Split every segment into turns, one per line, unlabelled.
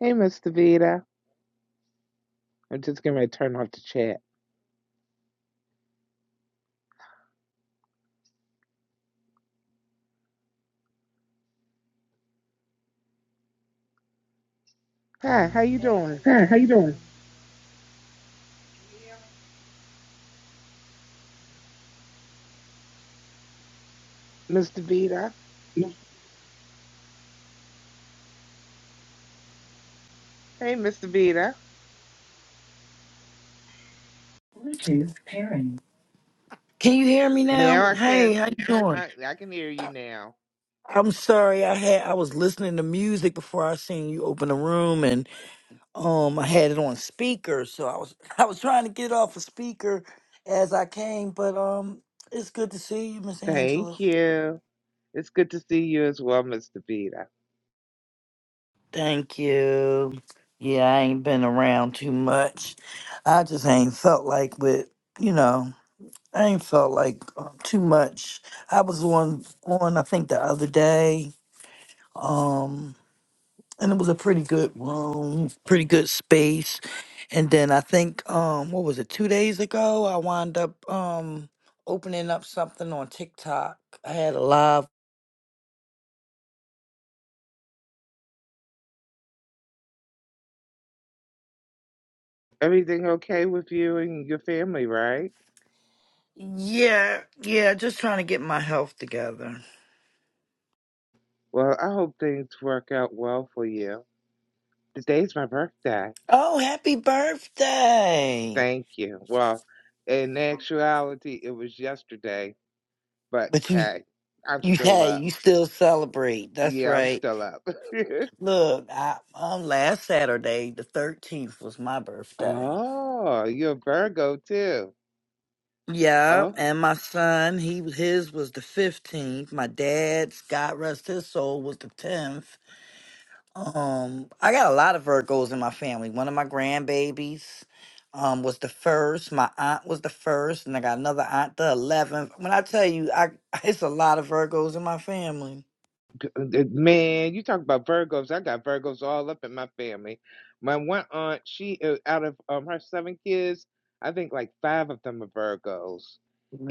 Hey, Miss Davita. I'm just getting ready to turn off the chat. Hi, how you doing, Miss Davita? Hey, Miss Davita.
Can you hear me
Now
now?
I
Hey,
can,
how you doing?
I I can hear you now.
I'm sorry, I had I was listening to music before I seen you open the room, and um, I had it on speaker, so I was I was trying to get it off a speaker as I came, but um, it's good to see you, Miss
Thank
Angela.
you. It's good to see you as well, Miss Davita.
Thank you. Yeah, I ain't been around too much. I just ain't felt like with you know. I ain't felt like uh, too much. I was on on I think the other day um and it was a pretty good room pretty good space and then i think um what was it two days ago i wound up um opening up something on tiktok i had a live
Everything okay with you and your family, right?
yeah yeah just trying to get my health together
Well, I hope things work out well for you. Today's my birthday.
oh happy birthday
Thank you. Well, in actuality, it was yesterday, but
but you
hey, I'm
you
still
hey
up.
you still celebrate that's
Yeah, I'm
right
still up.
look i um last saturday the 13th was my birthday
Oh, you're a Virgo too.
Yeah,
Oh,
and my son, he his was the fifteenth. My dad's, God rest his soul, was the tenth. Um, I got a lot of Virgos in my family. One of my grandbabies, um, was the first. My aunt was the first, and I got another aunt, the eleventh. When I tell you, I it's a lot of Virgos in my family.
g- uh, man, you talk about Virgos. I got Virgos all up in my family. My one aunt, she uh, out of um her seven kids, I think like five of them are Virgos,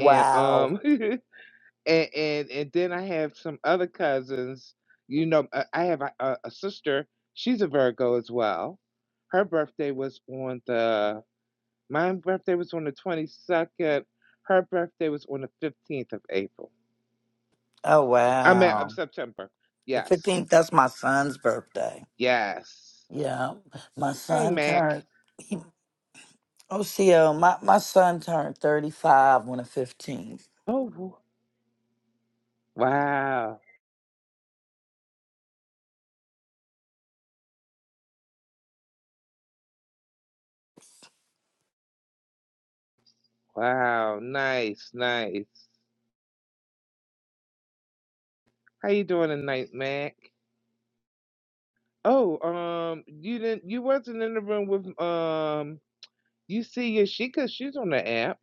and um and and and then I have some other cousins. You know, uh, I have a, a, a sister. She's a Virgo as well. Her birthday was on the my birthday was on the twenty second. Her birthday was on the fifteenth of April.
Oh
I'm at of
wow.
September.
The
Yes.
fifteenth. That's my son's birthday.
Yes.
Yeah, my
Hey
son
Mac.
turned. Oh, OCL, my, my son turned 35 on the 15th.
Oh wow. Wow. Nice. Nice. How you doing tonight, Mac? Oh, um, you didn't you wasn't in the room with um you see Yashika, she's on the app.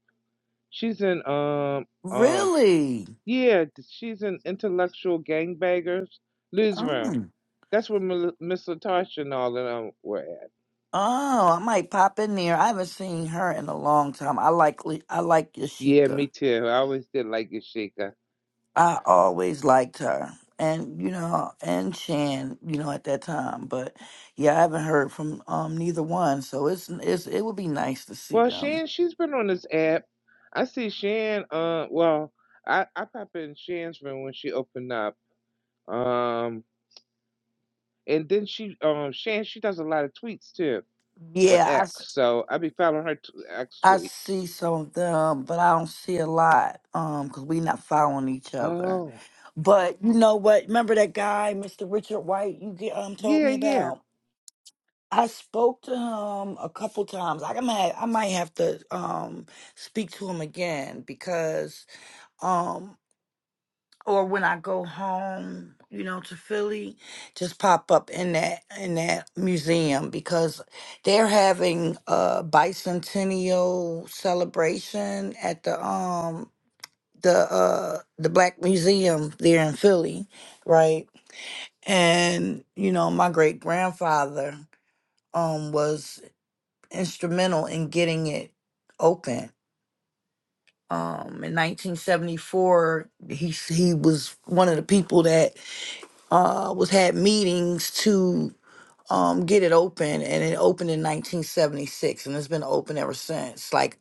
She's in um um
Really?
yeah, she's in intellectual gangbangers Liz room.
Oh.
That's where Mil- Miss Latasha and all of them were at.
oh, I might pop in there. I haven't seen her in a long time. I like Le- I like
Yeah, me
Yashika.
too. I always did like Yashika.
I always liked her. And you know, and Shan, you know, at that time. But yeah, I haven't heard from um neither one. So it's it's it would be nice to see
Well,
them.
Shan, she's been on this app. I see Shan. Uh, well, I I pop in Shan's room when she opened up. Um, and then she, um, Shan, she does a lot of tweets too on
Yeah, I, s-
X. So I be following her t- X
I
tweets.
see some of them, but I don't see a lot. Um, cause we not following each other.
Oh,
But you know what? Remember that guy, Mr. Richard White, you get, um told
yeah,
me
yeah.
about. I spoke to him a couple times. I might I might have to um speak to him again because um or when I go home, you know, to Philly, just pop up in that in that museum because they're having a bicentennial celebration at the um the uh the Black Museum there in Philly, right? and you know my great grandfather um was instrumental in getting it open um in 1974 he s- he was one of the people that uh was had meetings to um get it open and it opened in 1976 and it's been open ever since like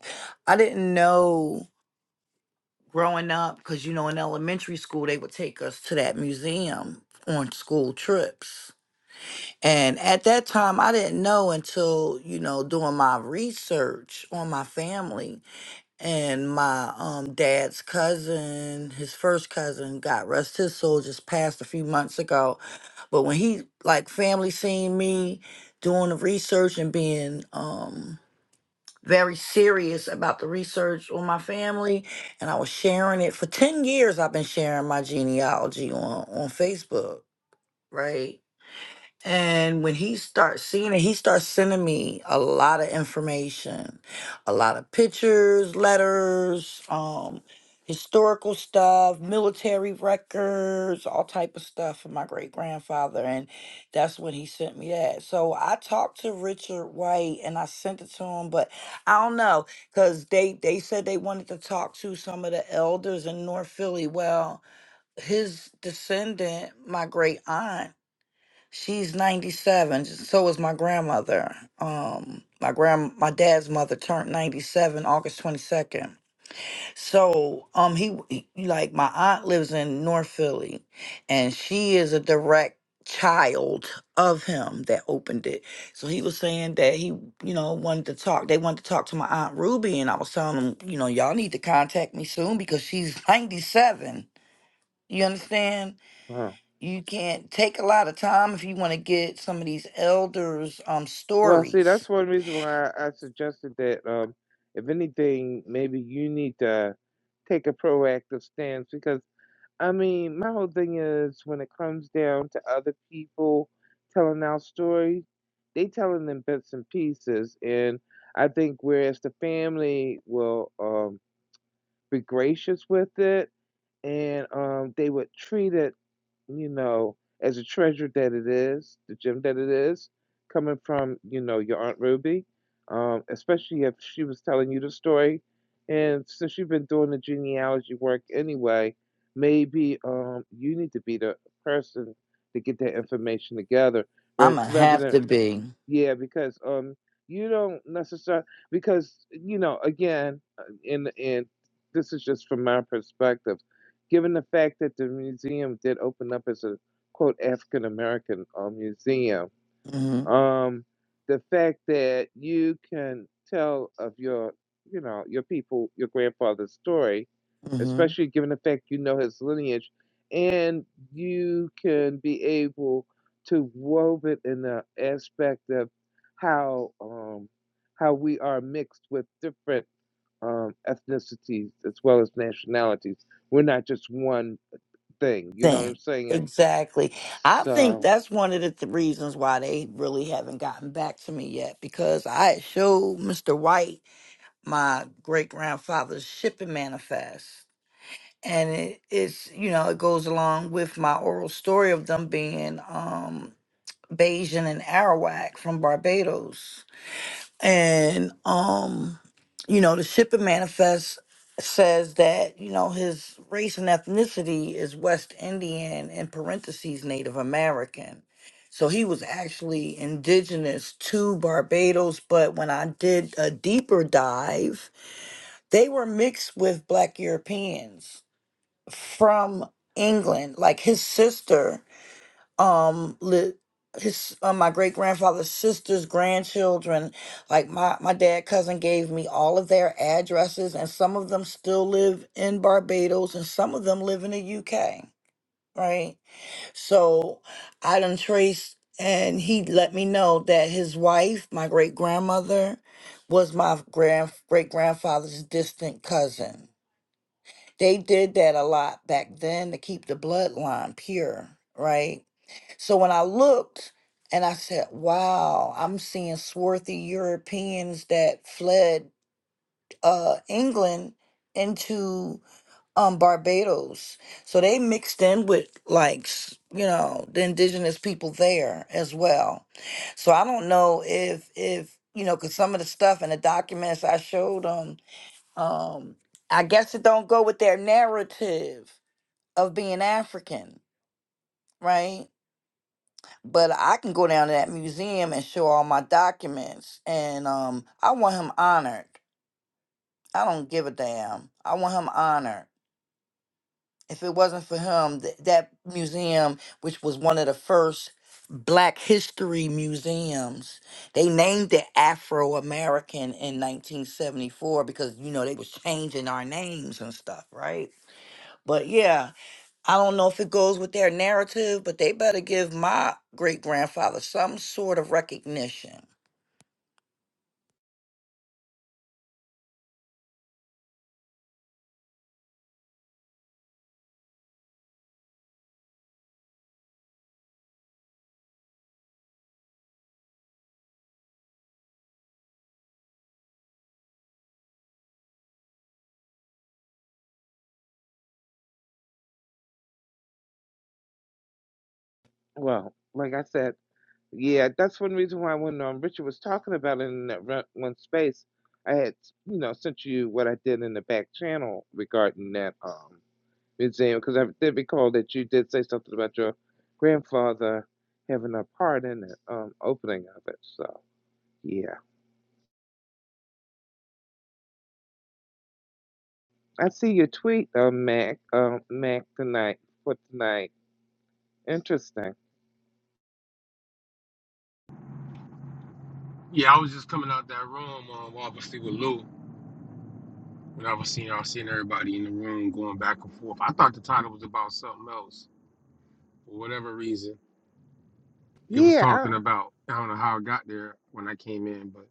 i didn't know growing up because you know in elementary school they would take us to that museum on school trips And at that time, I didn't know until, you know, doing my research on my family and my um, dad's cousin, his first cousin, got rest his soul, just passed a few months ago. But when he, like, family seen me doing the research and being um, very serious about the research on my family, and I was sharing it for 10 years, I've been sharing my genealogy on, on Facebook, right? And when he starts seeing it, he starts sending me a lot of information, a lot of pictures, letters, um, historical stuff, military records, all type of stuff from my great grandfather. And that's when he sent me that. So I talked to Richard White and I sent it to him, but I don't know, because they, they said they wanted to talk to some of the elders in North Philly. Well, his descendant, my great aunt She's 97. So is my grandmother. Um my grand my dad's mother turned 97 August 22nd. So um he, he like my aunt lives in North Philly and she is a direct child of him that opened it. So he was saying that he, you know, wanted to talk. They wanted to talk to my aunt Ruby and I was telling him, you know, y'all need to contact me soon because she's 97. You understand?
Huh.
you can not take a lot of time if you want to get some of these elders' um
Well, see, that's
stories.
one reason why I, suggested that. Um, if anything, maybe you need to take a proactive stance because I mean, my whole thing is when it comes down to other people telling our story, they telling them bits and pieces, and I think whereas the family will um, be gracious with it, and um, they would treat it you know, as a treasure that it is, the gem that it is, coming from, you know, your Aunt Ruby, um, especially if she was telling you the story. And since you've been doing the genealogy work anyway, maybe um, you need to be the person to get that information together ra-
I'm gonna
rather
have
than
to be.
yeah, because um, you don't necessarily because you know again, uh, and and this is just from my perspective, given the fact that the museum did open up as a quote African American uh, museum,
hmm
um, the fact that you can tell of your, you know, your people, your grandfather's story,
hmm
especially given the fact you know his lineage, and you can be able to wove it in the aspect of how um, how we are mixed with different um, ethnicities as well as nationalities. We're not just one thing. You know what I'm
Think
saying?
exactly. I think
So,
that's one of the th- reasons why they really haven't gotten back to me yet because I had showed Mr. White my great grandfather's shipping manifest. And it, it's you know it goes along with my oral story of them being um Bajan and Arawak from Barbados and um you know the shipping manifest says that you know his race and ethnicity is west indian in parentheses native american so he was actually indigenous to barbados but when i did a deeper dive they were mixed with black europeans from england like his sister um li- his uh, my great grandfather's sister's grandchildren like my my dad cousin gave me all of their addresses and some of them still live in Barbados and some of them live in the UK right so I done traced and he let me know that his wife my great grandmother was my grand great grandfather's distant cousin they did that a lot back then to keep the bloodline pure right so when I looked and I said, wow, I'm seeing swarthy Europeans that fled uh, England into um, Barbados. So they mixed in with like, s- you know, the indigenous people there as well. So I don't know if, if, you know, cause some of the stuff in the documents I showed them, um, I guess it don't go with their narrative of being African, right? but I can go down to that museum and show all my documents. And um, I want him honored. I don't give a damn. I want him honored. If it wasn't for him, th- that museum, which was one of the first Black history museums, they named it Afro American in 1974 because you know they was changing our names and stuff, right? But yeah, I don't know if it goes with their narrative, but they better give my great grandfather some sort of recognition.
well, like I said. Yeah, that's one reason why when um, Richard was talking about it in that run- one space, I had you know sent you what I did in the back channel regarding that um museum because I did recall that you did say something about your grandfather having a part in the um opening of it. So yeah, I see your tweet, um, Mac, um, Mac tonight for tonight. Interesting.
Yeah, I was just coming out that room, um, obviously with Lou, when I was seeing, I was seeing everybody in the room going back and forth. I thought the title was about something else for whatever reason. It was
Yeah, I,
talking about I don't know how it got there when I came in, but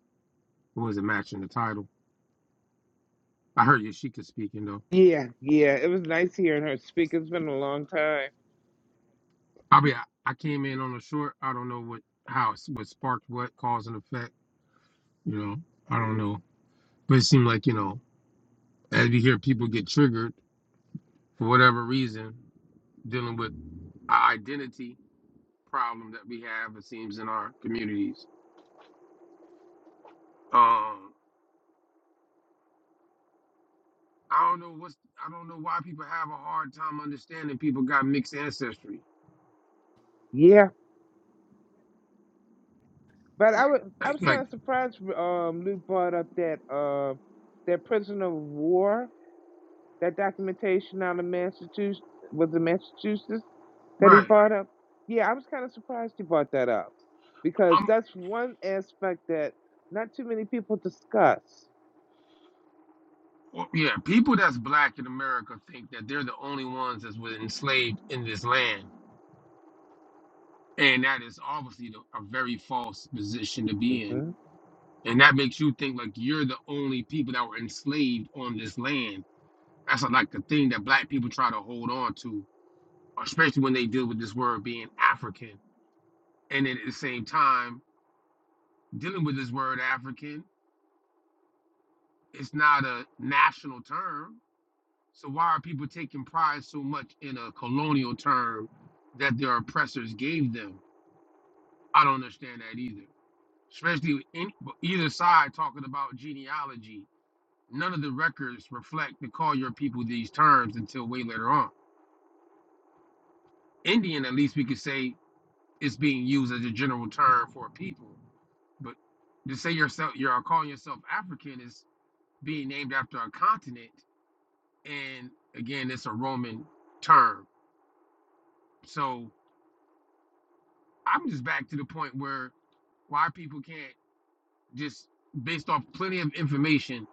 it wasn't matching the title. I heard Yashika speaking though.
yeah, yeah. It was nice hearing her speak. It's been a long time.
I mean, I, I came in on a short. I don't know what how it's- what sparked what cause and effect. You know, I don't know, but it seemed like you know as you hear people get triggered for whatever reason dealing with identity problem that we have, it seems, in our communities. Um, I don't know what's I don't know why people have a hard time understanding people got mixed ancestry.
Yeah. But I was I
Like,
was
like
kind of surprised. Um, Lou brought up that uh, that prisoner of war, that documentation out of Massachusetts was it Massachusetts that he
right.
brought up. Yeah, I was kind of surprised he brought that up because
um,
that's one aspect that not too many people discuss.
well, yeah, people that's black in America think that they're the only ones that's were enslaved in this land. And that is obviously the- a very false position to be in.
hmm
And that makes you think like you're the only people that were enslaved on this land. That's like the thing that black people try to hold on to especially when they deal with this word being African. And then at the same time, dealing with this word African, it's not a national term. So why are people taking pride so much in a colonial term that their oppressors gave them? I don't understand that either. Especially with any, either side talking about genealogy, none of the records reflect to call your people these terms until way later on. Indian, at least we could say, is being used as a general term for a people. But to say yourself, you're calling yourself African is being named after a continent, and again, it's a Roman term. So I'm just back to the point where why people can't just, based off plenty of information,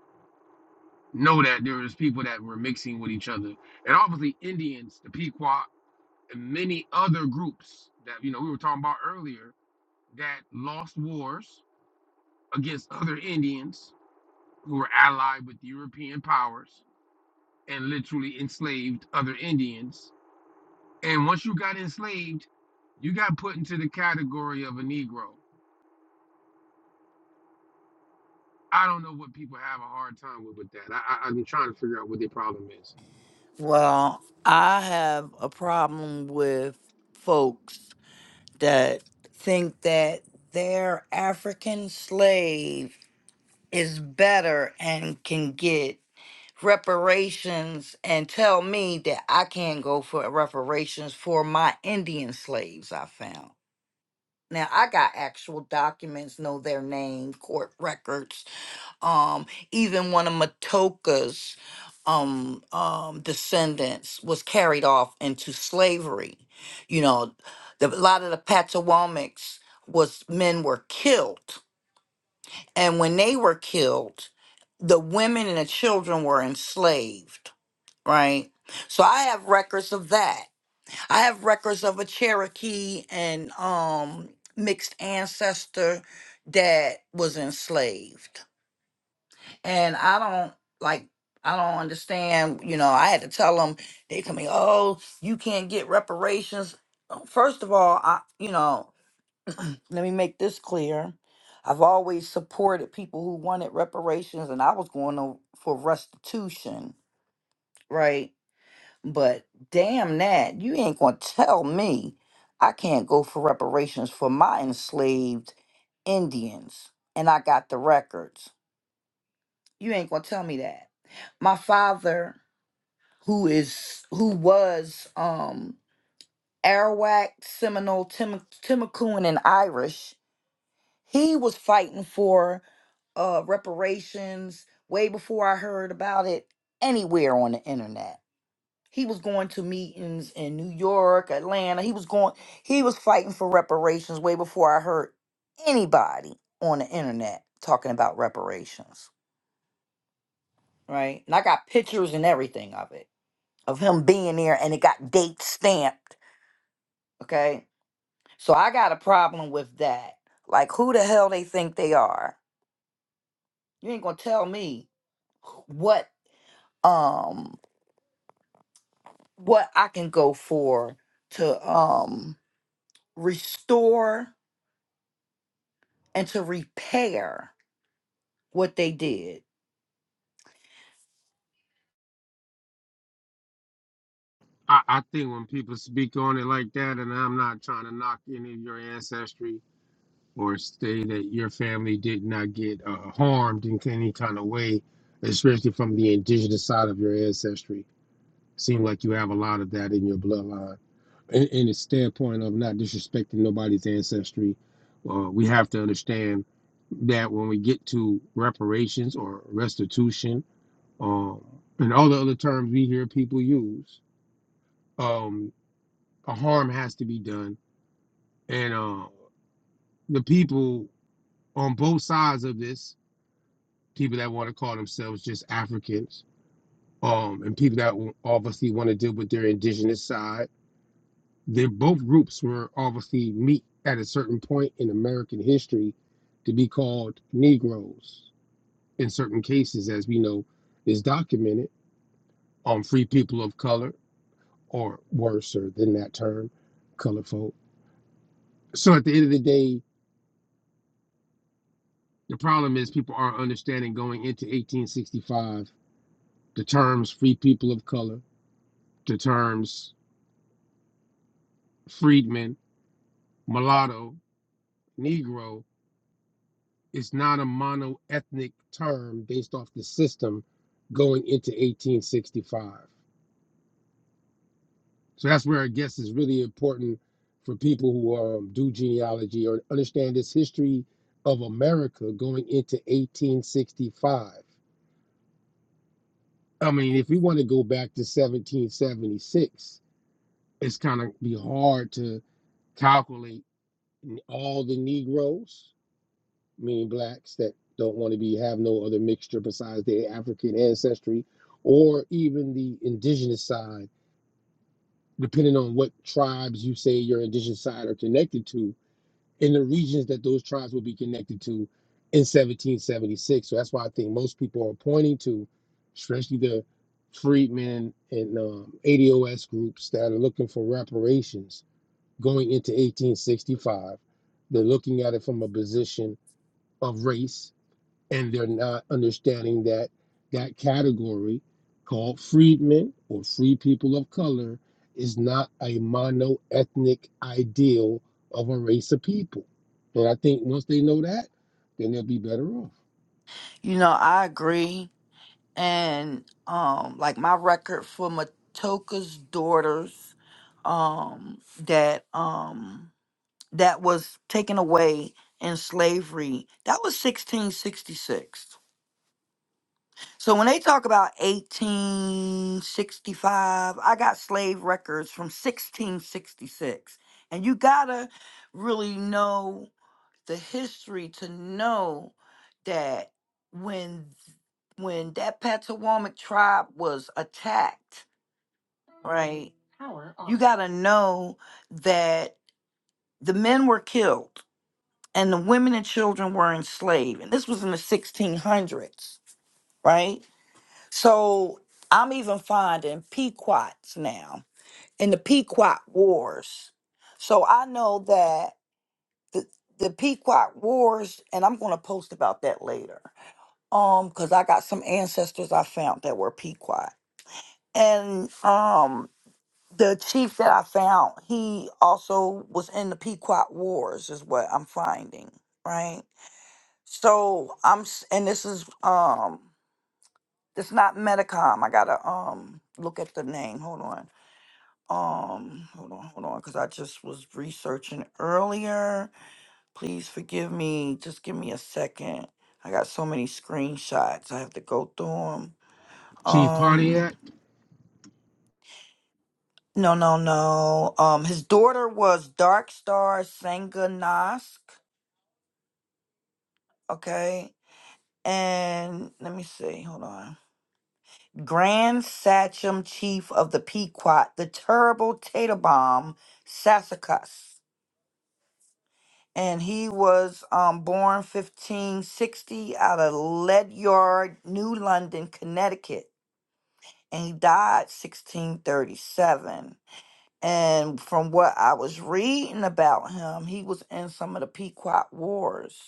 know that there was people that were mixing with each other, and obviously Indians, the Pequot, and many other groups that you know we were talking about earlier that lost wars against other Indians who were allied with European powers and literally enslaved other Indians And once you got enslaved, you got put into the category of a Negro. I don't know what people have a hard time with with that. I, I, I'm trying to figure out what their problem is.
Well, I have a problem with folks that think that their African slave is better and can get reparations and tell me that I can't go for reparations for my Indian slaves I found. Now, I got actual documents, know their name, court records um even one of matoka's um um descendants was carried off into slavery you know the, a lot of the potawatomis was men were killed and when they were killed the women and the children were enslaved right so i have records of that i have records of a cherokee and um mixed ancestor that was enslaved and I don't like I don't understand, you know, I had to tell them they tell me, "Oh, you can't get reparations." Uh, First of all, I you know, let me make this clear. I've always supported people who wanted reparations and I was going to, for restitution, right? But damn that, you ain't going to tell me I can't go for reparations for my enslaved Indians and I got the records you ain't gonna tell me that. My father, who is who was um Arawak, Seminole, Tim, Timacoon, and Irish, he was fighting for uh reparations way before I heard about it anywhere on the internet. He was going to meetings in New York, Atlanta. He was going he was fighting for reparations way before I heard anybody on the internet talking about reparations, right? And I got pictures and everything of it. of him being there and it got date stamped. Okay. So I got a problem with that. Like who the hell they think they are? You ain't gonna tell me what um what I can go for to um restore and to repair what they did.
I, I think when people speak on it like that, and I'm not trying to knock any of your ancestry or say that your family did not get uh, harmed in any kind of way, especially from the indigenous side of your ancestry. Seem like you have a lot of that in your bloodline in, in the standpoint of not disrespecting nobody's ancestry, uh, we have to understand that when we get to reparations or restitution, um, and all the other terms we hear people use, um, a harm has to be done, and uh, the people on both sides of this, people that want to call themselves just Africans, um, and people that obviously want to deal with their indigenous side They both groups were obviously meet at a certain point in American history to be called Negroes in certain cases, as we know is documented on free people of color, or worse than that term, colored folk. So at the end of the day, the problem is people aren't understanding going into 1865 the terms free people of color, the terms freedmen, mulatto, Negro it's not a mono-ethnic term based off the system going into 1865. So that's where I guess it's really important for people who um, do genealogy or understand this history of America going into 1865. I mean, if we want to go back to 1776, it's kind of be hard to calculate all the Negroes meaning blacks that don't want to be have no other mixture besides their African ancestry, or even the indigenous side, depending on what tribes you say your indigenous side are connected to, and the regions that those tribes will be connected to in 1776. So that's why I think most people are pointing to, especially the freedmen and um, ADOS groups that are looking for reparations going into 1865. They're looking at it from a position of race and they're not understanding that that category called freedmen or free people of color is not a mono-ethnic ideal of a race of people. And I think once they know that, then they'll be better off.
You know, I agree. And um like my record for Matoka's daughters um that um that was taken away in slavery. That was 1666. So when they talk about 1865, I got slave records from 1666. And you gotta really know the history to know that when when that Potawatomi tribe was attacked, right? You gotta know that the men were killed and the women and children were enslaved. And this was in the 1600s, right? So I'm even finding Pequots now in the Pequot Wars. So I know that the, the Pequot Wars, and I'm going to post about that later, um, because I got some ancestors I found that were Pequot, and um. The chief that I found, he also was in the Pequot Wars, is what I'm finding, right? So I'm, s- and this is um, it's not Medicom. I gotta um look at the name. Hold on. Um, hold on, hold on, because I just was researching earlier. Please forgive me. Just give me a second. I got so many screenshots. I have to go through them.
Chief
Um,
Pontiac.
no, no, no. Um, his daughter was Dark Star Sangha Nask. Okay, and let me see. Hold on. Grand Sachem Chief of the Pequot, the terrible Tatabom Sassacus. And he was um, born 1560 out of Ledyard, New London, Connecticut. And he died 1637. And from what I was reading about him, he was in some of the Pequot Wars.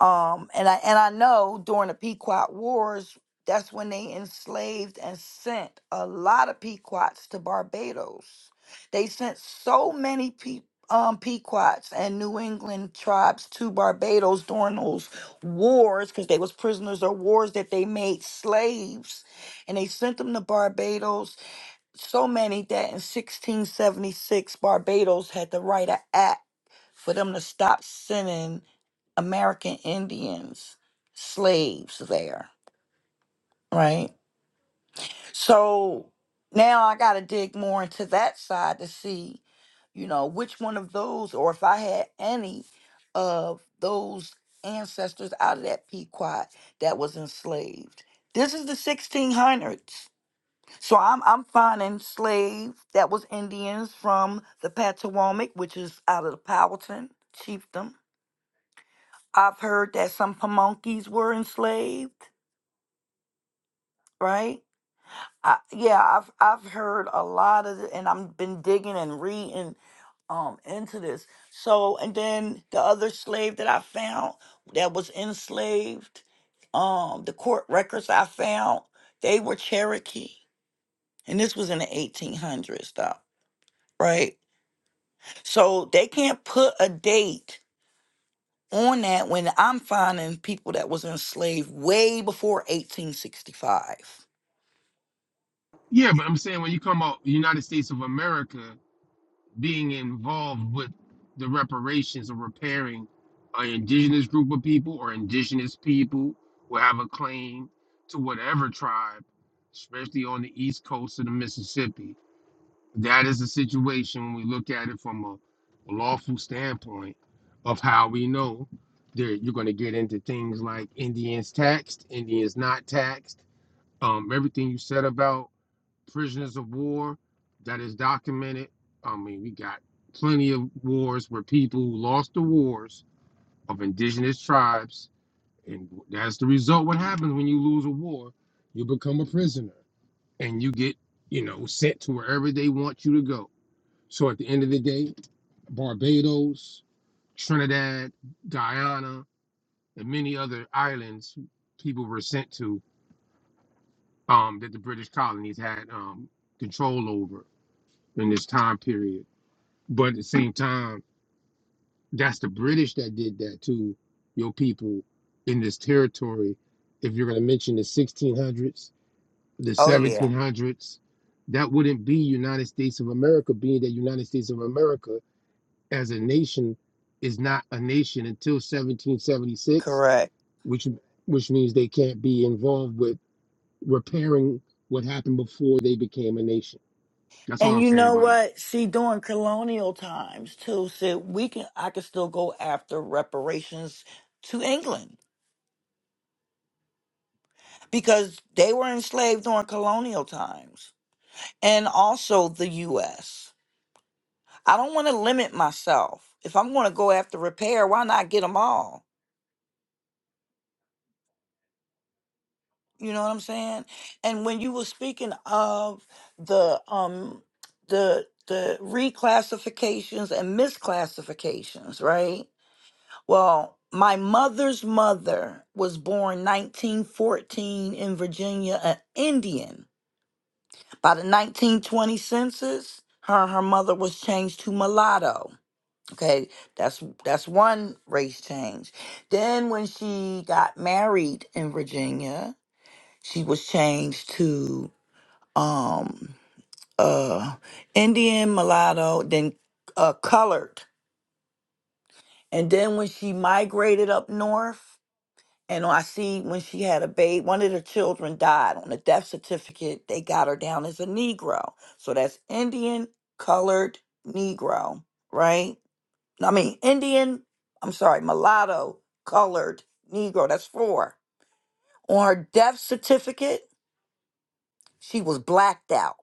Um, and I and I know during the Pequot Wars, that's when they enslaved and sent a lot of Pequots to Barbados. They sent so many pe- um, Pequots and New England tribes to Barbados during those wars because they was prisoners of wars that they made slaves, and they sent them to Barbados so many that in 1676 Barbados had to write an act for them to stop sending American Indians slaves there, right? So now I got to dig more into that side to see, you know, which one of those or if I had any of those ancestors out of that Pequot that was enslaved. This is the 1600s so I'm I'm finding slaves that was Indians from the Patawomic, which is out of the Powhatan chiefdom. I've heard that some Pamunkeys were enslaved, right? I, yeah, I've I've heard a lot of, the, and I've been digging and reading um into this. So and then the other slave that I found that was enslaved, um, the court records I found they were Cherokee, and this was in the 1800s, though, right? So they can't put a date on that when I'm finding people that was enslaved way before 1865.
Yeah, but I'm saying when you come out United States of America, being involved with the reparations or repairing an indigenous group of people or indigenous people will have a claim to whatever tribe, especially on the east coast of the Mississippi. That is the situation when we look at it from a lawful standpoint of how we know that you're going to get into things like Indians taxed, Indians not taxed, um, everything you said about prisoners of war that is documented. I mean, we got plenty of wars where people lost the wars of indigenous tribes, and that's the result. What happens when you lose a war? You become a prisoner, and you get, you know, sent to wherever they want you to go. So at the end of the day, Barbados, Trinidad, Guyana, and many other islands people were sent to um, that the British colonies had um, control over in this time period. But at the same time, that's the British that did that to your people in this territory. If you're going to mention the 1600s, the
Oh yeah,
1700s, that wouldn't be United States of America, being that United States of America as a nation is not a nation until 1776,
correct.
which which means they can't be involved with repairing what happened before they became a nation. That's all
And
I'm
you
saying
know
by that.
what? See, during colonial times too, so we can I can still go after reparations to England because they were enslaved during colonial times. And also the US. I don't want to limit myself. If I'm going to go after repair, why not get them all? You know what I'm saying? And when you were speaking of the um the the reclassifications and misclassifications, right? Well, my mother's mother was born 1914 in Virginia, an Indian. By the 1920 census, her and her mother was changed to mulatto. Okay, that's that's one race change. Then when she got married in Virginia, she was changed to um uh Indian mulatto, then uh colored. And then when she migrated up north, and I see when she had a baby, one of the children died on the death certificate, they got her down as a Negro. So that's Indian colored Negro, right? I mean Indian, I'm sorry, mulatto colored Negro. That's four. On her death certificate, she was blacked out.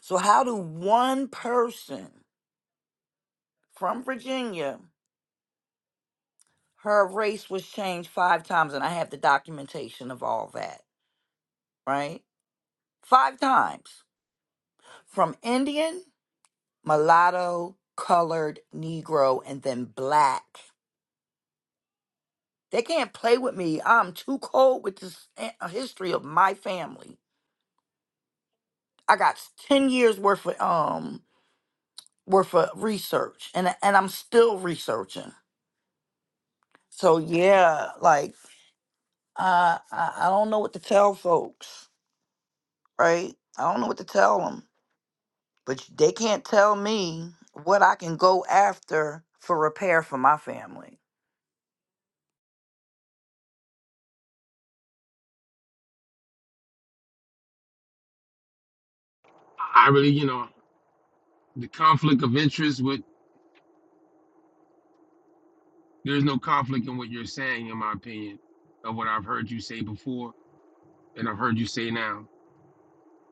So how do one person from Virginia, her race was changed five times, and I have the documentation of all that, right? Five times from Indian, mulatto, colored, Negro, and then black. They can't play with me. I'm too cold with this eh, history of my family. I got 10 years worth of um worth of research and and I'm still researching. So yeah, like uh, I I don't know what to tell folks. right? I don't know what to tell them, but they can't tell me what I can go after for repair for my family.
I really, you know, the conflict of interest with There's no conflict in what you're saying, in my opinion, of what I've heard you say before and I've heard you say now.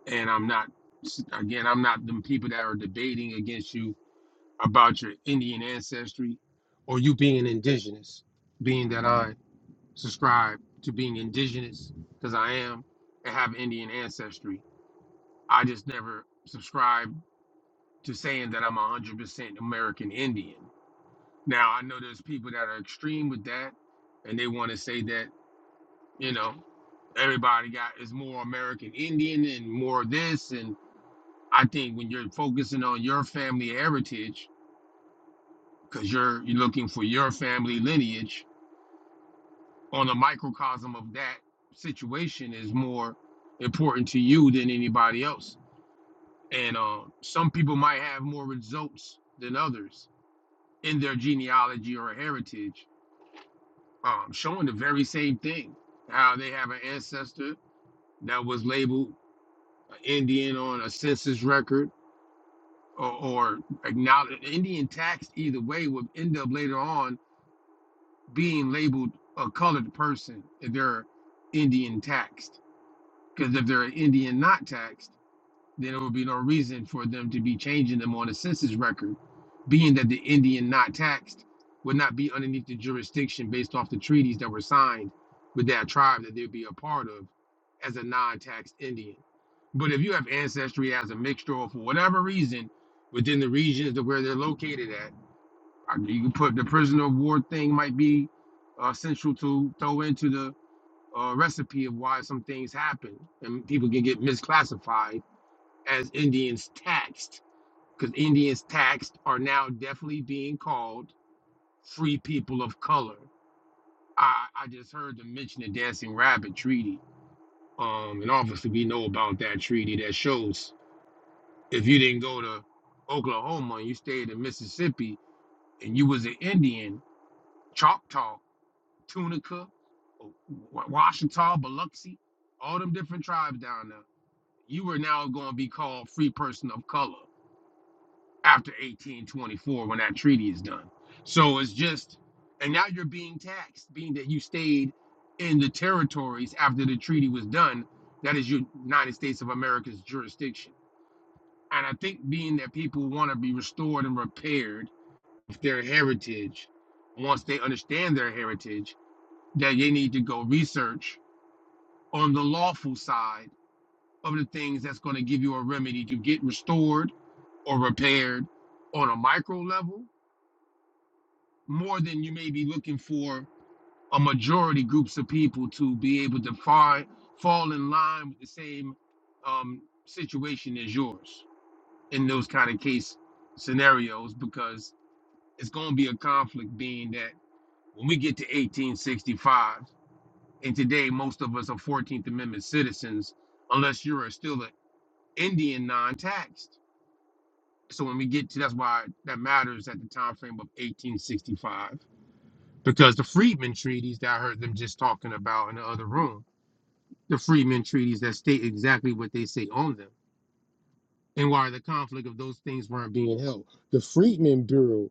And I'm not, again, I'm not the people that are debating against you about your Indian ancestry or you being indigenous, being that I subscribe to being indigenous because I am and have Indian ancestry. I just never subscribe to saying that I'm 100% American Indian. Now, I know there's people that are extreme with that and they want to say that you know everybody got is more american indian and more of this and i think when you're focusing on your family heritage because you're you're looking for your family lineage on a microcosm of that situation is more important to you than anybody else and uh, some people might have more results than others in their genealogy or heritage um, showing the very same thing how they have an ancestor that was labeled an Indian on a census record or, or acknowledge an Indian tax either way would end up later on being labeled a colored person if they're Indian taxed. Because if they're an Indian not taxed, then there would be no reason for them to be changing them on the census record, being that the Indian not taxed would not be underneath the jurisdiction based off the treaties that were signed with that tribe that they'd be a part of as a non-taxed Indian. But if you have ancestry as a mixture or for whatever reason within the regions of where they're located at, I you can put the prisoner of war thing might be uh, central to throw into the uh, recipe of why some things happen and people can get misclassified as Indians taxed, because Indians taxed are now definitely being called free people of color. I, I just heard them mention the Dancing Rabbit Treaty. Um, and obviously, we know about that treaty that shows if you didn't go to Oklahoma and you stayed in Mississippi and you was an Indian, Choctaw, Tunica, uh, Wa- Washita, Biloxi, all them different tribes down there, you were now going to be called free person of color. after 1824 when that treaty is done. So it's just, and now you're being taxed, being that you stayed in the territories after the treaty was done. That is your United States of America's jurisdiction. And I think being that people want to be restored and repaired with their heritage, once they understand their heritage, that they need to go research on the lawful side of the things that's going to give you a remedy to get restored or repaired on a micro level more than you may be looking for a majority groups of people to be able to find fall in line with the same um, situation as yours in those kind of case scenarios because it's going to be a conflict being that when we get to 1865 and today most of us are 14th amendment citizens unless you're still an indian non-taxed so when we get to that's why that matters at the time frame of 1865 because the freedmen treaties that I heard them just talking about in the other room, the freedmen treaties that state exactly what they say on them and why the conflict of those things weren't being held. The Freedmen Bureau,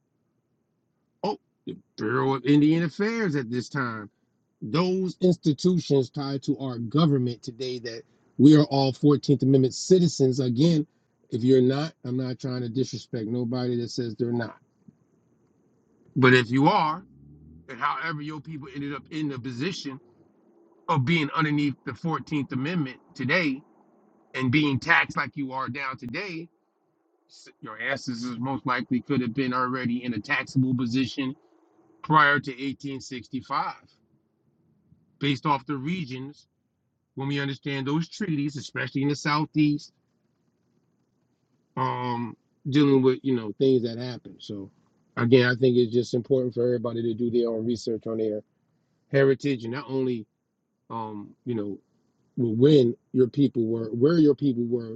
oh, Bureau of Indian Affairs at this time, those institutions tied to our government today that we are all 14th Amendment citizens. Again, if you're not, I'm not trying to disrespect nobody that says they're not. But if you are, and however your people ended up in the position, of being underneath the 14th Amendment today and being taxed like you are now today, s- your ancestors most likely could have been already in a taxable position prior to 1865, based off the regions. When we understand those treaties, especially in the southeast, um, dealing with you know things that happen. So, again, I think it's just important for everybody to do their own research on their heritage and not only um, you know where- when your people were, where your people were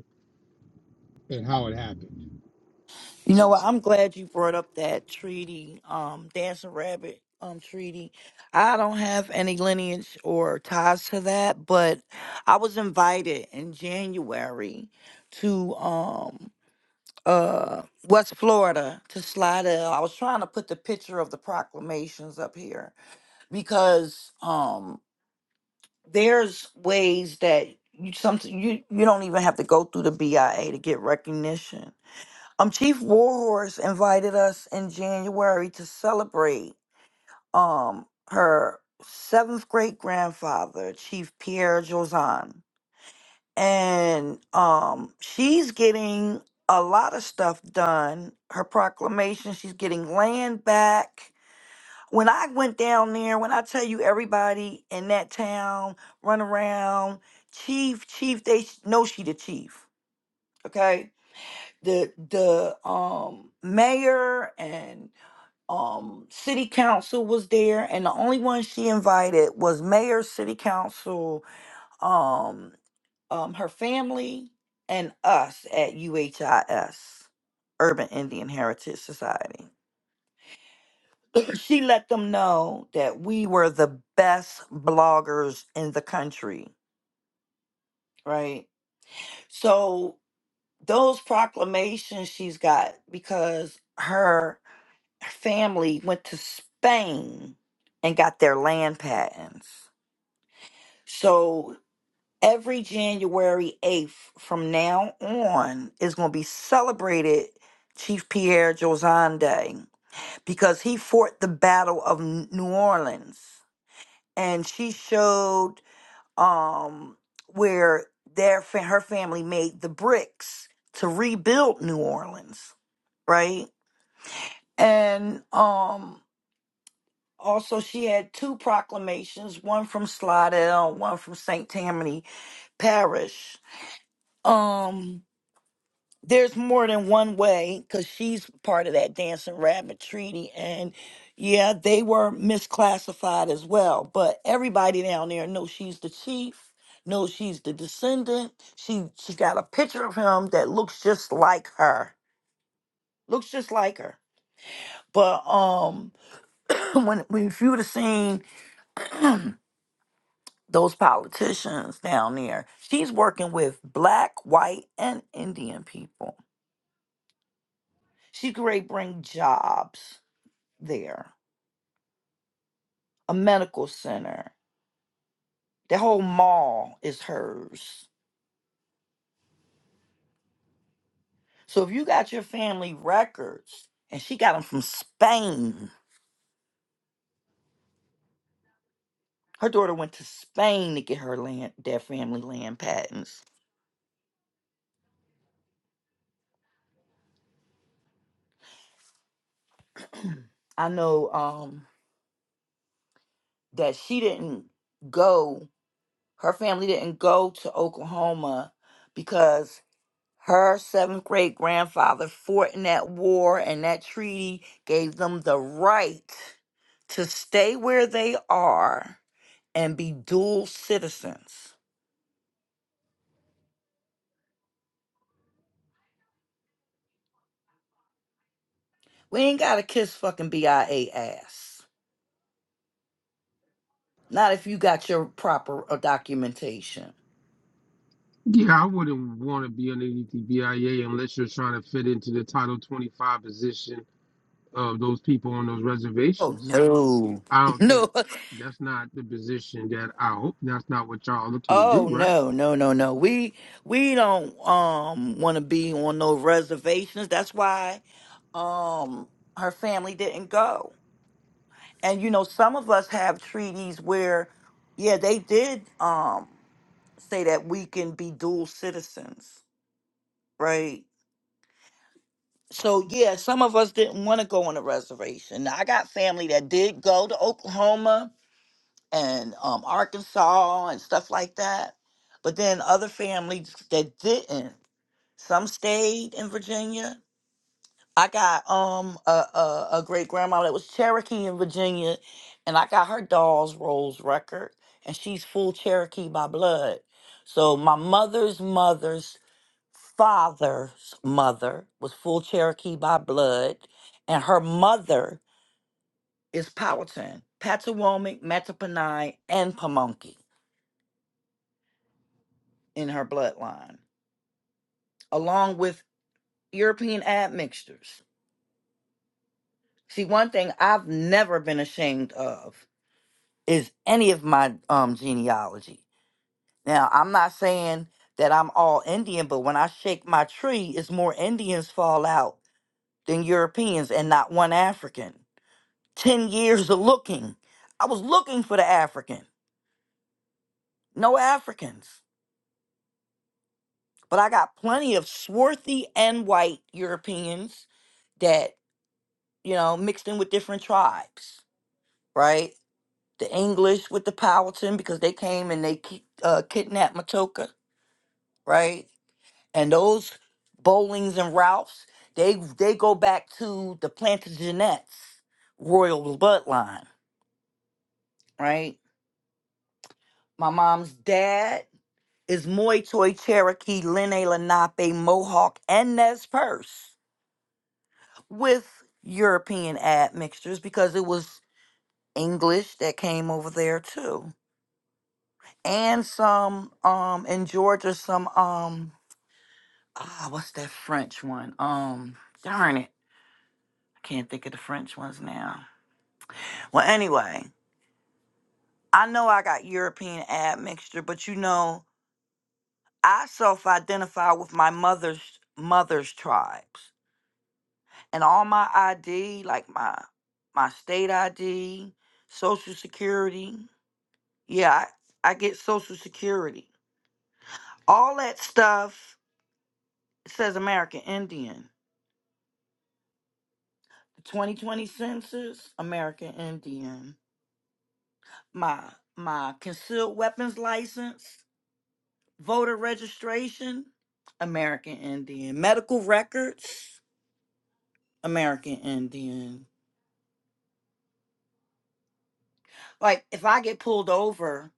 and how it happened.
You know
So
what? I'm glad you brought up that treaty, um, Dancing Rabbit um treaty. I don't have any lineage or ties to that, but I was invited in January to um uh West Florida to Slidell. I was trying to put the picture of the proclamations up here because um, there's ways that you some you you don't even have to go through the BIA to get recognition. Um, Chief Warhorse invited us in January to celebrate um her seventh great grandfather, Chief Pierre Jozan, and um she's getting a lot of stuff done. Her proclamation, she's getting land back when I went down there, when I tell you everybody in that town run around, chief, chief, they sh- know she the chief. Okay, the the um mayor and um city council was there, and the only one she invited was mayor, city council, um um her family, and us at UHIS, Urban Indian Heritage Society. She let them know that we were the best bloggers in the country, right? So those proclamations she's got because her family went to Spain and got their land patents. So every January 8th from now on is going to be celebrated Chief Pierre Josan Day because he fought the Battle of N- New Orleans. And she showed um, where their fa- her family made the bricks to rebuild New Orleans, right? And um, also she had two proclamations, one from Slidell, one from St. Tammany Parish. Um, there's more than one way because she's part of that dancing rabbit treaty and yeah they were misclassified as well but everybody down there knows she's the chief knows she's the descendant she she got a picture of him that looks just like her looks just like her but um when, when if you would have seen those politicians down there she's working with black white and indian people She great bring jobs there, a medical center. The whole mall is hers. So if you got your family records, and she got them from Spain. Her daughter went to Spain to get her land, their family land patents. I know um, that she didn't go. Her family didn't go to Oklahoma because her seventh great grandfather fought in that war, and that treaty gave them the right to stay where they are and be dual citizens. We ain't got to kiss fucking BIA ass. Not if you got your proper uh, documentation.
Yeah, I wouldn't want to be underneath the BIA unless you're trying to fit into the Title 25 position of those people on those
Oh
reservations.
no.
I don't think
No.
that's not the position that I hope that's not what y'all are looking to do,
Oh
right?
no, no, no, no. We we don't um want to be on no reservations. That's why um her family didn't go and you know some of us have treaties where yeah they did um say that we can be dual citizens right so yeah some of us didn't want to go on a reservation now, i got family that did go to oklahoma and um, arkansas and stuff like that but then other families that didn't some stayed in virginia I got um a, a, a great grandma that was Cherokee in Virginia, and I got her Dolls Rolls record, and she's full Cherokee by blood. So my mother's mother's father's mother was full Cherokee by blood, and her mother is Powhatan, Patawomic, Mattaponi, and Pamunkey in her bloodline, along with European admixtures. See, one thing I've never been ashamed of. is any of my um genealogy. Now, I'm not saying that I'm all Indian, but when I shake my tree, it's more Indians fall out than Europeans and not one African. 10 years of looking. I was looking for the African. No Africans. But I got plenty of swarthy and white Europeans that, you know, mixed in with different tribes, right? The English with the Powhatan because they came and they ki- uh, kidnapped Matoka, right? And those Bowlings and Ralphs, they they go back to the Plantagenets royal bloodline, right? My mom's dad is Moy Toy Cherokee Lene Lenape Mohawk and Nez Perce with European admixtures because it was English that came over there too. And some um in Georgia some um ah what's that French one? Um darn it. I can't think of the French ones now Well, anyway, I know I got European admixture, but you know, I self identify with my mother's mother's tribes. And all my ID, like my my state ID, social security, yeah, I, I get social security. All that stuff says American Indian. The 2020 census, American Indian. My my concealed weapons license, voter registration, American Indian. Medical records, American Indian. Like if I get pulled over,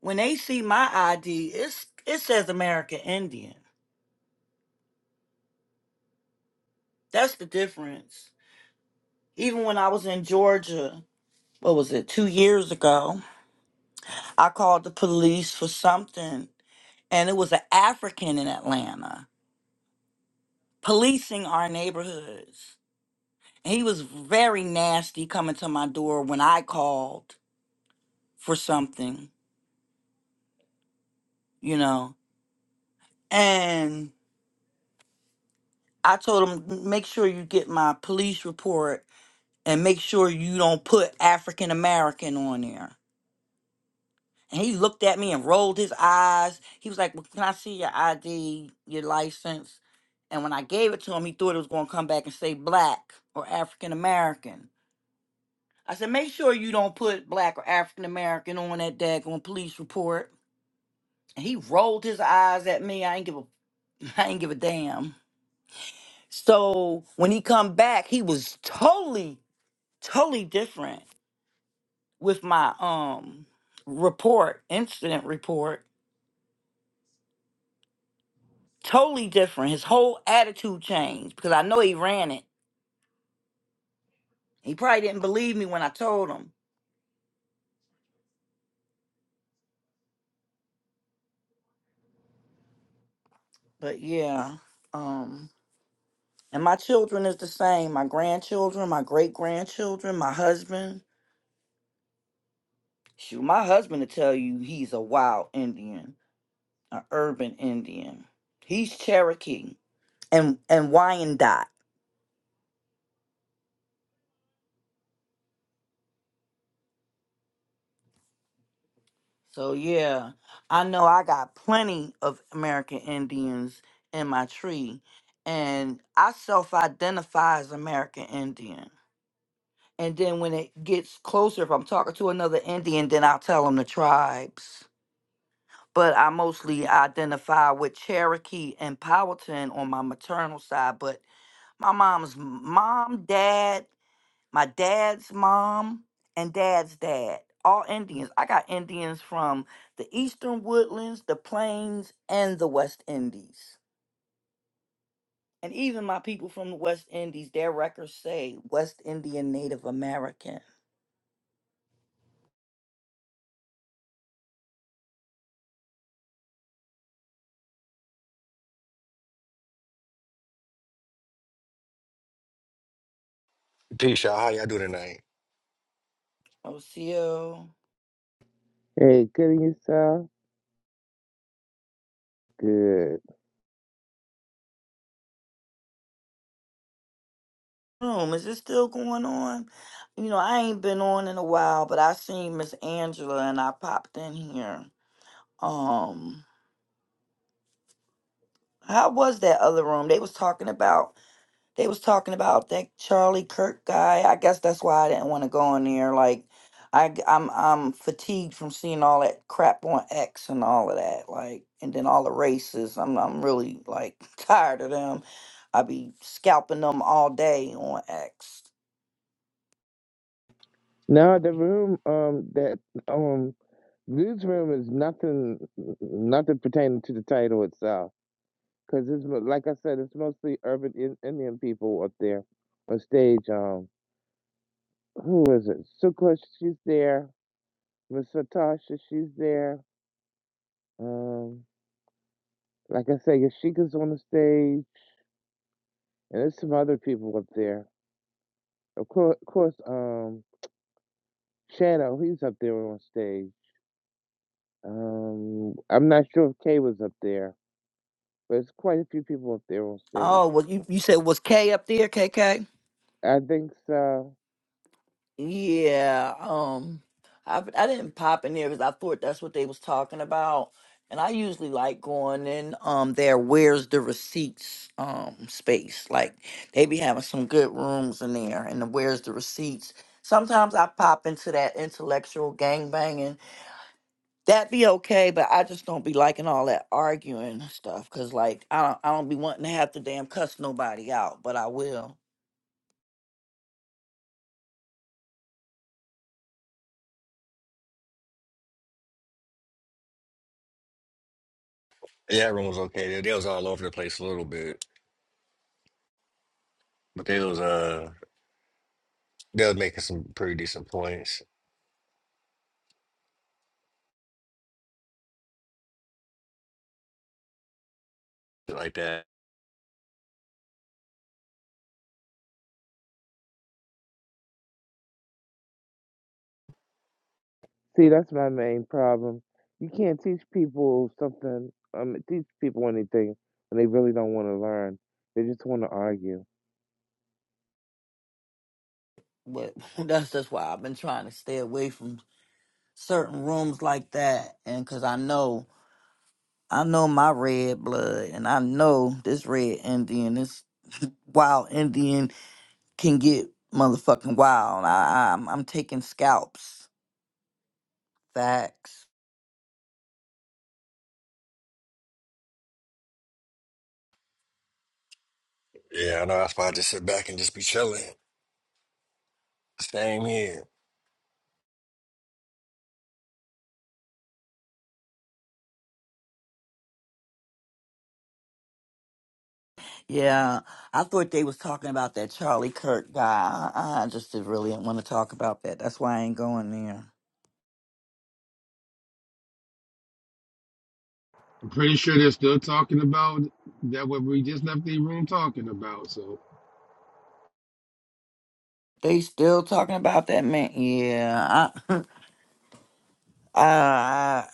when they see my ID, it's it says American Indian. That's the difference. Even when I was in Georgia, what was it, two years ago, I called the police for something and it was an African in Atlanta policing our neighborhoods. And he was very nasty coming to my door when I called for something, you know. And I told him, make sure you get my police report and make sure you don't put African American on there. And he looked at me and rolled his eyes. He was like, well, Can I see your ID, your license? And when I gave it to him, he thought it was going to come back and say black or African American. I said, Make sure you don't put black or African American on that daggone police report. And he rolled his eyes at me. I ain't give a I ain't give a damn. So when he come back, he was totally, totally different with my um report, incident report. Totally different. His whole attitude changed because I know he ran it. He probably didn't believe me when I told him. But yeah. Um and my children is the same. My grandchildren, my great grandchildren, my husband. Shoot, my husband to tell you he's a wild Indian, an urban Indian. He's Cherokee and and Wyandotte. So yeah, I know I got plenty of American Indians in my tree, and I self-identify as American Indian. And then when it gets closer, if I'm talking to another Indian, then I'll tell them the tribes. But I mostly identify with Cherokee and Powhatan on my maternal side. But my mom's m- mom, dad, my dad's mom and dad's dad all indians i got indians from the eastern woodlands the plains and the west indies and even my people from the west indies their records say west indian native american
Peace, y'all. How y'all do tonight?
oco
Hey, good in yourself. Good.
room is it still going on you know i ain't been on in a while but i seen miss angela and i popped in here um how was that other room they was talking about They was talking about that Charlie Kirk guy. I guess that's why I didn't want to go on there. Like, I g- I'm I'm fatigued from seeing all that crap on X and all of that. Like, and then all the races. I'm I'm really like tired of them. I be scalping them all day on X.
No, the room um that um Lou's room is nothing nothing pertaining to the title itself Cause it's mo- like I said, it's mostly urban in, Indian people up there on stage. Um, who is it? Sukla, she's there. Miss Natasha, she's there. Um, like I said, Yashika's on the stage, and there's some other people up there. Of course, of course. Um, Shadow, he's up there on stage. Um, I'm not sure if Kay was up there, but it's quite a few people up there on stage.
Oh, well, you you said was K up there, KK?
I think so.
Yeah, um, I I didn't pop in there because I thought that's what they was talking about, and I usually like going in um their where's the receipts um space. Like they be having some good rooms in there, and the where's the receipts. Sometimes I pop into that intellectual gang banging. That be okay, but I just don't be liking all that arguing and stuff. Cause like I don't I don't be wanting to have to damn cuss nobody out, but I will.
Yeah, everyone was okay. They, they was all over the place a little bit, but they was uh they was making some pretty decent points shit like that.
See, that's my main problem. You can't teach people something, um, teach people anything when they really don't want to learn. They just want to argue.
But that's that's why I've been trying to stay away from certain rooms like that and because i know i know my red blood and i know this red indian this wild indian can get motherfucking wild I, I'm, I'm taking scalps facts
Yeah, I know. That's why I just sit back and just be chilling. Same here.
yeah i thought they was talking about that charlie kirk guy i, I just didn't really want to talk about that that's why i ain't going there
I'm pretty sure they're still talking about that what we just left the room talking about. So
they still talking about that man yeah i i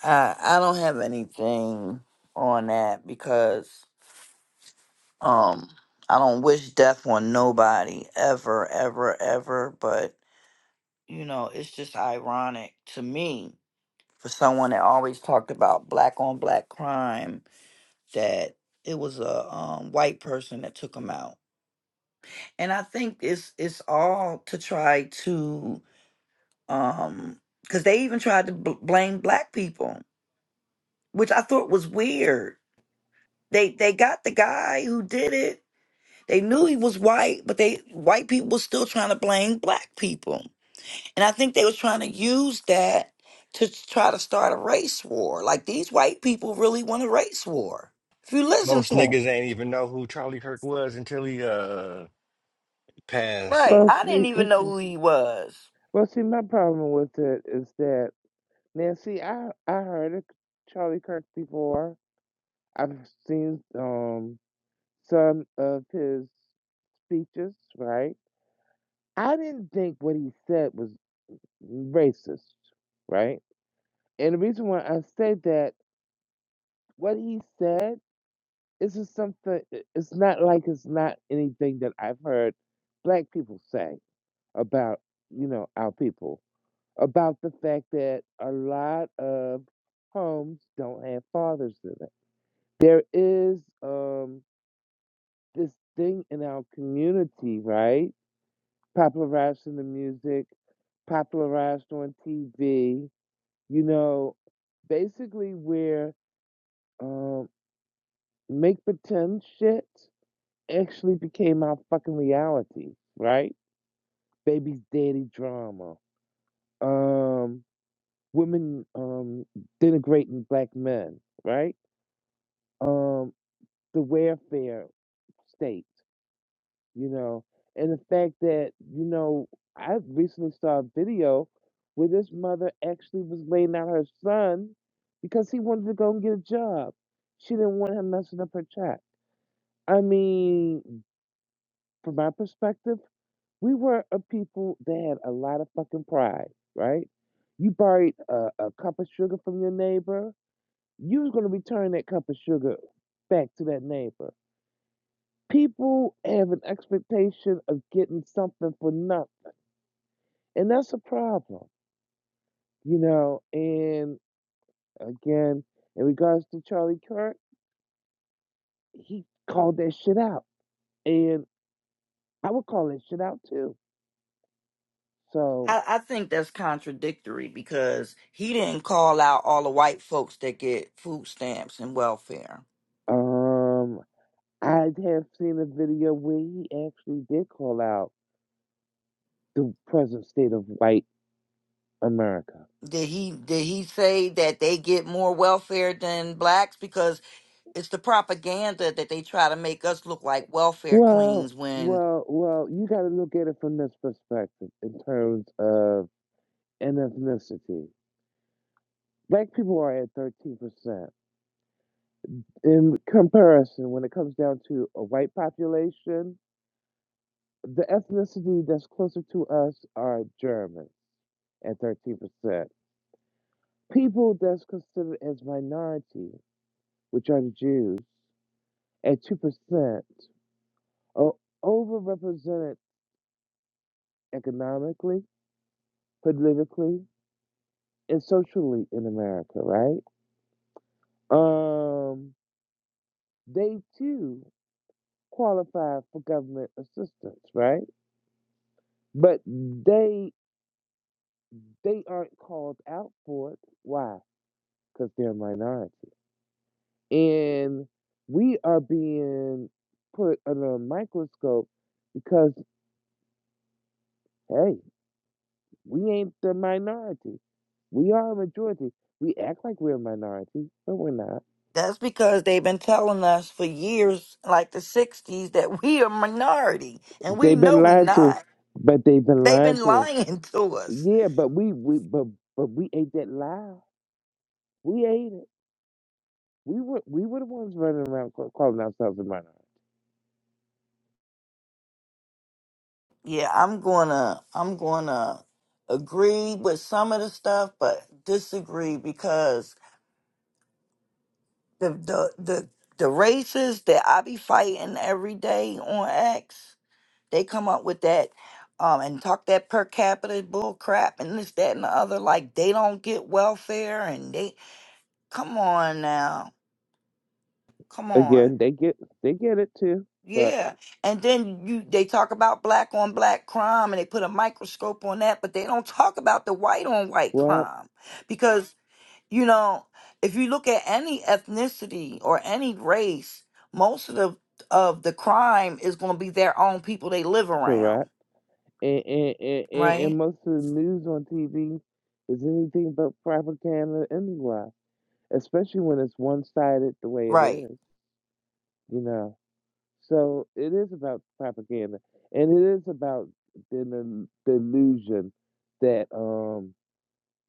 i, I I don't have anything on that because Um, I don't wish death on nobody ever, ever, ever, but you know, it's just ironic to me for someone that always talked about black on black crime that it was a um, white person that took him out. And I think it's it's all to try to um cuz they even tried to b- blame black people, which I thought was weird. They they got the guy who did it They knew he was white, but they white people were still trying to blame black people. And I think they was trying to use that to try to start a race war. Like these white people really want a race war. If you listen
Most
to him.
niggas ain't even know who Charlie Kirk was until he uh passed.
Right.
Well,
I
see,
didn't even
this
know
is,
who he was.
well, see, my problem with it is that now, see, I I heard of Charlie Kirk before. I've seen um some of his speeches, right? I didn't think what he said was racist, right? And the reason why I say that, what he said. It's just something i it's not like it's not anything that I've heard black people say about, you know, our people, about the fact that a lot of homes don't have fathers in it. There is um, this thing in our community, right? Popularized in the music, popularized on TV, you know, basically where um, make pretend shit actually became our fucking reality, right? Baby's daddy drama. Um women um denigrating black men, right? Um the welfare state, you know, and the fact that, you know, I recently saw a video where this mother actually was laying out her son because he wanted to go and get a job. She didn't want him messing up her child. I mean, from my perspective, We were a people that had a lot of fucking pride, right? You borrowed a, a cup of sugar from your neighbor, you was gonna return that cup of sugar back to that neighbor. People have an expectation of getting something for nothing, and that's a problem, you know. And again, in regards to Charlie Kirk, he called that shit out, and I would call that shit out too. So,
I, I think that's contradictory because he didn't call out all the white folks that get food stamps and welfare.
um, I have seen a video where he actually did call out the present state of white America.
Did he did he say that they get more welfare than blacks? Because it's the propaganda that they try to make us look like welfare
Well,
queens when
well, well, you got to look at it from this perspective in terms of an ethnicity. Black people are at 13%. In comparison, when it comes down to a white population, the ethnicity that's closer to us are Germans at 13%. People that's considered as minority, which are the Jews, at 2% o overrepresented economically, politically, and socially in America, right? Um, they too qualify for government assistance, right? But they they aren't called out for it. Why? Because they're a minority, and we are being put under a microscope because hey, we ain't the minority. We are a majority. We act like we're a minority, but we're not
that's because they've been telling us for years like the 60s that we are minority and we
They've
know
been
we
lied to,
not
but they've been
they've
lying
been
to us.
lying to us
Yeah, but we we but but we ate that lie. We ate it. We were we were the ones running around ca- calling ourselves a minority.
yeah i'm gonna i'm gonna agree with some of the stuff but disagree because the the the, the races that i be fighting every day on x They come up with that um, and talk that per capita bull crap and this, that, and the other. Like they don't get welfare and they come on now, come on,
Again, they get they get it too. But
yeah. And then you they talk about black on black crime and they put a microscope on that, but they don't talk about the white on white
well,
crime because you know if you look at any ethnicity or any race, most of the of the crime is going to be their own people they live around,
correct. And and, and, and and
right?
most of the news on TV is anything but propaganda anyway. Especially when it's one sided the way it
Right.
is. You know. So it is about propaganda, and it is about the the the illusion that um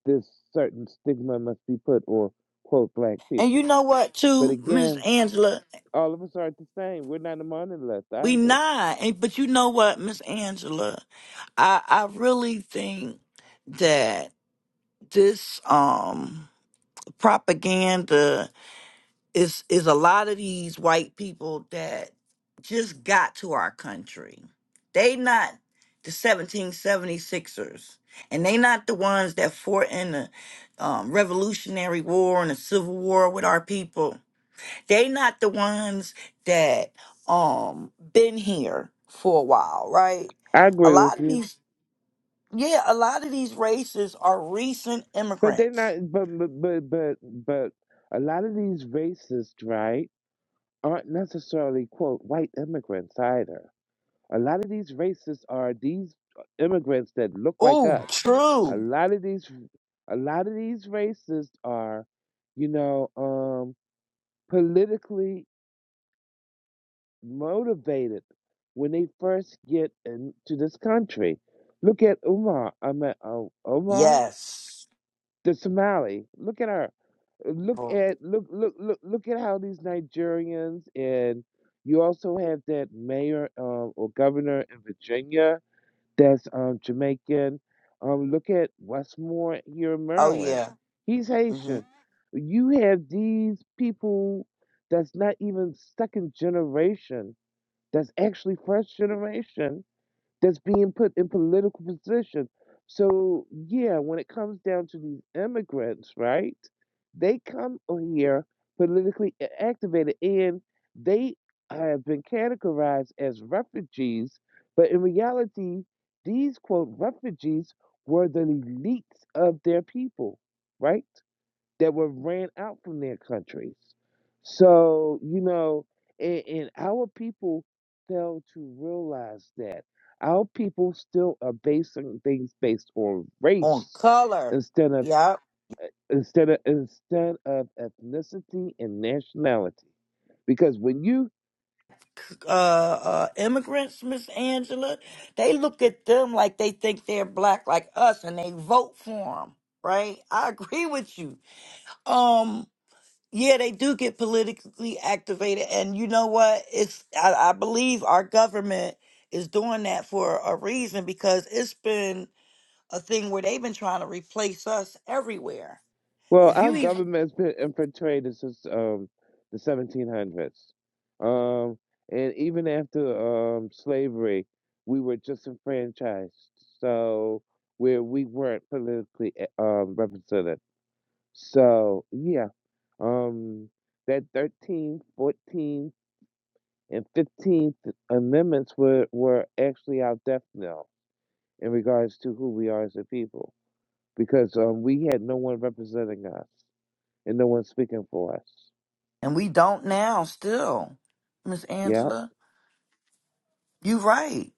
this certain stigma must be put on quote black
And you
people.
know what,
But
too, Miss
again,
Angela,
all of us aren't the same. We're not among the left
we
either.
not. And, but you know what, Miss Angela, I I really think that this um propaganda is is a lot of these white people that just got to our country. They not the 1776ers, and they not the ones that fought in the um, Revolutionary War and the Civil War with our people They not the ones that um been here for a while, right?
I
A
agree with
lot of
you,
these yeah, a lot of these races are recent
but they're
immigrants.
not. But but but but, but a lot of these racists, right, aren't necessarily quote white immigrants either A lot of these racists are these uh, immigrants that look like
Oh,
us. A
true.
lot of these, a lot of these racists are, you know, um, politically motivated when they first get into this country. Look at Umar. I mean, uh, Omar,
Yes.
the Somali. Look at her. Look
Well,
at look look look look at how these Nigerians and you also have that mayor uh, or governor in Virginia that's um, Jamaican. Um, look at Westmore here in
Oh
Maryland.
yeah.
He's
hmm
Haitian. You have these people that's not even second generation, that's actually first generation that's being put in political position. So yeah, when it comes down to these immigrants, right? They come here politically a- activated and they have been categorized as refugees, but in reality, these quote refugees were the elites of their people, right? that were ran out from their countries. So, you know, and, and our people fail to realize that our people still are basing things based on
On
race
color.
instead of
Yep.
instead of instead of ethnicity and nationality. Because when you
uh, uh, immigrants, Miss Angela, they look at them like they think they're black like us, and they vote for them. Right? I agree with you. Um, yeah, they do get politically activated, and you know what? It's I, I believe our government is doing that for a reason because it's been a thing where they've been trying to replace us everywhere.
Well,
If
our
you even
government's been infiltrated since um, the 1700s. Um, and even after um, slavery, we were disenfranchised. So, where we weren't politically eh, um, represented. So, yeah, um, that 13, 14, and 15th amendments were, were actually our death knell in regards to who we are as a people because um, we had no one representing us and no one's speaking for us.
and we don't now still, Miss
Yep.
Angela. You right.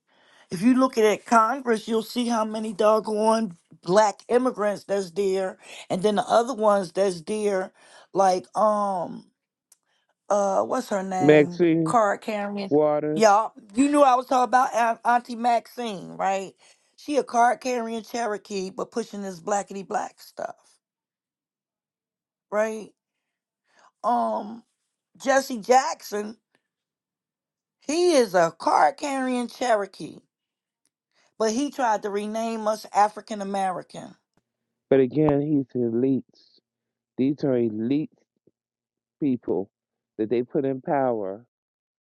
if you look at Congress, you'll see how many doggone black immigrants that's there, and then the other ones that's there, like um uh what's her name,
Maxine
card carrying.
Waters.
Y'all, you knew I was talking about Aunt- Auntie Maxine, right? She a card carrying Cherokee, but pushing this blackity black stuff, right? Um, Jesse Jackson, he is a card carrying Cherokee, but he tried to rename us African American
But again, he's elites. These are elite people that they put in power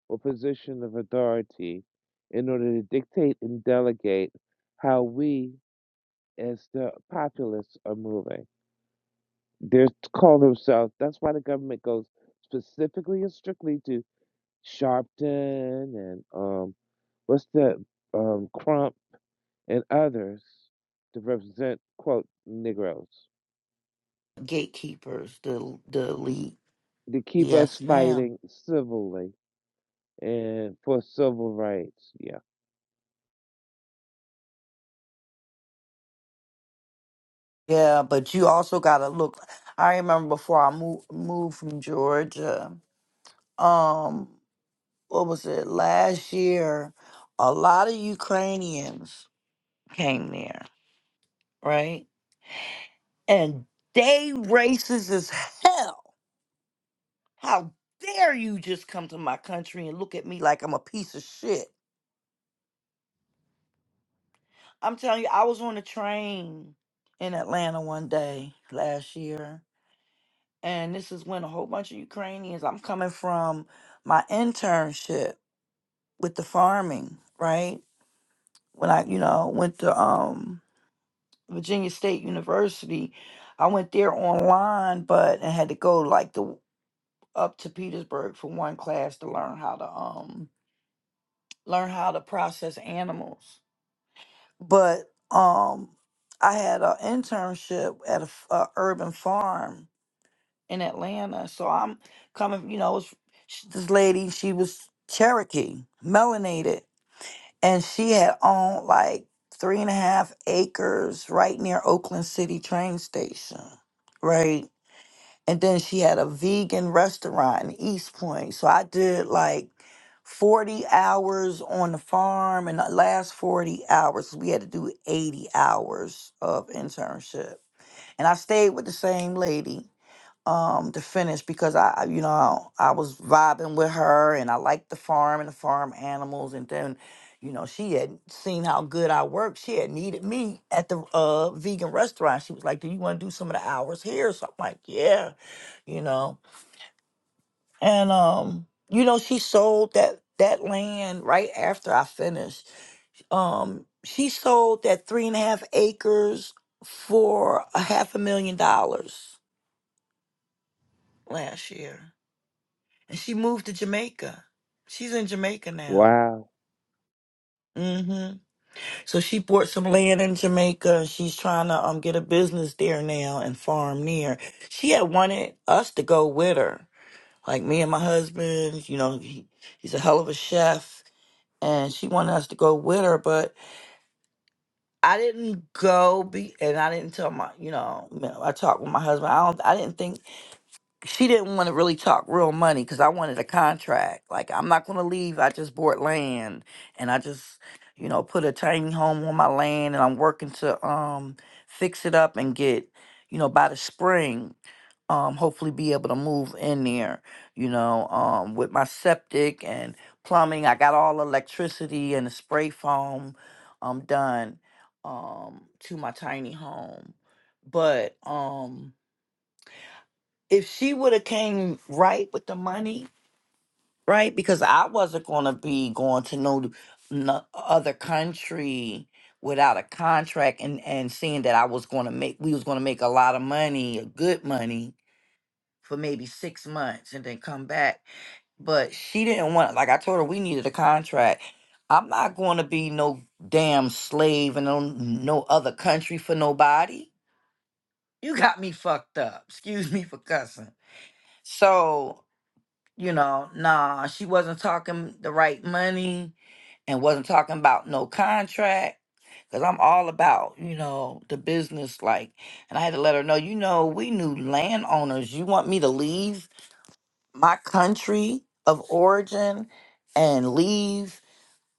or position of authority in order to dictate and delegate how we as the populace are moving. They call themselves, that's why the government goes specifically and strictly to Sharpton and um, what's the um, Crump and others to represent, quote, Negroes,
gatekeepers, the the elite.
to keep us
Yes, ma'am.
fighting civilly and for civil rights. Yeah.
Yeah, but you also gotta look. I remember before I moved moved from Georgia. Um, what was it last year? A lot of Ukrainians came there, right? And they racist as hell. How dare you just come to my country and look at me like I'm a piece of shit? I'm telling you, I was on a train in Atlanta one day last year and this is when a whole bunch of Ukrainians. I'm coming from my internship with the farming, right? When I, you know, went to um, Virginia State University, I went there online, but I had to go like the up to Petersburg for one class to learn how to um learn how to process animals. But um, I had an internship at a, f- a urban farm in Atlanta. So I'm coming, you know, it's, sh- this lady, she was Cherokee, melanated, and she had owned like three and a half acres right near Oakland City train station, right? And then she had a vegan restaurant in East Point. So I did like 40 hours on the farm, and the last 40 hours, we had to do 80 hours of internship. And I stayed with the same lady um to finish because I you know I was vibing with her and I liked the farm and the farm animals and then you know she had seen how good I worked she had needed me at the uh vegan restaurant she was like do you want to do some of the hours here so I'm like yeah you know and um you know she sold that that land right after I finished um she sold that three and a half acres for a half a million dollars last year and she moved to Jamaica. She's in Jamaica now.
Wow.
hmm So she bought some land in Jamaica. She's trying to um get a business there now and farm near. She had wanted us to go with her, like me and my husband. You know, he, he's a hell of a chef, and she wanted us to go with her, but I didn't go. Be and I didn't tell my, you know, you know, I talked with my husband. I don't. I didn't think she didn't want to really talk real money because I wanted a contract. Like I'm not going to leave. I just bought land and I just, you know, put a tiny home on my land and I'm working to um fix it up and get, you know, by the spring, um, hopefully be able to move in there. You know, um, with my septic and plumbing, I got all electricity and the spray foam, um, done, um, to my tiny home, but um if she would have came right with the money, right? Because I wasn't gonna be going to no, no other country without a contract and and seeing that I was gonna make we was gonna make a lot of money, good money for maybe six months and then come back. But she didn't want like I told her we needed a contract. I'm not gonna be no damn slave in no, no other country for nobody. You got me fucked up. Excuse me for cussing. So you know, nah, she wasn't talking the right money and wasn't talking about no contract because I'm all about, you know, the business. Like, and I had to let her know, you know, we knew landowners. You want me to leave my country of origin and leave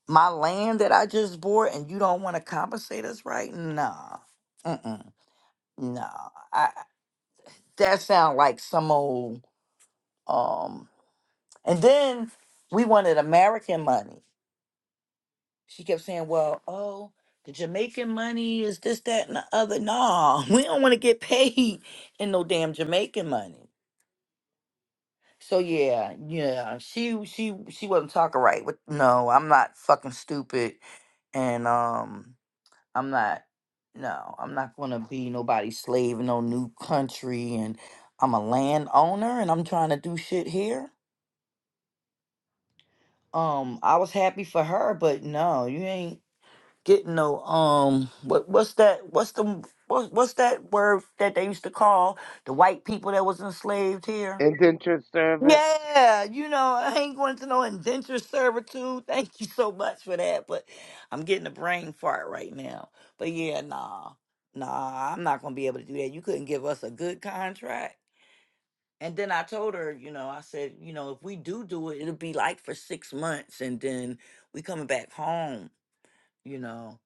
my land that I just bought and you don't want to compensate us right? Nah. Mm-mm. Nah. I, that sound like some old, um, and then we wanted American money. She kept saying, "Well, oh, the Jamaican money is this, that, and the other." No, we don't want to get paid in no damn Jamaican money. So yeah, yeah, she she she wasn't talking right. With no, I'm not fucking stupid, and um, I'm not. No, I'm not gonna be nobody's slave in no new country, and I'm a landowner, and I'm trying to do shit here. Um, I was happy for her, but no, you ain't. getting no um what what's that what's the what, what's that word that they used to call the white people that was enslaved here
Indentured servant.
yeah you know i ain't going to no indentured servitude thank you so much for that but i'm getting a brain fart right now but yeah nah nah i'm not gonna be able to do that you couldn't give us a good contract and then i told her you know i said you know if we do do it it'll be like for six months and then we coming back home you know.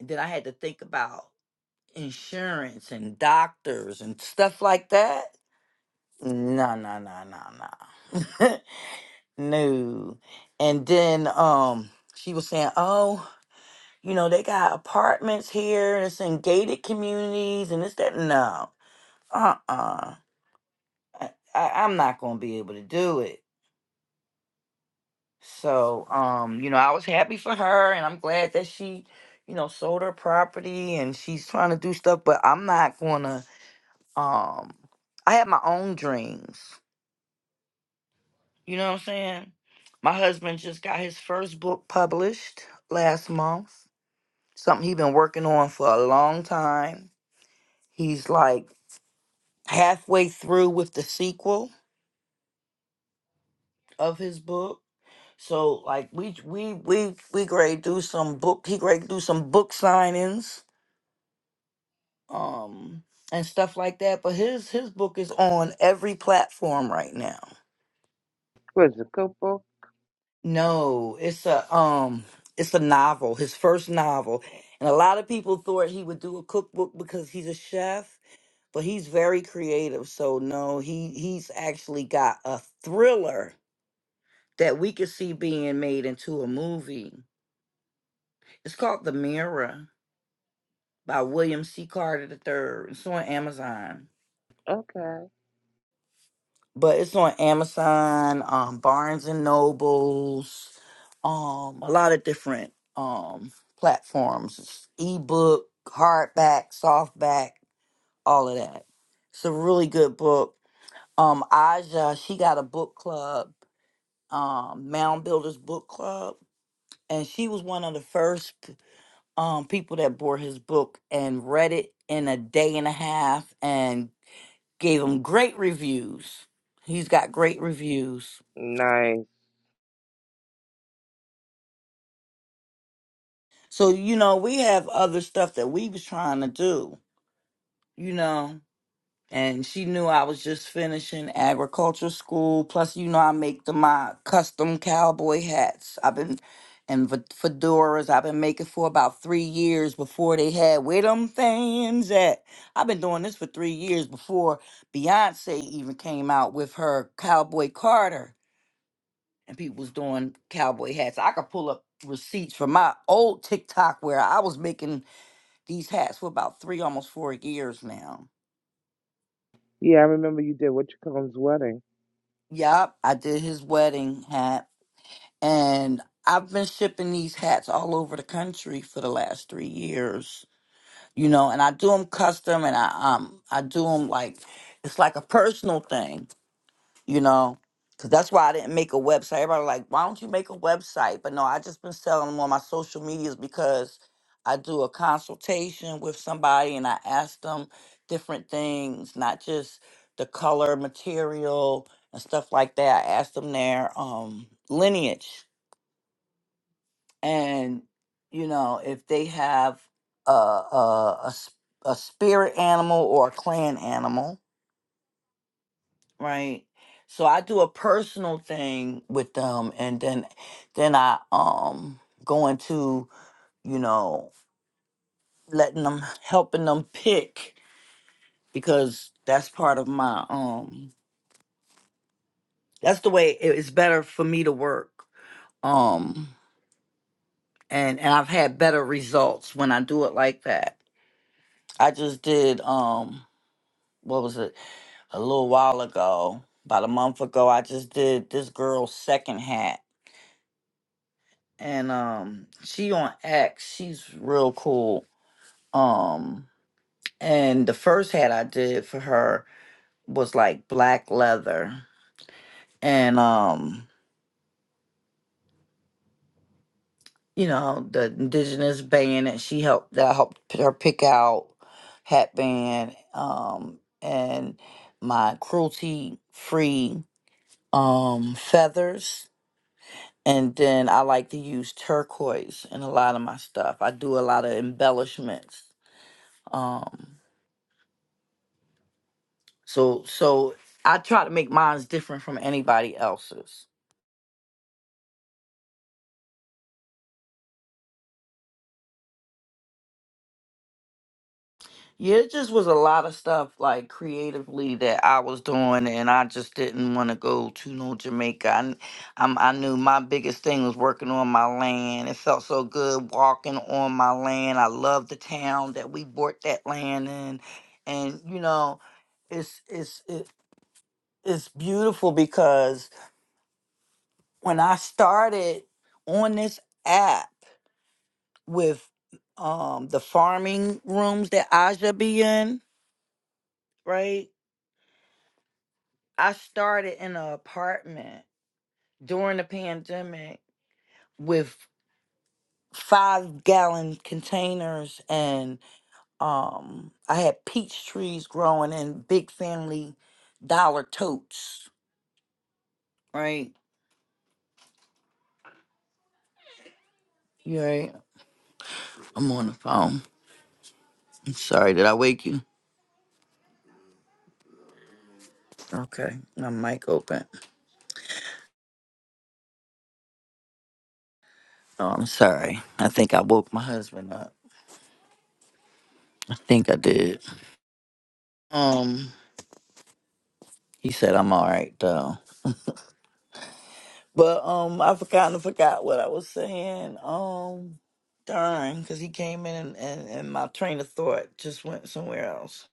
And then I had to think about insurance and doctors and stuff like that. No, no, no, no, no. no. And then um she was saying, Oh, you know, they got apartments here, and it's in gated communities and it's that no. Uh uh-uh. uh. I, I, I'm not gonna be able to do it. So, um, you know, I was happy for her and I'm glad that she, you know, sold her property and she's trying to do stuff, but I'm not gonna um I have my own dreams. You know what I'm saying? My husband just got his first book published last month. Something he's been working on for a long time. He's like halfway through with the sequel of his book. So like we we we we great do some book he great do some book signings um and stuff like that but his his book is on every platform right now
Was it Cooper?
no it's a um it's a novel his first novel and a lot of people thought he would do a cookbook because he's a chef but he's very creative so no he he's actually got a thriller that we could see being made into a movie it's called the mirror by william c carter iii it's on amazon
Okay.
but it's on Amazon, um, Barnes and Nobles, um, a lot of different um platforms. It's ebook, hardback, softback, all of that. It's a really good book. Um, Aja, she got a book club, um, Mound Builders Book Club, and she was one of the first um people that bought his book and read it in a day and a half and gave him great reviews. He's got great reviews
Nice.
So, you know, we have other stuff that we was trying to do, you know. And she knew I was just finishing agriculture school. Plus, you know, I make the, my custom cowboy hats. I've been and fe- fedoras. I've been making for about three years before they had where them fans at. I've been doing this for three years before Beyonce even came out with her Cowboy Carter, and people was doing cowboy hats. I could pull up receipts from my old TikTok where I was making these hats for about three, almost four years now.
Yeah, I remember you did what you call's wedding.
Yup, I did his wedding hat, and I've been shipping these hats all over the country for the last three years. You know, and I do them custom, and I um I do them like it's like a personal thing. you know, because that's why I didn't make a website. Everybody like, why don't you make a website? But no, I just been selling them on my social medias because I do a consultation with somebody and I ask them different things, not just the color, material, and stuff like that. I ask them their um, lineage, and you know, if they have a a, a s- a spirit animal or a clan animal right? So I do a personal thing with them and then then I um go into, you know, letting them helping them pick because that's part of my um that's the way it is better for me to work. Um and and I've had better results when I do it like that. I just did um what was it? A little while ago, about a month ago, I just did this girl's second hat. and um she on X. She's real cool. Um and the first hat I did for her was like black leather and um you know the indigenous band that she helped that I helped p- her pick out hat band um and my cruelty free um feathers and then I like to use turquoise in a lot of my stuff. I do a lot of embellishments. Um So so I try to make mine's different from anybody else's. Yeah, it just was a lot of stuff like creatively that I was doing, and I just didn't want to go to no Jamaica. I, kn- I'm, I knew my biggest thing was working on my land. It felt so good walking on my land. I love the town that we bought that land in, and you know, it's it's it, it's beautiful because when I started on this app. with um the farming rooms that Aja be in, right? I started in an apartment during the pandemic with five gallon containers and um I had peach trees growing in big family dollar totes, right? You right? I'm on the phone. I'm sorry, did I wake you? Okay, my mic open. Oh, I'm sorry. I think I woke my husband up. I think I did. Um He said I'm all right though. But um, I forgot I forgot what I was saying. Um, darn, because he came in and, and, and my train of thought just went somewhere else.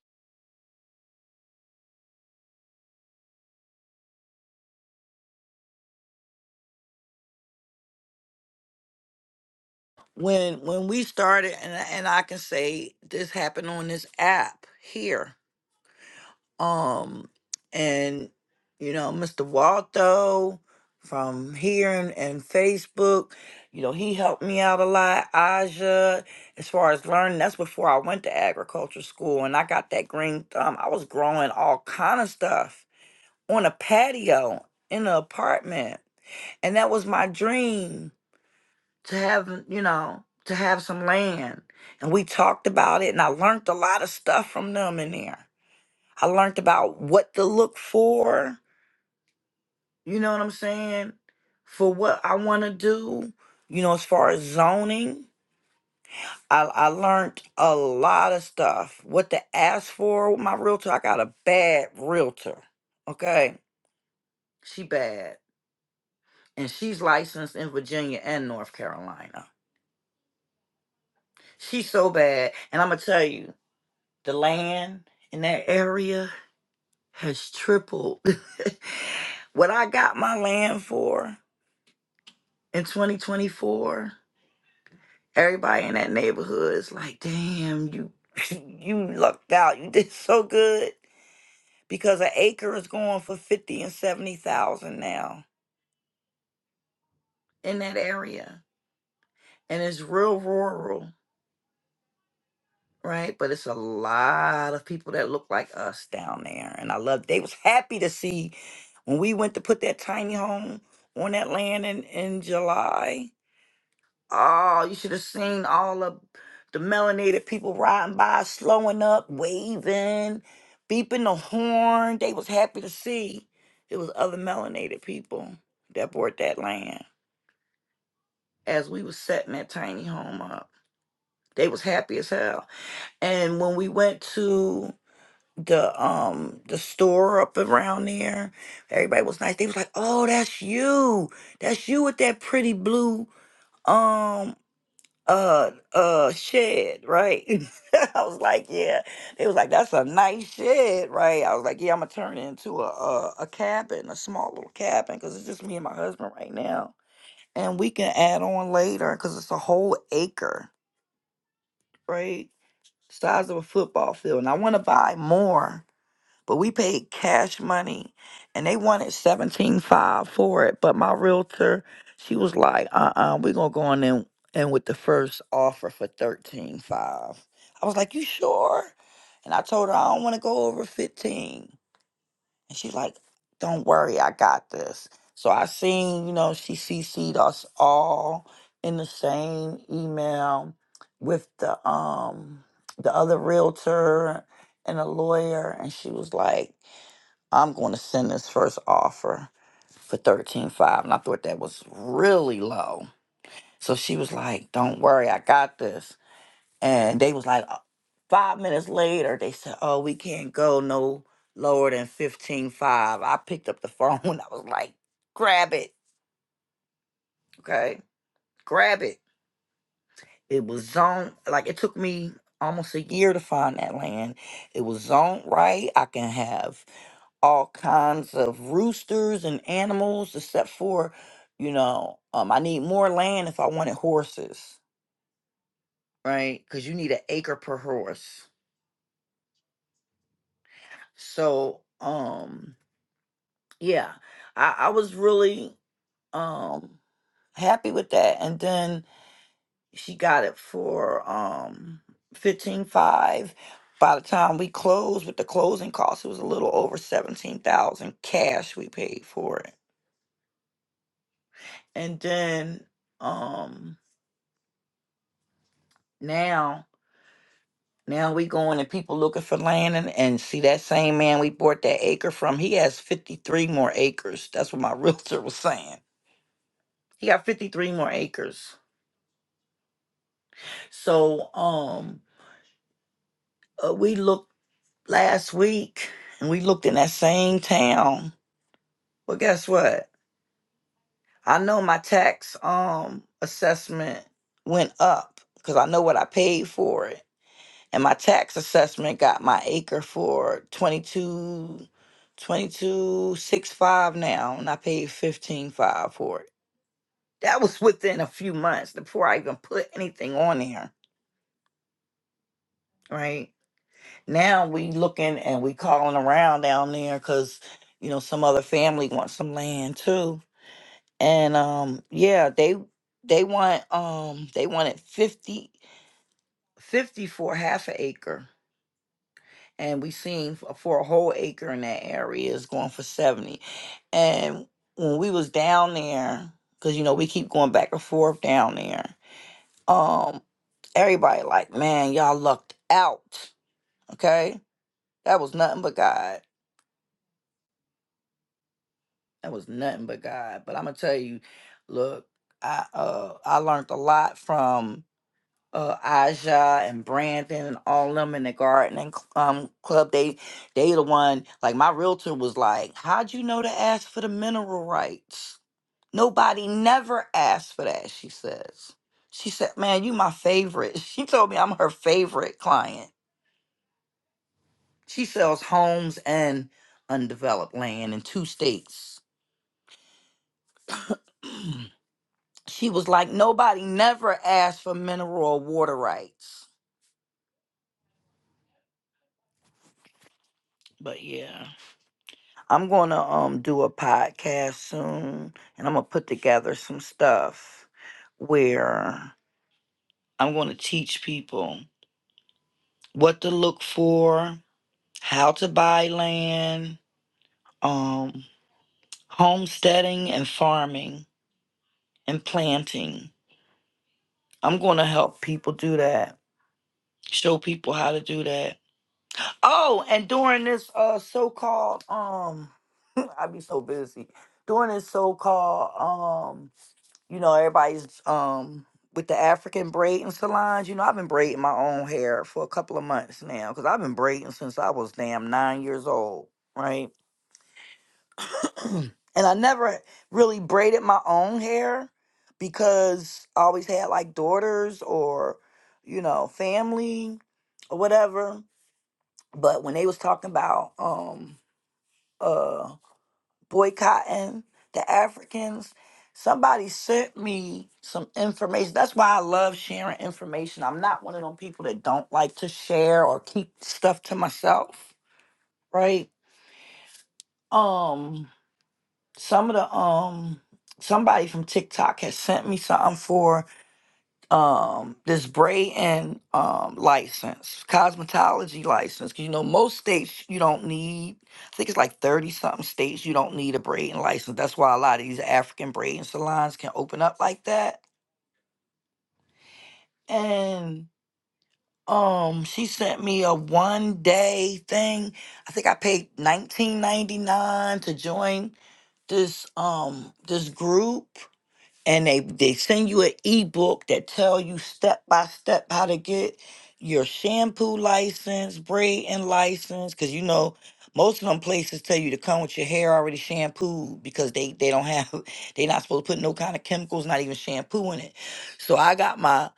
When when we started, and I- and I can say this happened on this app here. um and you know mr waldo from here and, and facebook you know he helped me out a lot aja as far as learning that's before i went to agriculture school and i got that green thumb i was growing all kind of stuff on a patio in an apartment and that was my dream to have you know to have some land and we talked about it and i learned a lot of stuff from them in there I learned about what to look for. You know what I'm saying? For what I want to do. You know, as far as zoning, I, I learned a lot of stuff. What to ask for with my realtor. I got a bad realtor. Okay, she bad, and she's licensed in Virginia and North Carolina. She's so bad, and I'm gonna tell you, the land in that area has tripled. what I got my land for in 2024, everybody in that neighborhood is like, damn, you you lucked out. You did so good because an acre is going for 50 and 70,000 now in that area. And it's real rural, right? But it's a lot of people that look like us down there. And I love they was happy to see when we went to put that tiny home on that land in, in July Oh, you should have seen all of the melanated people riding by, slowing up, waving, beeping the horn. They was happy to see it was other melanated people that bought that land. As we was setting that tiny home up, they was happy as hell. And when we went to the um the store up around there, everybody was nice. They was like, "Oh, that's you. That's you with that pretty blue." um uh uh shed, right? I was like, yeah. They was like, that's a nice shed, right? I was like, yeah, I'm gonna turn it into a a, a cabin, a small little cabin, because it's just me and my husband right now, and we can add on later because it's a whole acre, right? Size of a football field, and I want to buy more but we paid cash money and they wanted 17.5 for it but my realtor she was like uh uh-uh uh, we gonna go on in and with the first offer for 13.5 i was like you sure and i told her i don't want to go over 15 and she's like don't worry i got this so i seen you know she cc'd us all in the same email with the um the other realtor and a lawyer and she was like I'm going to send this first offer for thirteen five, and I thought that was really low. So she was like, "Don't worry, I got this." And they was like, uh, five minutes later, they said, "Oh, we can't go no lower than fifteen five." I picked up the phone. and I was like, "Grab it, okay, grab it." It was zoned like it took me almost a year to find that land. It was zoned right. I can have all kinds of roosters and animals except for you know um i need more land if i wanted horses right because you need an acre per horse so um yeah i i was really um happy with that and then she got it for um fifteen five. By the time we closed with the closing costs, it was a little over seventeen thousand cash we paid for it. And then um now now we going and people looking for land and, and see that same man we bought that acre from, he has fifty three more acres. That's what my realtor was saying. He got fifty three more acres. So um uh, we looked last week and we looked in that same town Well, guess what? I know my tax um assessment went up because I know what I paid for it. And my tax assessment got my acre for twenty-two, twenty-two six five now and I paid 155 for it. That was within a few months before I even put anything on there, right? Now we looking and we calling around down there cuz you know some other family wants some land too and um yeah they they want um they wanted 50 50 for half an acre and we seen f- for a whole acre in that area is going for 70 and when we was down there because you know we keep going back and forth down there um everybody like man y'all lucked out okay that was nothing but god that was nothing but god but i'm gonna tell you look i uh i learned a lot from uh Aja and Brandon and all them in the gardening cl- um club they they the one like my realtor was like how'd you know to ask for the mineral rights nobody never asked for that she says she said man you my favorite she told me I'm her favorite client she sells homes and undeveloped land in two states she was like nobody never asked for mineral or water rights but yeah I'm going to um do a podcast soon and I'm going to put together some stuff where I'm going to teach people what to look for, how to buy land, um homesteading and farming and planting. I'm going to help people do that. Show people how to do that. Oh, and during this uh so-called um I be so busy. During this so-called um You know, everybody's um with the African braiding salons. You know, I've been braiding my own hair for a couple of months now because I've been braiding since I was damn nine years old, right? and I never really braided my own hair because I always had like daughters or, you know, family or whatever. But when they was talking about um uh. boycotting the Africans. Somebody sent me some information. That's why I love sharing information. I'm not one of them people that don't like to share or keep stuff to myself, right? Um some of the um somebody from TikTok has sent me something for um this braiding um license cosmetology license 'cause you know most states you don't need i think it's like 30 something states you don't need a braiding license that's why a lot of these african braiding salons can open up like that and um she sent me a one day thing i think i paid 19.99 to join this um this group and they they send you an ebook that tell you step by step how to get your shampoo license, braiding license, because you know most of them places tell you to come with your hair already shampooed because they they don't have they not supposed to put no kind of chemicals, not even shampoo in it. So I got my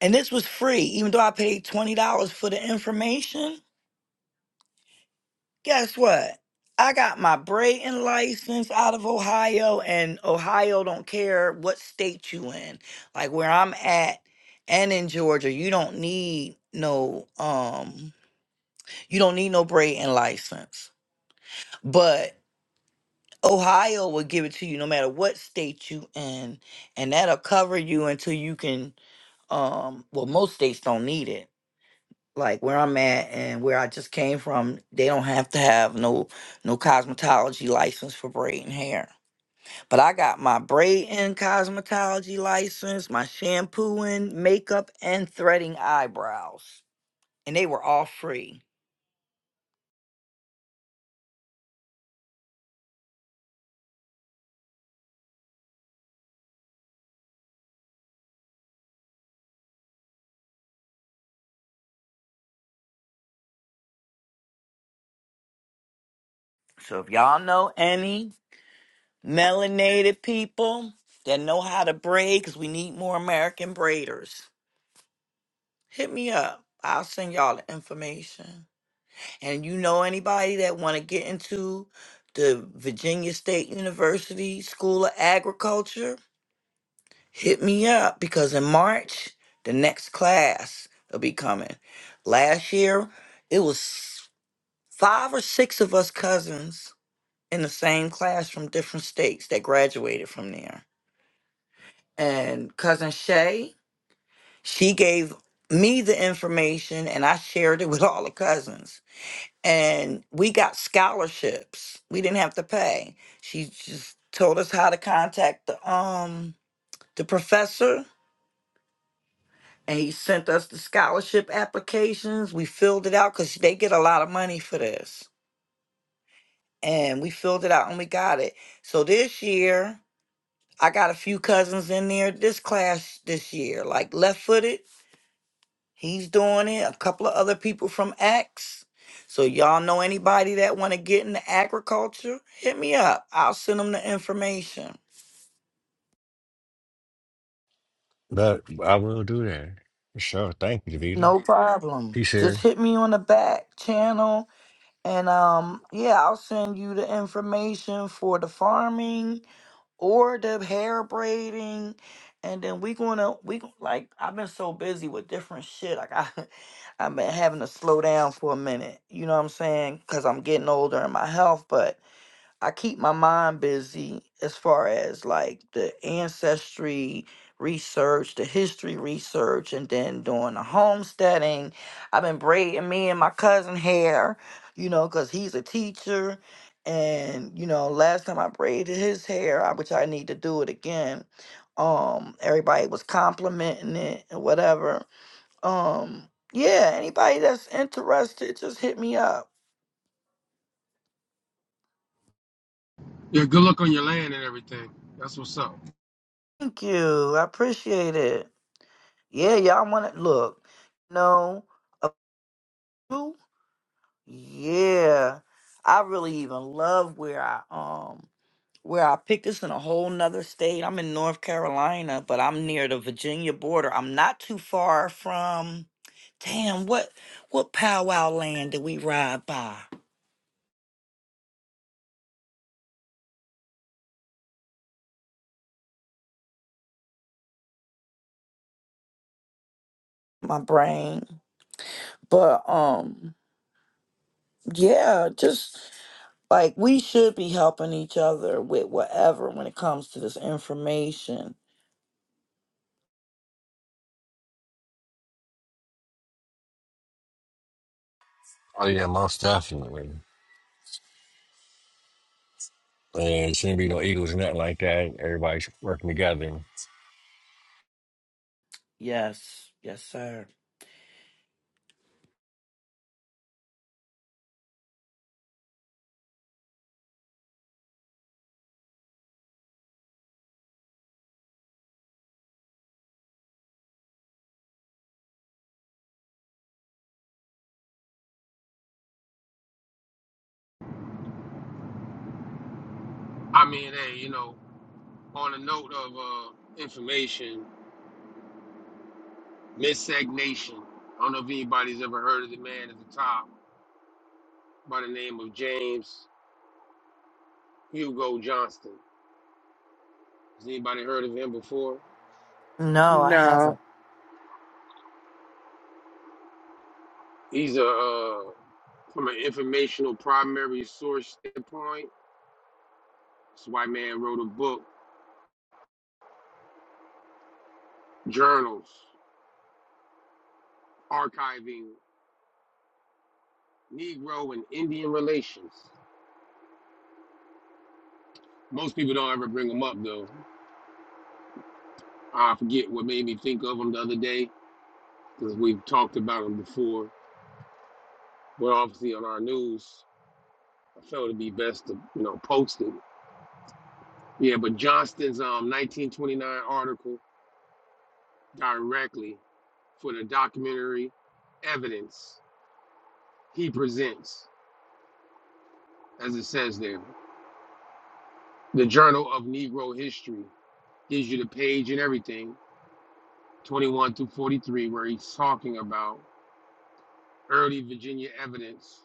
and this was free, even though I paid twenty dollars for the information guess what? I got my braiding license out of Ohio, and Ohio don't care what state you in. Like where I'm at, and in Georgia, you don't need no um, you don't need no braiding license. But Ohio will give it to you no matter what state you in, and that'll cover you until you can. Um, well, most states don't need it like where I'm at and where I just came from, they don't have to have no no cosmetology license for braiding hair. But I got my braiding cosmetology license, my shampooing, makeup, and threading eyebrows. And they were all free. So if y'all know any melanated people that know how to braid, because we need more American braiders, hit me up. I'll send y'all the information. and you know anybody that want to get into the Virginia State University School of Agriculture, hit me up because in March the next class will be coming. Last year it was five or six of us cousins in the same class from different states that graduated from there. And cousin Shay, she gave me the information and I shared it with all the cousins and we got scholarships. We didn't have to pay. She just told us how to contact the um the professor, and he sent us the scholarship applications. We filled it out because they get a lot of money for this, and we filled it out and we got it. So this year, I got a few cousins in there. This class this year, like left footed. He's doing it. A couple of other people from Axe. So y'all know anybody that want to get into agriculture? Hit me up. I'll send them the information.
But I will do that for sure. Thank you, Davita.
No problem.
Peace here.
Just hit me on the back channel, and um, yeah, I'll send you the information for the farming or the hair braiding, and then we gonna we gon- like I've been so busy with different shit. Like I, I've been having to slow down for a minute. You know what I'm saying? Cause I'm getting older in my health, but I keep my mind busy as far as like the ancestry research, the history research, and then doing the homesteading. I've been braiding me and my cousin hair, you know, because he's a teacher. And, you know, last time I braided his hair, I- which I need to do it again, um, everybody was complimenting it and whatever. Um, yeah, anybody that's interested, just hit me up.
Yeah, good luck on your land and everything. That's what's up.
Thank you. I appreciate it. Yeah, y'all want to look. No, a few, yeah. I really even love where I um where I picked this in a whole nother state. I'm in North Carolina, but I'm near the Virginia border. I'm not too far from. Damn, what what powwow land did we ride by? My brain, but um, yeah, just like we should be helping each other with whatever when it comes to this information
Oh yeah, most definitely. And shouldn't be no egos or nothing like that. Everybody's working together.
Yes. Yes, sir.
I mean, hey, you know, on a note of uh, information, Mid-Sec Nation. I don't know if anybody's ever heard of the man at the top by the name of James Hugo Johnston. Has anybody heard of him before?
No, I
No.
haven't.
He's a uh, from an informational primary source standpoint. This white man wrote a book, journals, archiving Negro and Indian relations. Most people don't ever bring them up though. I forget what made me think of them the other day because we've talked about them before. We're obviously on our news. I felt it'd be best to, you know, post it. Yeah, but Johnston's um 1929 article directly for the documentary evidence he presents, as it says there. The Journal of Negro History gives you the page and everything, 21 through 43, where he's talking about early Virginia evidence.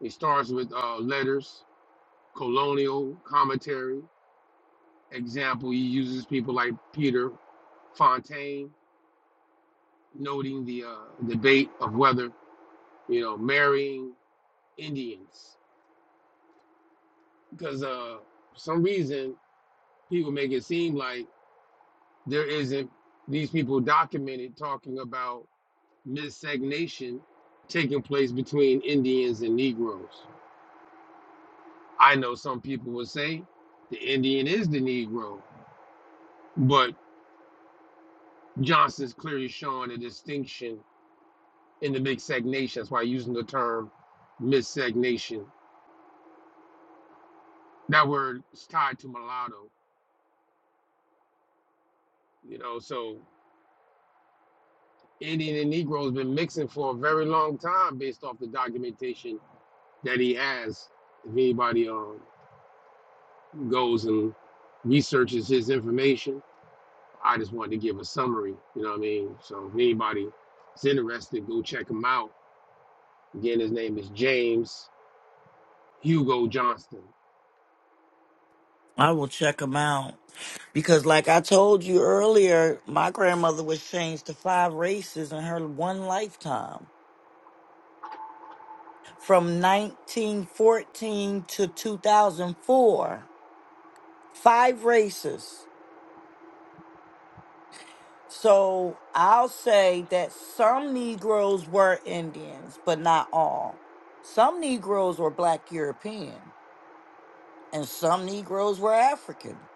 It starts with uh, letters, colonial commentary, example. He uses people like Peter Fontaine noting the uh, debate of whether you know marrying Indians because uh, for some reason people make it seem like there isn't these people documented talking about miscegnation taking place between Indians and Negroes. I know some people would say the Indian is the Negro, but Johnson's clearly showing a distinction in the miscegnation. That's why I'm using the term miscegnation. That word is tied to mulatto You know, so Indian and Negro has been mixing for a very long time based off the documentation that he has. If anybody um, goes and researches his information, I just wanted to give a summary. You know what I mean? So if anybody is interested, go check him out. Again, his name is James Hugo Johnston.
I will check them out because, like I told you earlier, my grandmother was changed to five races in her one lifetime from 1914 to 2004. Five races. So I'll say that some Negroes were Indians, but not all. Some Negroes were Black European, and some Negroes were African.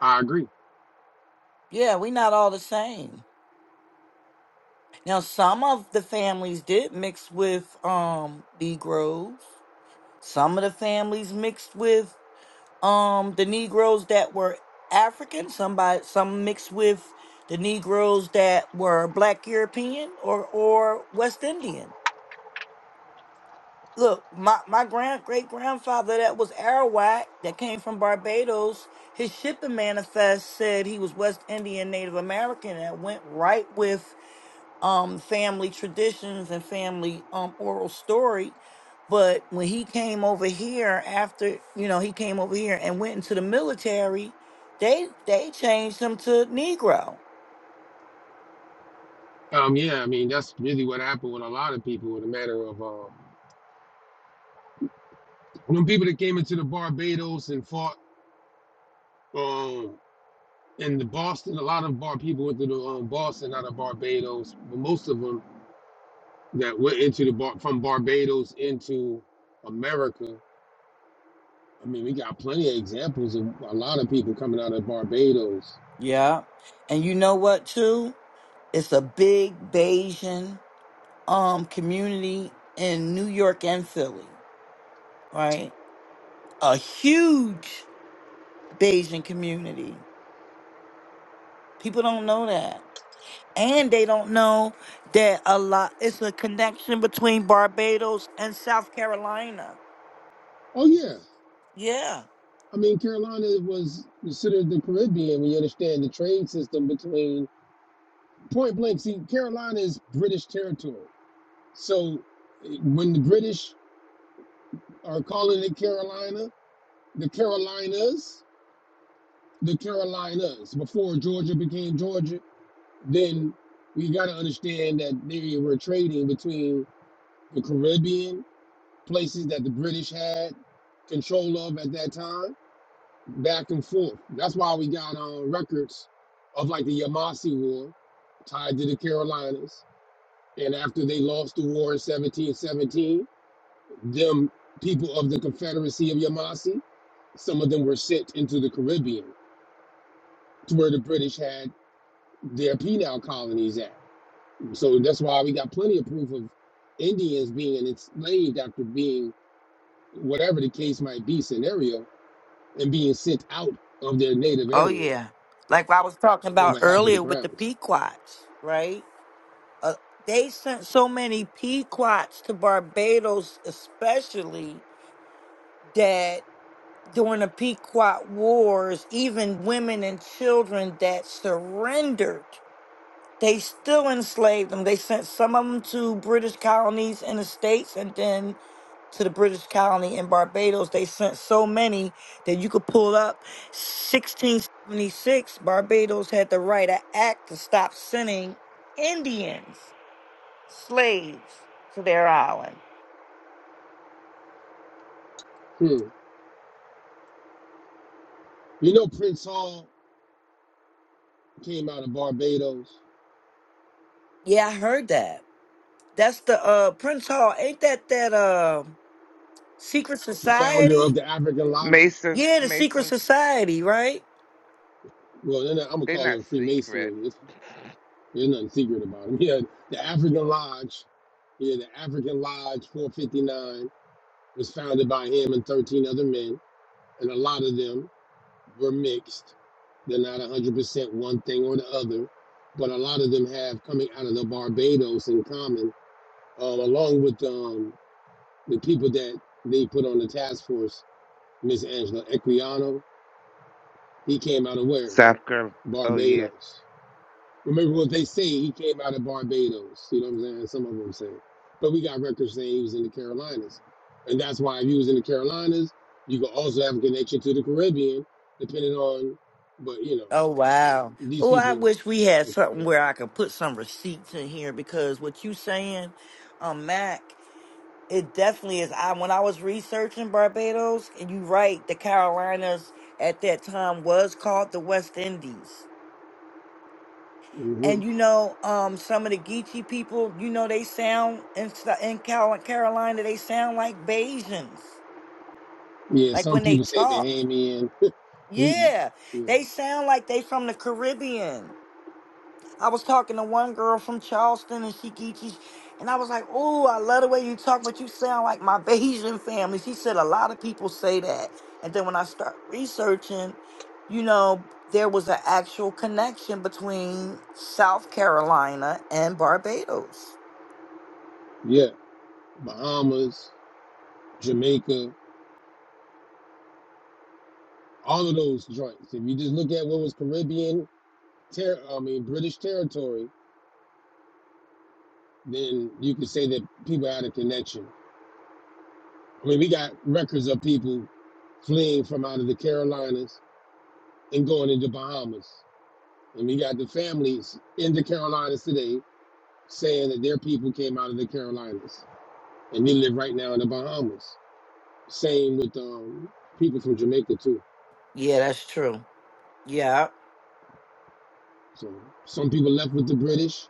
I agree.
Yeah, we not all the same. Now, some of the families did mix with um Negroes. Some of the families mixed with um the Negroes that were African. Somebody some mixed with the Negroes that were Black European or or West Indian. Look, my my grand great grandfather that was Arawak that came from Barbados. His shipping manifest said he was West Indian Native American and it went right with um family traditions and family um oral story but when he came over here after you know he came over here and went into the military they they changed him to negro
Um, yeah, I mean that's really what happened with a lot of people in a matter of um, when people that came into the Barbados and fought. um. and the Boston, a lot of bar people went to the um, Boston out of Barbados, but most of them that went into the bar from Barbados into America. I mean, we got plenty of examples of a lot of people coming out of Barbados.
yeah and you know what too it's a big bayesian um community in new york and philly right a huge bayesian community people don't know that and they don't know that a lot it's a connection between Barbados and South Carolina.
Oh yeah,
Yeah.
I mean Carolina was considered the Caribbean when you understand the trade system between point blank. See, Carolina is British territory, so eh, when the British are calling it Carolina, the Carolinas. the Carolinas before Georgia became Georgia, then we got to understand that they were trading between the Caribbean places that the British had control of at that time, back and forth. That's why we got um, records of like the Yamasi War tied to the Carolinas. And after they lost the war in 1717, them people of the Confederacy of Yamasi, some of them were sent into the Caribbean to where the British had their penal colonies at. So that's why we got plenty of proof of Indians being enslaved after being, whatever the case might be, scenario, and being sent out of their native
Oh
area
yeah. Like what I was talking
on
about
behalf of the
earlier with the
crowns.
Pequots, right? Uh, they sent so many Pequots to Barbados, especially that during the Pequot Wars, even women and children that surrendered they still enslaved them. They sent some of them to British colonies in the States and then to the British colony in Barbados. They sent so many that you could pull up 1676, Barbados had to write an act to stop sending Indians, slaves, to their island.
Hmm. You know, Prince Hall came out of Barbados,
Yeah, I heard that. That's the uh Prince Hall. Ain't that that uh secret
the founder
society?
of the African Lodge.
Masons,
Yeah, the secret
Masons.
society, right?
Well, they're not, I'm going to
They're
call
not
it a
secret.
Freemasonry. It's, there's nothing secret about him. Yeah, the African Lodge, yeah, the African Lodge 459 was founded by him and 13 other men and a lot of them were mixed. They're not 100% one thing or the other, but a lot of them have coming out of the Barbados in common, um, along with um, the people that they put on the task force. Miss Angela Equiano, he came out of where?
South Carolina. Oh yeah.
Barbados. Remember what they say, he came out of Barbados. You know what I'm saying? Some of them say. But we got records saying he was in the Carolinas. And that's why if he was in the Carolinas, you could also have a connection to the Caribbean, depending on, but you know,
Oh wow.
these
Oh, I
people
wish we had
are
something
coming
where I
out.
could put some receipts in here because what you saying, um, Mac, it definitely is. I when I was researching Barbados, and you right, the Carolinas at that time was called the West Indies.
hmm
And you know, um, some of the Geechee people, you know, they sound in Sou- in Cal- Carolina, they sound like Bajans,
Yeah,
like
some
when they
people say
talk.
Bahamian. we,
Yeah,
yeah,
they sound like they from the Caribbean. I was talking to one girl from Charleston and she geeky, and I was like, "Oh, I love the way you talk, but you sound like my Bayesian family." She said a lot of people say that, and then when I start researching, you know, there was an actual connection between South Carolina and Barbados.
yeah, Bahamas, Jamaica, all of those joints. If you just look at what was Caribbean, ter- I mean, British territory, then you could say that people had a connection. I mean, we got records of people fleeing from out of the Carolinas and going into Bahamas. And we got the families in the Carolinas today saying that their people came out of the Carolinas and they live right now in the Bahamas. Same with um, people from Jamaica, too.
Yeah, that's true. Yeah.
So some people left with the British,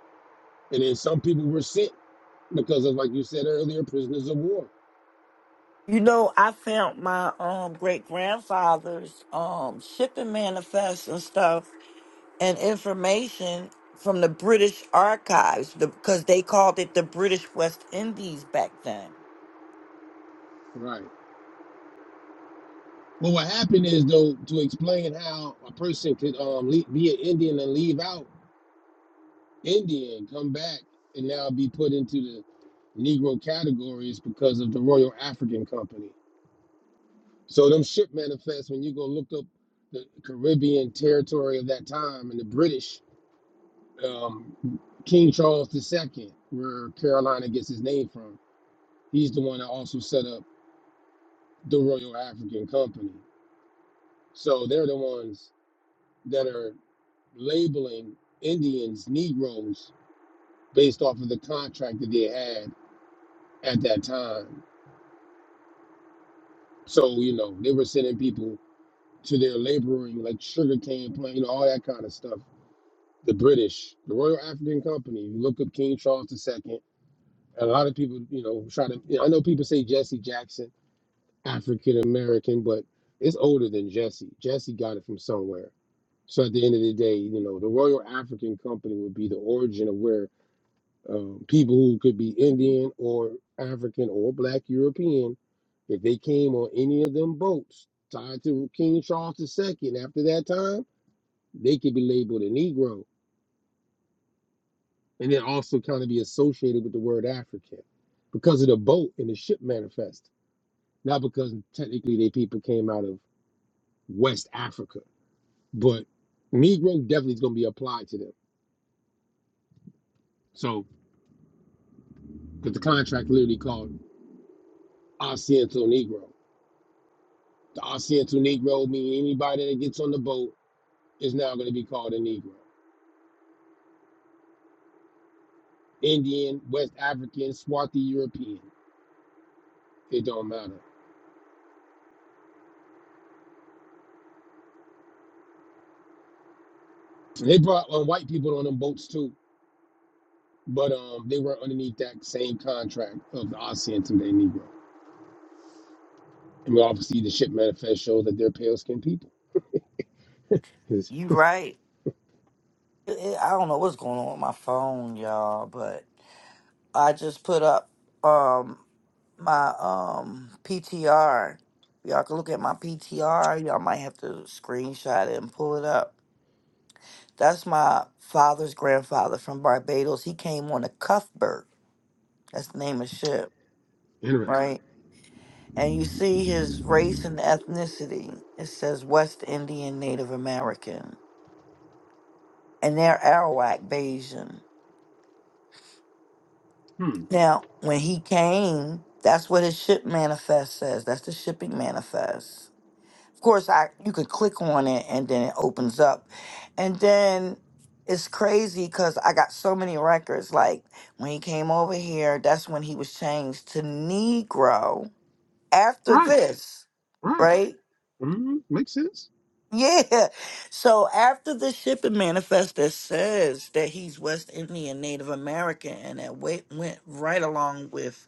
and then some people were sent because of, like you said earlier, prisoners of war.
You know, I found my um great grandfather's um shipping manifest and stuff and information from the British archives because they called it the British West Indies back then.
Right. But what happened is though to explain how a person could um le be an Indian and leave out Indian, come back and now be put into the Negro category is because of the Royal African Company. So them ship manifests when you go look up the Caribbean territory of that time and the British, um, King Charles II, where Carolina gets his name from. He's the one that also set up the Royal African Company. So they're the ones that are. labeling Indians Negroes based off of the contract that they had at that time. So, you know, they were sending people to their laboring, like sugarcane plant, you know, all that kind of stuff. The British, the Royal African Company, you look up King Charles II, a lot of people, you know, try to, you know, I know people say Jesse Jackson, African American, but it's older than Jesse. Jesse got it from somewhere. So at the end of the day, you know, the Royal African Company would be the origin of where um, people who could be Indian or African or Black European, if they came on any of them boats tied to King Charles II after that time, they could be labeled a Negro and then also kind of be associated with the word African because of the boat and the ship manifest, not because technically they people came out of West Africa. But Negro definitely is going to be applied to them. So, because the contract literally called Occidental Negro. The Occidental Negro, meaning anybody that gets on the boat, is now going to be called a Negro. Indian, West African, Swarthy European. It don't matter. They brought um, white people on them boats too, but um, they were underneath that same contract of the Occidental Day Negro. And we obviously the ship manifest shows that they're pale skinned people. It's
You right. It- it- I don't know what's going on with my phone, y'all, but I just put up um my um PTR. Y'all can look at my PTR. Y'all might have to screenshot it and pull it up. That's my father's grandfather from Barbados. He came on the Cuthbert. That's the name of the ship,
interesting.
right? and you see his race and ethnicity. It says West Indian Native American, and they're Arawak Bayesian.
Hmm.
Now, when he came, that's what his ship manifest says. That's the shipping manifest. Of course, I you could click on it and then it opens up, and then it's crazy because I got so many records. Like when he came over here, that's when he was changed to Negro. After
Right,
this,
right.
right?
hmm Makes sense.
Yeah. So after the shipping manifest that says that he's West Indian Native American and that went, went right along with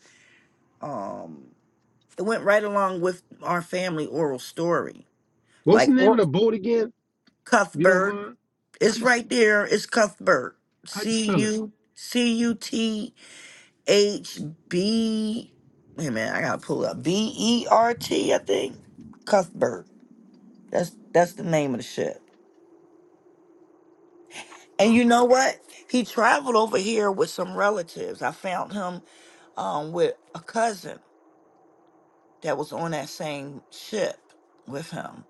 um it went right along with our family oral story.
What's the
Like
name of
Or-
the boat again? If you don't
Cuthbert.
mind. How
It's
you
right
sp-
there. It's Cuthbert.
how you
C
spell it?
U C U T H B Wait a minute, I gotta pull up. B E R T, I think. Cuthbert. That's that's the name of the ship. And you
Okay.
know what? He traveled over here with some relatives. I found him um, with a cousin that was on that same ship with him.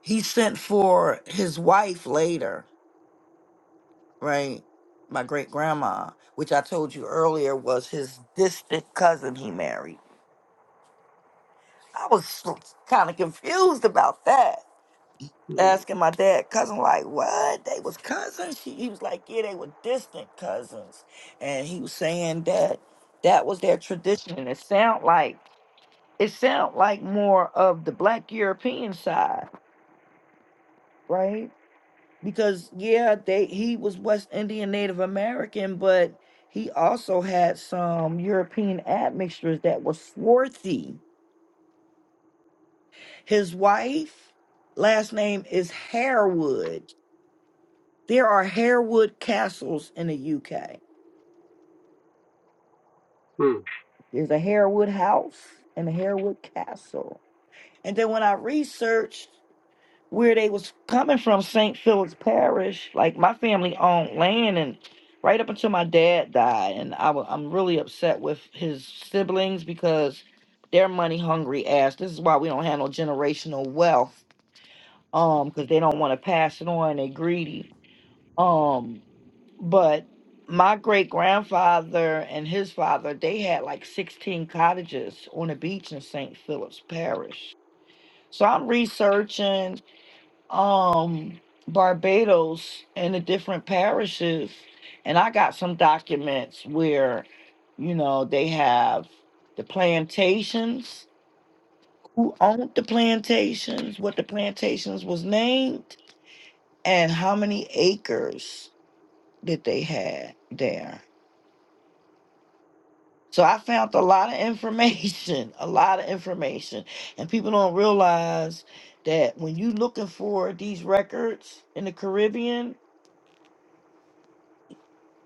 He sent for his wife later, right? My great grandma, which I told you earlier was his distant cousin he married. I was kind of confused about that.
Hmm.
asking my dad cousin like what they was cousins she, he was like yeah they were distant cousins and he was saying that that was their tradition and it sound like it sound like more of the black european side right because yeah they he was west indian native american but he also had some european admixtures that were swarthy his wife last name is Harewood There are Harewood castles in the UK.
Hmm.
There's a Harewood house and a Harewood castle. And then when I researched where they was coming from, St. Philip's Parish, like my family owned land and right up until my dad died. And I wa- I'm really upset with his siblings because they're money hungry ass. This is why we don't have no generational wealth. Um, because they don't want to pass it on. They greedy. Um, But my great grandfather and his father, they had like 16 cottages on the beach in St. Philip's Parish. So I'm researching um Barbados and the different parishes and I got some documents where you know they have the plantations, who owned the plantations, what the plantations was named, and how many acres that they had there. So I found a lot of information, a lot of information. And people don't realize that when you looking for these records in the Caribbean,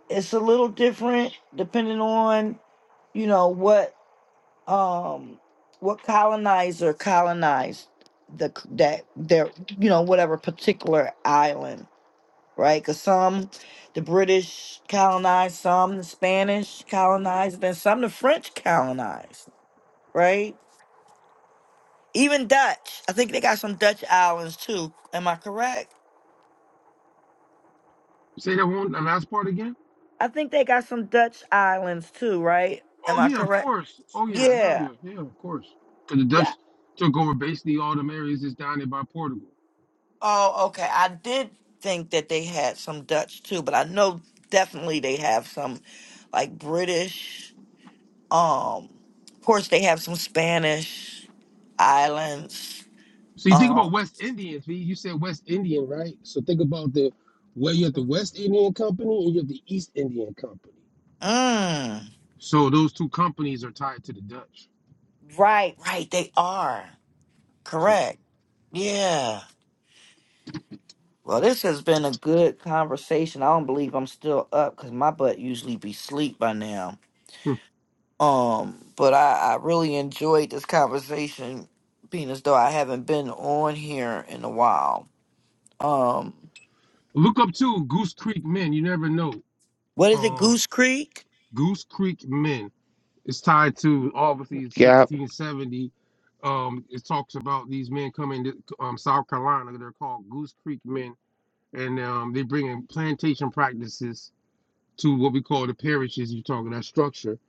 it's a little different depending on, you know, what um what colonizer colonized the c- that their you know whatever particular island, right? Cuz some the British colonized, some the Spanish colonized, and some the French colonized, right? Even Dutch. I think they got some Dutch islands too. Am I correct?
Say that one the last part again.
I think they got some Dutch islands too, right?
Oh
Am I
yeah, of
correct?
course. Oh yeah, hell
Yeah.
yeah, yeah, of course. Because the
Yeah.
Dutch took over basically all them areas that's down there by Portugal.
Oh, okay. I did think that they had some Dutch too, but I know definitely they have some like British. Um of course they have some Spanish islands.
So you think
Um
about West Indians, V. You said West Indian, right? So think about the where you have the West Indian Company and you have the East Indian Company.
mm,
So those two companies are tied to the Dutch.
right, right, they are.
So
Correct. Yeah. Well, this has been a good conversation. I don't believe I'm still up because my butt usually be sleep by now.
hmm.
Um, but I, I really enjoyed this conversation, being as though I haven't been on here in a while. Um,
look up too Goose Creek Men. You never know.
what is it,
Um,
Goose Creek?
Goose Creek Men. It's tied to obviously
Yep.
1670. Um, it talks about these men coming to um, South Carolina. They're called Goose Creek men, and um, they bring in plantation practices to what we call the parishes. You're talking that structure,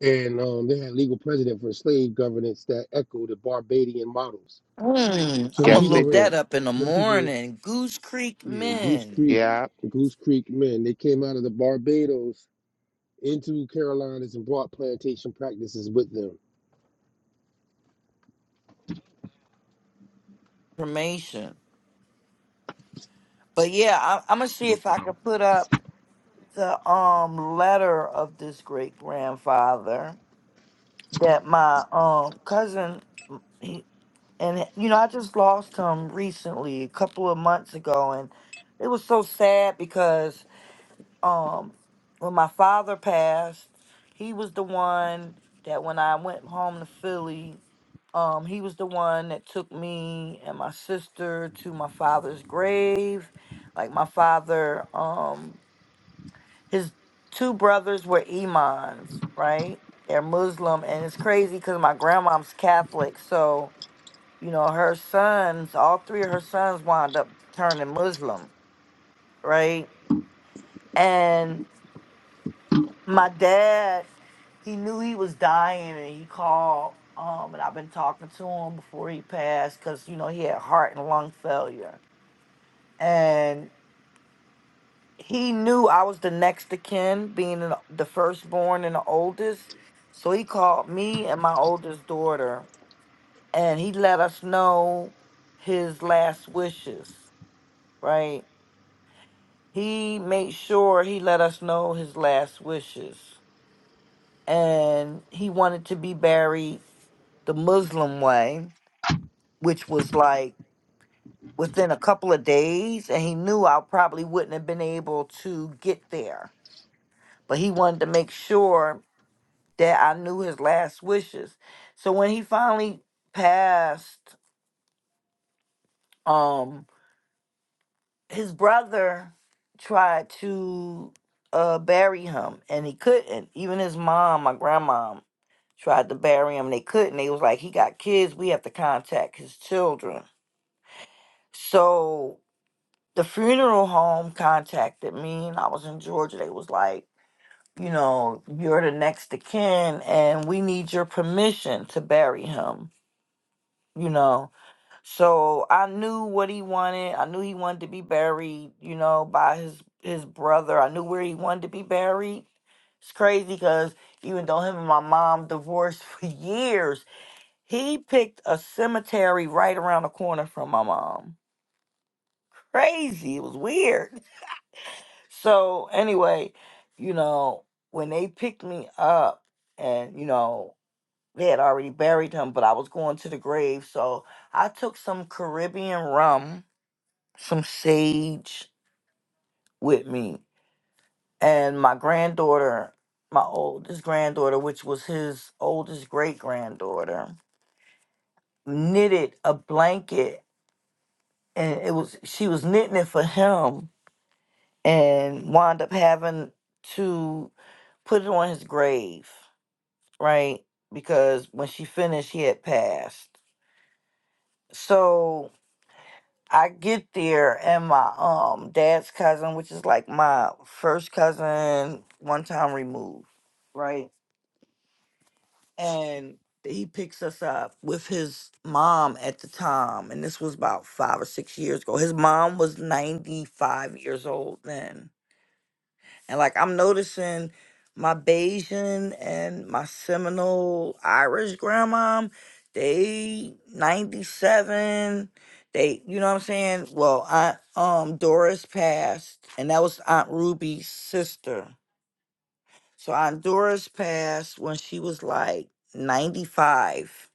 and um, they had legal precedent for slave governance that echoed the Barbadian models.
Hmm,
So
I'm
them
gonna
Yes
people that
they
look
were
that
did.
up in the
them people,
morning. Goose Creek
yeah, Goose
Men
Creek,
Yeah.
Goose Creek men. They came out of the Barbados into Carolinas and brought plantation practices with them.
information. But yeah, I, I'm gonna see
No
if I
problem.
could put up the um letter of this great grandfather that my um cousin he, and you know I just lost him recently a couple of months ago and it was so sad because um when my father passed he was the one that when I went home to Philly um he was the one that took me and my sister to my father's grave like my father um his two brothers were imams, right? They're Muslim, and it's crazy because my grandmom's Catholic, so you know her sons, all three of her sons, wound up turning Muslim, right? And my dad, he knew he was dying, and he called. Um, and I've been talking to him before he passed because you know he had heart and lung failure, and he knew I was the next of kin, being an, the firstborn and the oldest. So he called me and my oldest daughter, and he let us know his last wishes, right? He made sure he let us know his last wishes. And he wanted to be buried the Muslim way, which was like within a couple of days. And he knew I probably wouldn't have been able to get there but he wanted to make sure that I knew his last wishes. So when he finally passed, um, his brother tried to uh bury him and he couldn't. Even his mom, my grandmom, tried to bury him. They couldn't. They was like, he got kids, we have to contact his children. So the funeral home contacted me and I was in Georgia. They was like, you know, you're the next of kin and we need your permission to bury him, you know. So I knew what he wanted. I knew he wanted to be buried, you know, by his his brother. I knew where he wanted to be buried. It's crazy because even though him and my mom divorced for years, he picked a cemetery right around the corner from my mom. Crazy. It was weird. So anyway, you know, when they picked me up and, you know, they had already buried him, but I was going to the grave. So I took some Caribbean rum some sage with me. And my granddaughter, my oldest granddaughter, which was his oldest great granddaughter, knitted a blanket and it was she was knitting it for him and wound up having to put it on his grave, right? Because when she finished he had passed. So I get there and my um dad's cousin, which is like my first cousin, one time removed, right? And he picks us up with his mom at the time, and this was about five or six years ago. His mom was ninety five years old then and like I'm noticing my Bayesian and my Seminole Irish grandmom, they 97. They, you know what I'm saying? Well, Aunt um Doris passed, and that was Aunt Ruby's sister. So Aunt Doris passed when she was like 95.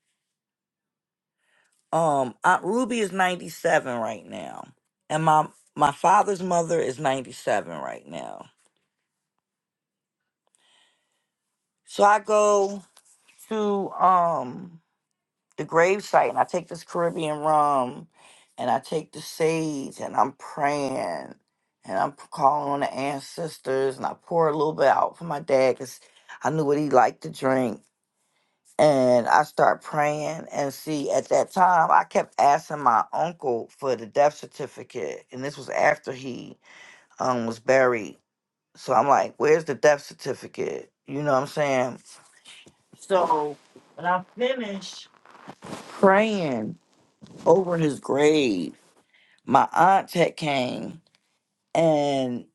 Um, Aunt Ruby is 97 right now. And my my father's mother is 97 right now. So I go to um the gravesite and I take this Caribbean rum and I take the sage and I'm praying and I'm p- calling on the ancestors and I pour a little bit out for my dad because I knew what he liked to drink. And I start praying and see at that time I kept asking my uncle for the death certificate and this was after he um was buried. So I'm like, where's the death certificate? You know what I'm saying? So when I finished praying over his grave. My aunt had came and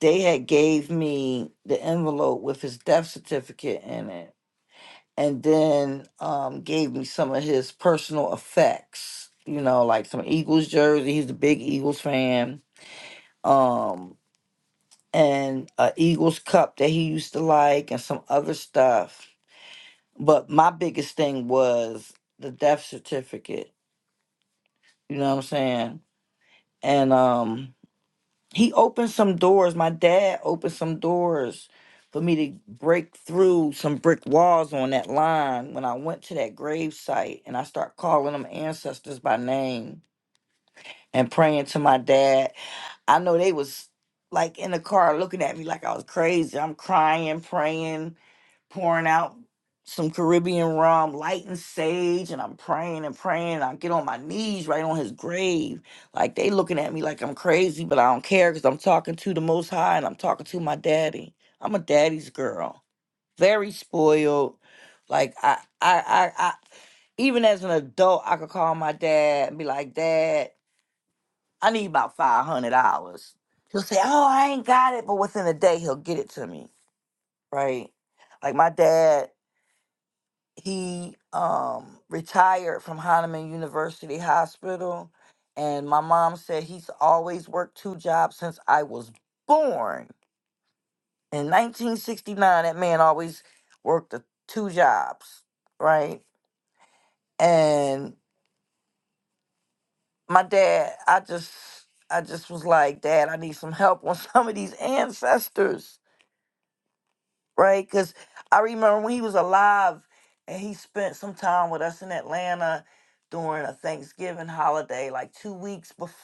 they had gave me the envelope with his death certificate in it and then um gave me some of his personal effects, you know, like some Eagles jersey. He's a big Eagles fan. Um and a Eagles cup that he used to like and some other stuff. But my biggest thing was the death certificate. You know what I'm saying? And um he opened some doors. My dad opened some doors for me to break through some brick walls on that line when I went to that grave site and I start calling them ancestors by name and praying to my dad. I know they was like in the car looking at me like I was crazy. I'm crying, praying pouring out some Caribbean rum, lighting sage, and I'm praying and praying. and I get on my knees right on his grave. Like they looking at me like I'm crazy, but I don't care because I'm talking to the most high and I'm talking to my daddy. I'm a daddy's girl. Very spoiled. Like I I I, I even as an adult, I could call my dad and be like, Dad, I need about five hundred dollars. He'll say, Oh, I ain't got it, but within a day he'll get it to me. Right? Like my dad he um retired from Hahnemann University Hospital and my mom said he's always worked two jobs since I was born. In 1969 that man always worked the two jobs, right? And my dad, I just I just was like, "Dad, I need some help on some of these ancestors." right? Because I remember when he was alive and he spent some time with us in Atlanta during a Thanksgiving holiday, like two weeks before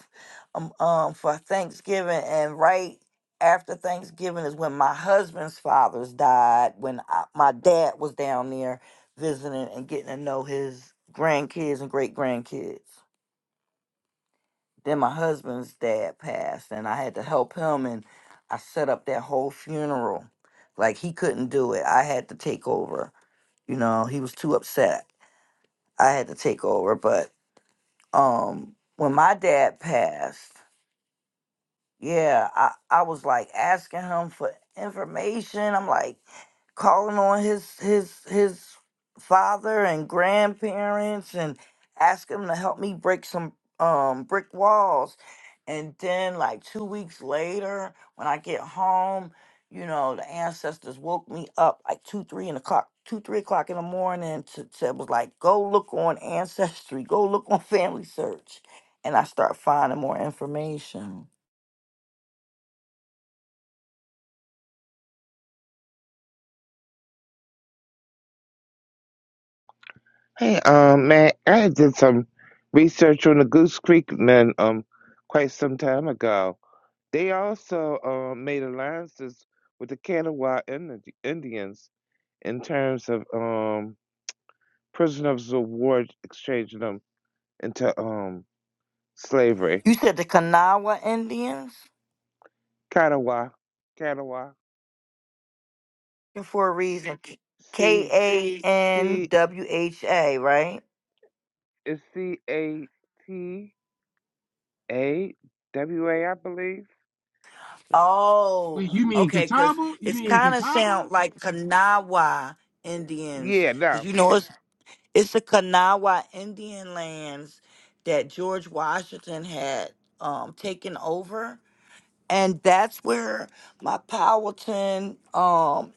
um, um for Thanksgiving, and right after Thanksgiving is when my husband's father's died. When I, my dad was down there visiting and getting to know his grandkids and great grandkids. Then my husband's dad passed, and I had to help him, and I set up that whole funeral. Like he couldn't do it. I had to take over. You know, he was too upset. I had to take over. But um, when my dad passed, yeah, I, I was like asking him for information. I'm like calling on his his his father and grandparents and asking him to help me break some um brick walls. And then like two weeks later, when I get home, you know, the ancestors woke me up like two, three in the clock, two, three o'clock in the morning to said was like, go look on Ancestry, go look on Family Search. And I start finding more information.
Hey, um, man, I did some research on the Goose Creek men, um, quite some time ago. They also um made alliances with the Kanawha Indi- Indians in terms of um prisoners of war, exchanging them into um slavery.
You said the Kanawha Indians
Kanawha, Kanawha,
for a reason. K
C
A N
C
W H A, right?
is C A T A W A, I believe.
Oh,
Wait, you mean
okay, because
Catawba? You
it's
mean
kind of
Catawba?
sound like Kanawha Indians,
Yeah,
because
no,
you know it's it's the Kanawha Indian lands that George Washington had um taken over, and that's where my Powhatan um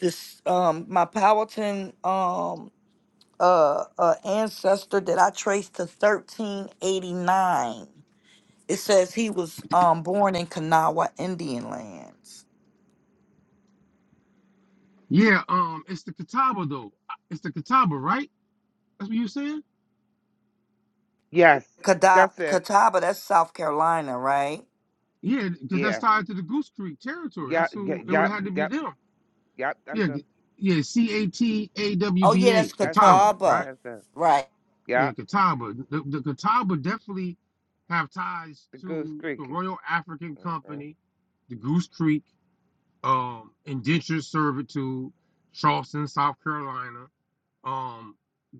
this um my Powhatan um uh, uh ancestor that I traced to 1389. It says he was um born in Kanawha Indian lands.
Yeah, um, it's the Catawba though. It's the Catawba, right? That's what you saying?
yes,
Kadab
that's it.
Catawba, that's South Carolina, right?
Yeah, because
Yeah.
that's tied to the Goose Creek territory. That's
Yep, yep,
who it would
yep,
have had to be
yep,
them.
yep.
Yeah,
That's a,
G- yeah, C A T A W
Oh
B
yeah,
A,
that's
that's it.
Catawba, right?
Catawba.
That's a,
Right.
Yeah,
yep.
Catawba. The, the Catawba definitely have ties
The goose
to the
creaking.
Royal African
hmm
Company, the Goose Creek, um, indentured servitude, Charleston, South Carolina. Um,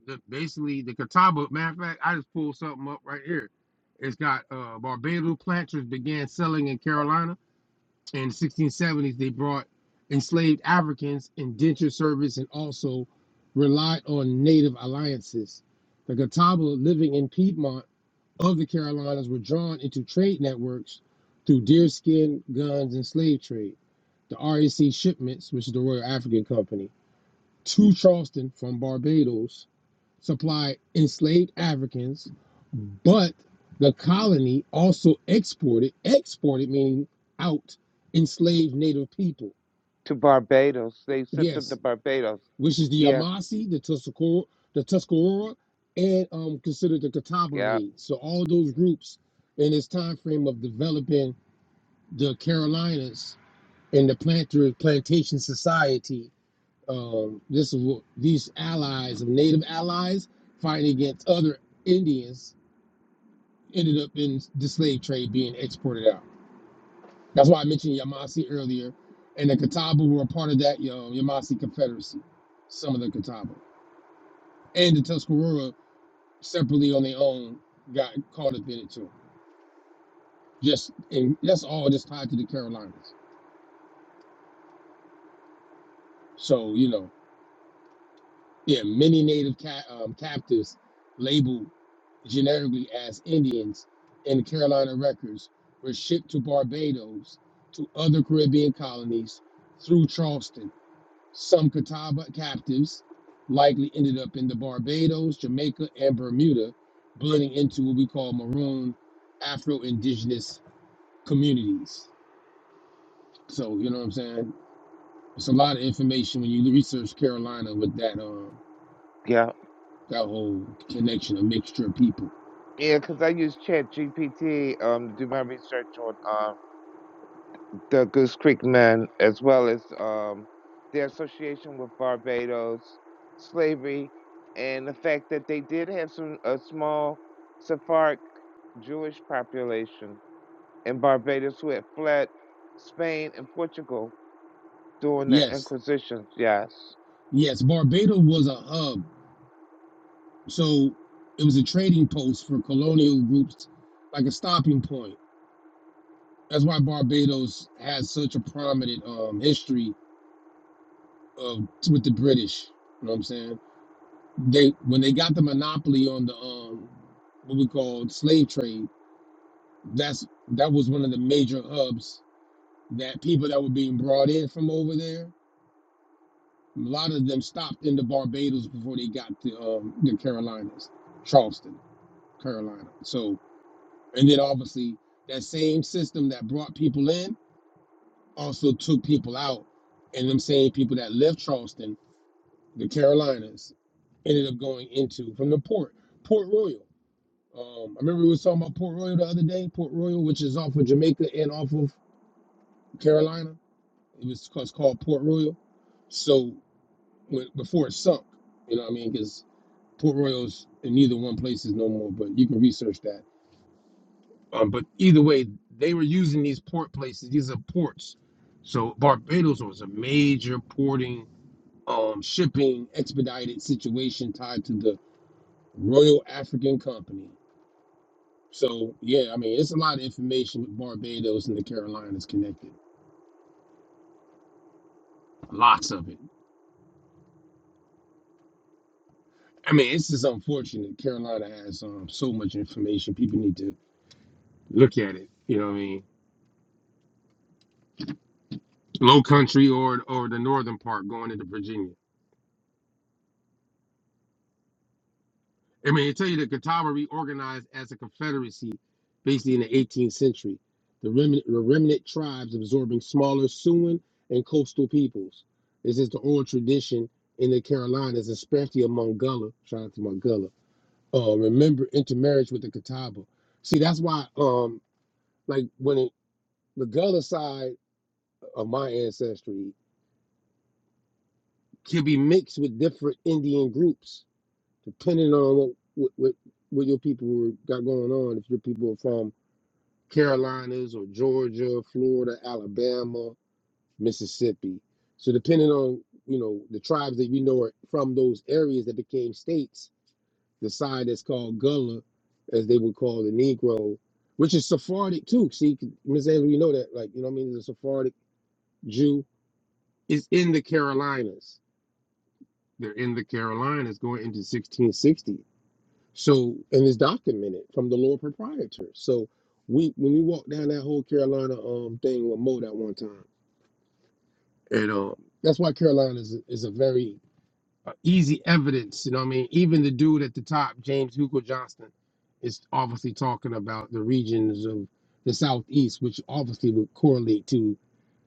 the, basically the Catawba. Matter of fact, I just pulled something up right here. It's got uh, Barbados planters began selling in Carolina in the 1670s. They brought enslaved Africans, indentured service, and also relied on native alliances. The Catawba living in Piedmont of the Carolinas were drawn into trade networks through deerskin, guns, and slave trade. The RAC shipments, which is the Royal African Company, to Charleston from Barbados supplied enslaved Africans, but the colony also exported, exported meaning out enslaved native people.
To Barbados, they sent them to
Yes,
Barbados.
which is the
Yeah,
Yamasee, the Tuscarora, the Tuscarora, and um, considered the Catawba
yeah,
raids. So all those groups in this time frame of developing the Carolinas and the planter plantation society. Um, this is what these allies of native allies fighting against other Indians ended up in the slave trade being exported out. That's why I mentioned Yamasi earlier, and the Catawba were a part of that you know, Yamasi Confederacy. Some of the Catawba and the Tuscarora separately on their own got caught up in it too. Just and that's all just tied to the Carolinas. So you know, yeah, many Native ca- um, captives labeled generically as Indians in the Carolina records were shipped to Barbados to other Caribbean colonies through Charleston Some Catawba captives likely ended up in the Barbados, Jamaica, and Bermuda, blending into what we call maroon Afro-Indigenous communities. So you know what I'm saying? It's a lot of information when you research Carolina with that um
yeah,
that whole connection, a mixture of people.
yeah. Because I use Chat GPT um to do my research on um the Goose Creek men as well as um their association with Barbados, slavery, and the fact that they did have some a small Sephardic Jewish population and Barbados who had fled Spain and Portugal during the
Yes,
Inquisitions. Yes.
yes, Barbados was a hub, so it was a trading post for colonial groups, like a stopping point. That's why Barbados has such a prominent um, history uh, with the British. You know what I'm saying? They when they got the monopoly on the um, what we call slave trade. That's that was one of the major hubs that people that were being brought in from over there. A lot of them stopped in the Barbados before they got to um, the Carolinas, Charleston, Carolina. So and then obviously that same system that brought people in also took people out, and them same people that left Charleston, the Carolinas. ended up going into from the port, Port Royal. Um, I remember we was talking about Port Royal the other day, Port Royal, which is off of Jamaica and off of Carolina. It was it's called Port Royal. So when, before it sunk, you know what I mean? Because Port Royal's in neither one place is no more, but you can research that. Um, but either way, they were using these port places. These are ports. So Barbados was a major porting, um, shipping, expedited situation tied to the Royal African Company So yeah, I mean, it's a lot of information with Barbados and the Carolinas connected. Lots of it. I mean, it's just unfortunate. Carolina has um, so much information. People need to look at it. You know what I mean? Low country or or the northern part going into Virginia. I mean, they tell you the Catawba reorganized as a confederacy, basically in the 18th century. The remnant, the remnant tribes absorbing smaller Siouan and coastal peoples. This is the oral tradition in the Carolinas, especially among Gullah. Shout out to my Gullah uh, remember intermarriage with the Catawba. See, that's why, um, like when it, the Gullah side of my ancestry can be mixed with different Indian groups, depending on what what, what, what your people were, got going on. If your people are from Carolinas or Georgia, Florida, Alabama, Mississippi, so depending on you know the tribes that you know are from those areas that became states, the side that's called Gullah, as they would call the Negro, which is Sephardic too. See, Miss Ayler, you know that, like, you know what I mean? The Sephardic Jew is in the Carolinas. They're in the Carolinas going into 1660. So, and it's documented from the Lord Proprietor. So, we when we walked down that whole Carolina um thing with Mo that one time, and um, that's why Carolina is, is a very easy evidence. You know what I mean? Even the dude at the top, James Hugo Johnston, is obviously talking about the regions of the Southeast, which obviously would correlate to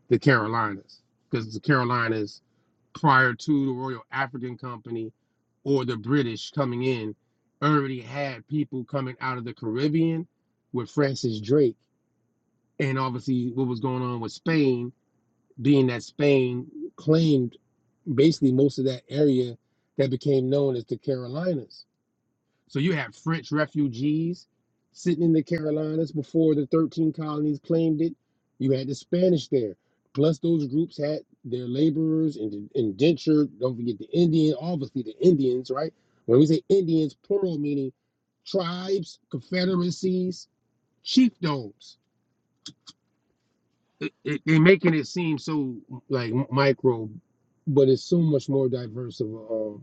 the Carolinas, because the Carolinas, prior to the Royal African Company or the British coming in, already had people coming out of the Caribbean with Francis Drake, and obviously what was going on with Spain being that Spain claimed basically most of that area that became known as the Carolinas. So you had French refugees sitting in the Carolinas before the 13 colonies claimed it. You had the Spanish there. Plus, those groups had their laborers and indentured. Don't forget the Indian, obviously the Indians, right? When we say Indians, plural meaning tribes, confederacies, chiefdoms it, it, they're making it seem so like micro, but it's so much more diverse of a uh,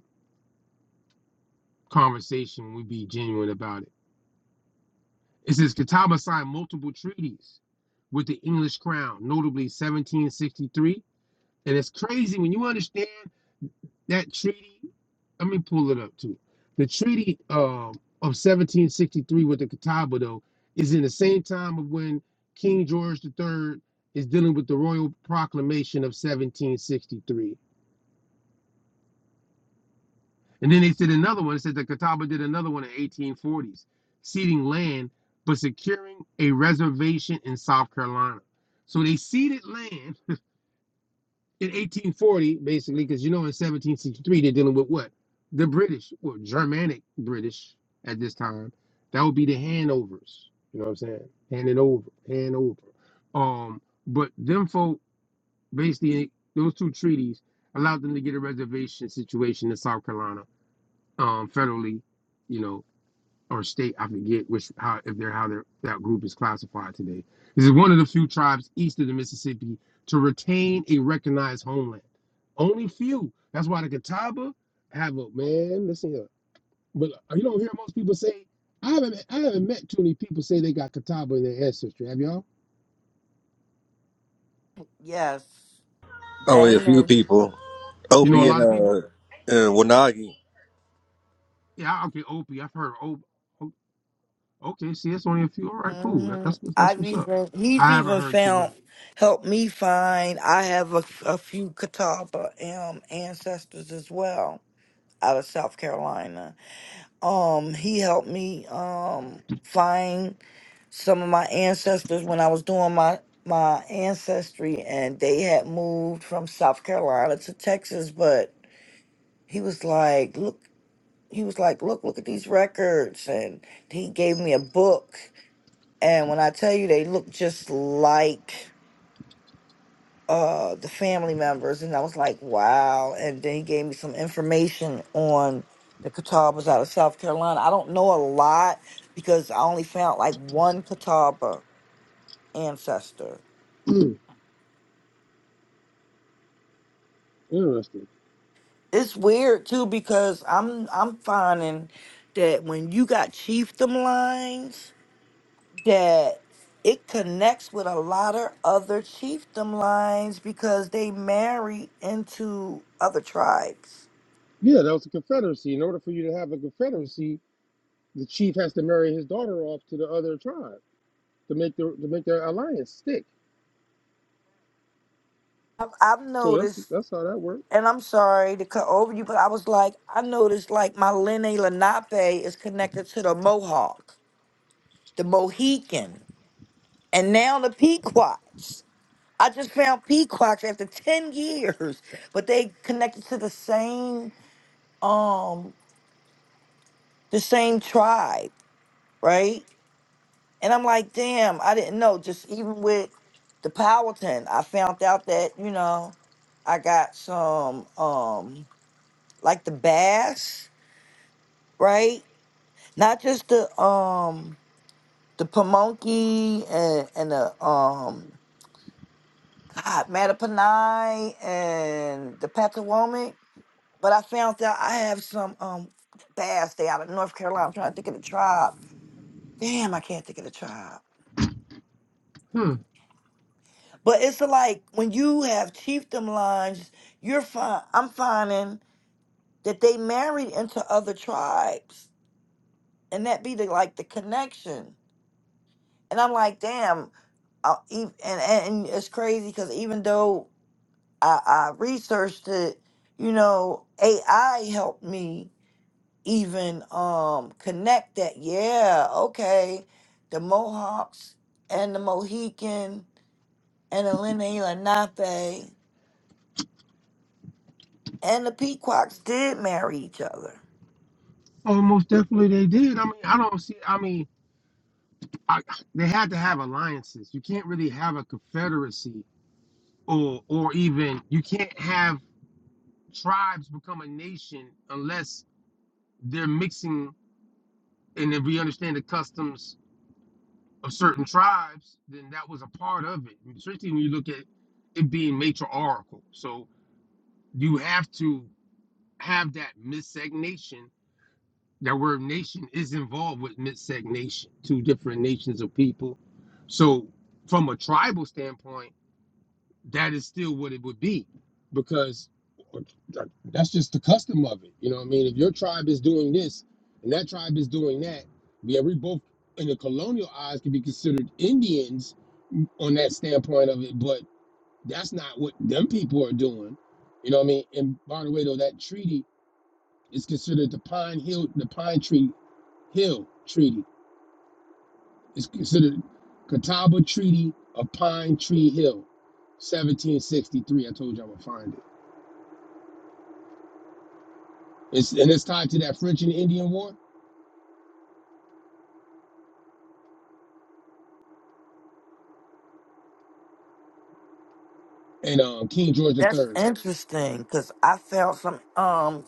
conversation. when We be genuine about it. It says Catawba signed multiple treaties with the English crown, notably 1763. And it's crazy when you understand that treaty. Let me pull it up too. The treaty um, of 1763 with the Catawba, though, is in the same time of when King George the Third is dealing with the royal proclamation of 1763 And then they did another one. It says that Catawba did another one in 1840s, ceding land but securing a reservation in South Carolina. So they ceded land in 1840, basically, because you know in 1763 they're dealing with what? The British, or Germanic British at this time. That would be the handovers. You know what I'm saying? Hand it over, hand over. Um, but them folk basically those two treaties allowed them to get a reservation situation in South Carolina um, federally, you know, or state. I forget which how if they're how they're, that group is classified today. This is one of the few tribes east of the Mississippi to retain a recognized homeland. Only few. That's why the Catawba have a man. Listen here, but uh, you don't hear most people say. I haven't I haven't met too many people say they got Catawba in their ancestry. Have y'all?
Yes.
Only a few
Damon.
people.
You know a
Opie
Yeah.
and
lot of
uh
people.
and Wanagi.
Yeah, I- okay, Opie. I've heard Opie. Okay, see, it's only a few. All right, cool. That-
hmm
That's what- that's
I've
what's up.
even he's
I haven't
even
heard too many.
found helped me find I have a, a few Catawba um ancestors as well out of South Carolina. Um, he helped me um find some of my ancestors when I was doing my my ancestry and they had moved from South Carolina to Texas, but he was like, look, he was like, look, look at these records and he gave me a book and when I tell you they look just like uh the family members and I was like, wow. And then he gave me some information on the Catawbas out of South Carolina. I don't know a lot because I only found like one Catawba ancestor.
Hmm, Interesting.
It's weird too because I'm I'm finding that when you got chiefdom lines that it connects with a lot of other chiefdom lines because they marry into other tribes.
Yeah, that was a confederacy. In order for you to have a confederacy, the chief has to marry his daughter off to the other tribe to make the to make their alliance stick.
I've, I've
So that's
noticed
that's how that worked.
And I'm sorry to cut over you, but I was like, I noticed like my Lene Lenape is connected to the Mohawk, the Mohican, and now the Pequots. I just found Pequots after 10 years, but they connected to the same um the same tribe, right? And I'm like, damn, I didn't know. Just even with the Powhatan, I found out that, you know, I got some um like the bass, right? Not just the um the Pamunkey and and the um God Mattapanai and the Patawomic, but I found out I have some um bass. They out of North Carolina. I'm trying to think of the tribe. Damn, I can't think of the tribe.
Hmm.
But it's like when you have chiefdom lines, you're fine. I'm finding that they married into other tribes, and that be the like the connection. and I'm like, damn. Uh, e- and, and and it's crazy because even though I, I researched it, you know, AI helped me even um connect that. Yeah, okay, the Mohawks and the Mohican and the Lenni Lenape and the Pequots did marry each other.
Oh, most definitely they did. I mean, I don't see. I mean, I, they had to have alliances. You can't really have a confederacy, or or even you can't have tribes become a nation unless they're mixing. And if we understand the customs of certain tribes, then that was a part of it. Especially when you look at it being matriarchal. So you have to have that miscegnation. That word nation is involved with miscegnation, two different nations of people. So from a tribal standpoint that is still what it would be because that's just the custom of it. You know what I mean? If your tribe is doing this and that tribe is doing that, yeah, we both in the colonial eyes can be considered Indians on that standpoint of it, but that's not what them people are doing. You know what I mean? And by the way, though, that treaty is considered the Pine Hill, the Pine Tree Hill Treaty. It's considered Catawba Treaty of Pine Tree Hill, 1763. I told you I would find it. It's and it's tied to that French and Indian War and um, King George the
That's
Third.
interesting because I found some um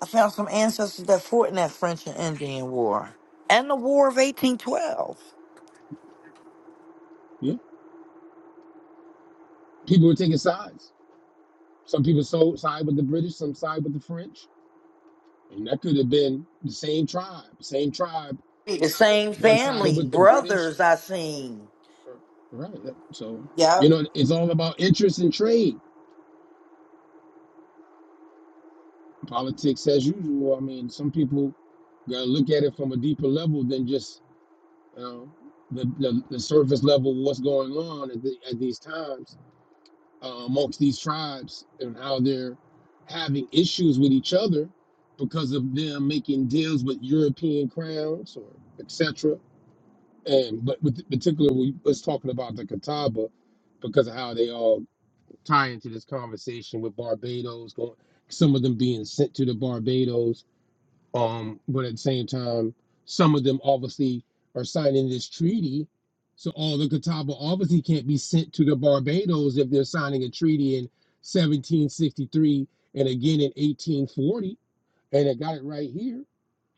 I found some ancestors that fought in that French and Indian War and the War of 1812.
Yeah, people were taking sides. Some people so side with the British, some side with the French, and that could have been the same tribe. Same tribe,
The same
one sided
family,
with the British,
brothers I seen.
right? So you
Yep.
know, it's all about interest and trade. Politics as usual. I mean, some people got to look at it from a deeper level than just you know, the, the the surface level. Of what's going on at, the, at these times? uh, amongst these tribes and how they're having issues with each other because of them making deals with European crowns or etc. And but with particularly we was talking about the Catawba because of how they all tie into this conversation with Barbados going some of them being sent to the Barbados um, but at the same time, some of them obviously are signing this treaty. So all the Catawba obviously can't be sent to the Barbados if they're signing a treaty in 1763 and again in 1840. And it got it right here,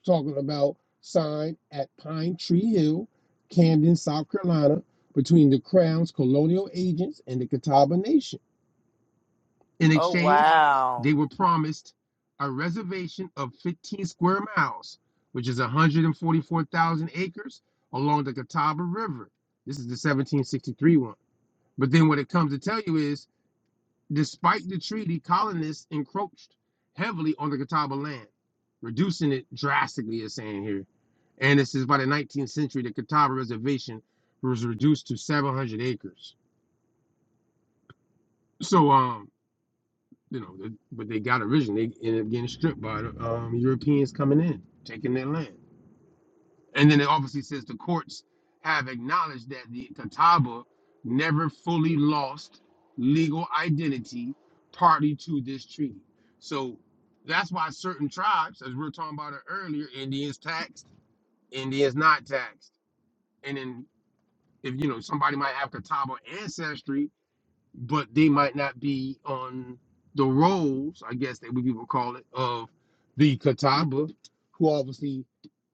talking about signed at Pine Tree Hill, Camden, South Carolina, between the Crown's colonial agents and the Catawba Nation. In
Oh
exchange,
wow.
they were promised a reservation of 15 square miles, which is 144,000 acres along the Catawba River. This is the 1763 one. But then what it comes to tell you is, despite the treaty, colonists encroached heavily on the Catawba land, reducing it drastically, it's saying here. And this is by the 19th century, the Catawba Reservation was reduced to 700 acres. So, um, you know, the, but they got originally they ended up getting stripped by the um, Europeans coming in, taking their land. And then it obviously says the courts have acknowledged that the Catawba never fully lost legal identity party to this treaty. So that's why certain tribes, as we were talking about it earlier, Indians taxed, Indians not taxed. And then if you know somebody might have Catawba ancestry, but they might not be on the rolls, I guess that we would call it, of the Catawba, who obviously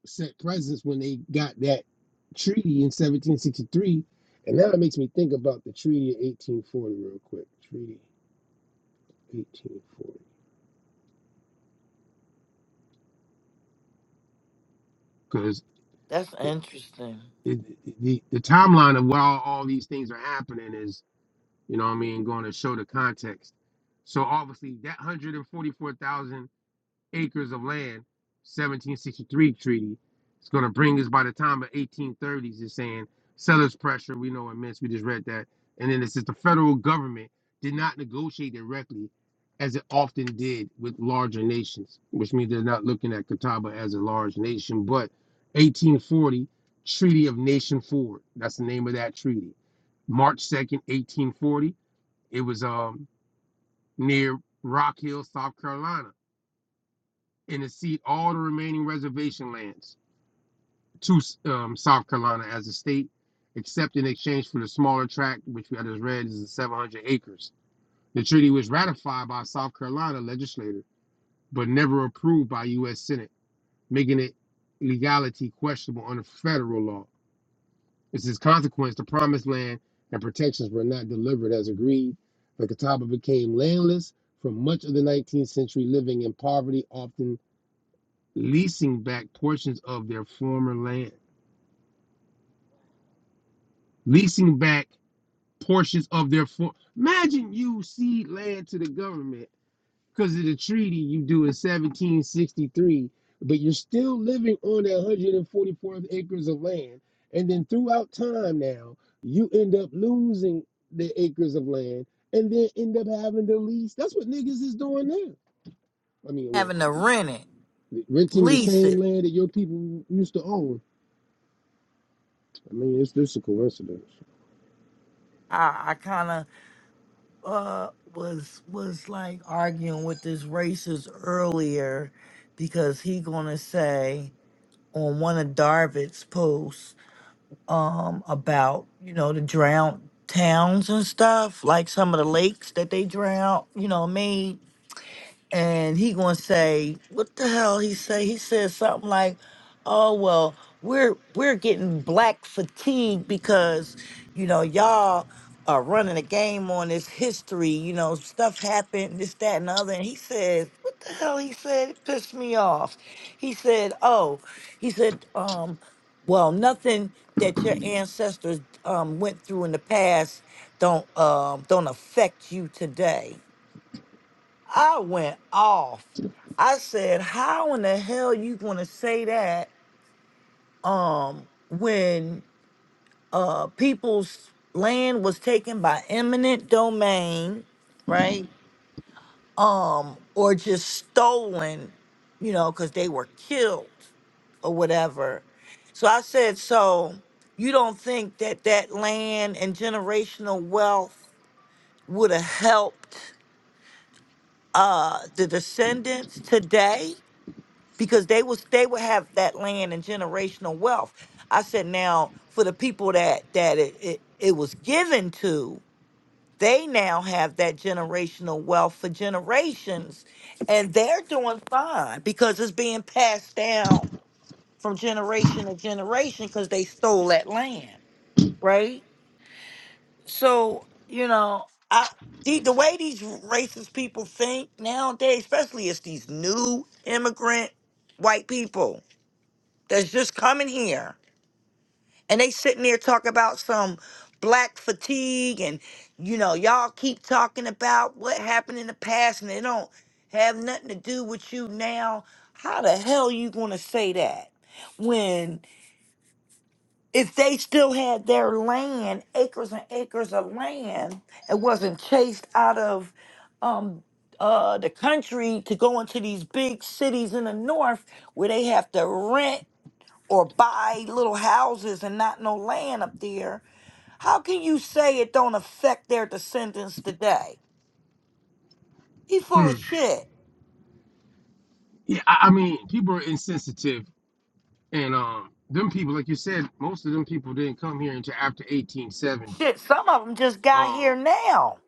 sent presents when they got that treaty in 1763. And now it makes me think about the Treaty of 1840 real quick. Treaty 1840. Because
That's
it,
interesting.
it, it- the, the timeline of where all, all these things are happening is, you know what I mean, going to show the context. So obviously that 144,000 acres of land, 1763 treaty. It's going to bring us by the time of 1830s, it's saying sellers pressure, we know immense, we just read that. And then it says the federal government did not negotiate directly as it often did with larger nations, which means they're not looking at Catawba as a large nation. But 1840, Treaty of Nation Ford. that's the name of that treaty. March 2nd, 1840, it was um, near Rock Hill, South Carolina and to cede all the remaining reservation lands to um, South Carolina as a state, except in exchange for the smaller tract, which I just read is 700 acres. The treaty was ratified by South Carolina legislature, but never approved by U.S. Senate, making it legality questionable under federal law. As a consequence, the promised land and protections were not delivered as agreed. The Catawba became landless for much of the 19th century, living in poverty, often leasing back portions of their former land, leasing back portions of their for. Imagine you cede land to the government because of the treaty you do in 1763, but you're still living on that 144 acres of land, and then throughout time now you end up losing the acres of land, and then end up having to lease. That's what niggas is doing now. I mean, well.
Having to rent it,
Renting the
lease
same
it.
land that your people used to own. I mean, it's just a coincidence.
I, I kinda uh was was like arguing with this racist earlier because he gonna say on one of Darvitt's posts um about, you know, the drowned towns and stuff, like some of the lakes that they drowned, you know, made and he gonna say what the hell he say he said something like oh well we're we're getting black fatigue because you know y'all are running a game on this history you know stuff happened this that and the other and he said what the hell he said it pissed me off he said oh he said um well nothing that your ancestors um, went through in the past don't um, don't affect you today I went off. I said, "How in the hell you going to say that um when uh people's land was taken by eminent domain, right? Um or just stolen, you know, cuz they were killed or whatever." So I said, "So you don't think that that land and generational wealth would have helped uh the descendants today?" because they was they would have that land and generational wealth. I said now for the people that that it it, it was given to, they now have that generational wealth for generations, and they're doing fine because it's being passed down from generation to generation because they stole that land, right? So you know, I the, the way these racist people think nowadays, especially it's these new immigrant white people that's just coming here and they sitting there talking about some black fatigue and you know y'all keep talking about what happened in the past and they don't have nothing to do with you now how the hell you going to say that when if they still had their land acres and acres of land and wasn't chased out of um uh the country to go into these big cities in the north where they have to rent or buy little houses and not no land up there, how can you say it don't affect their descendants today? He full
Hmm.
of shit.
Yeah, I, I mean, people are insensitive, and um, them people, like you said, most of them people didn't come here until after 1870.
Shit, some of them just got here
Um,
now.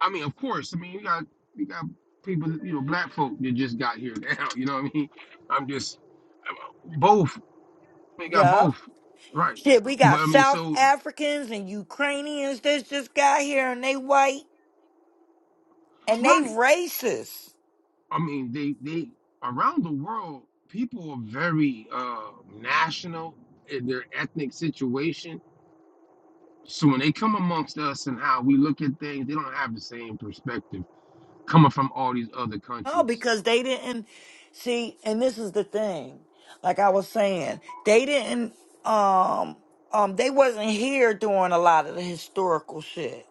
I mean, of course, I mean, you got you got people, you know, black folk that just got here now. You know what I mean? I'm just I'm- both. We got
Yup.
both, right?
Shit, we got
But I mean,
South
so
Africans and Ukrainians that just got here and they white and they
right.
racist.
I mean, they they around the world, people are very uh national in their ethnic situation So when they come amongst us and how we look at things, they don't have the same perspective coming from all these other
Oh,
countries.
because they didn't see, and this is the thing. Like I was saying, they didn't um um they wasn't here doing a lot of the historical shit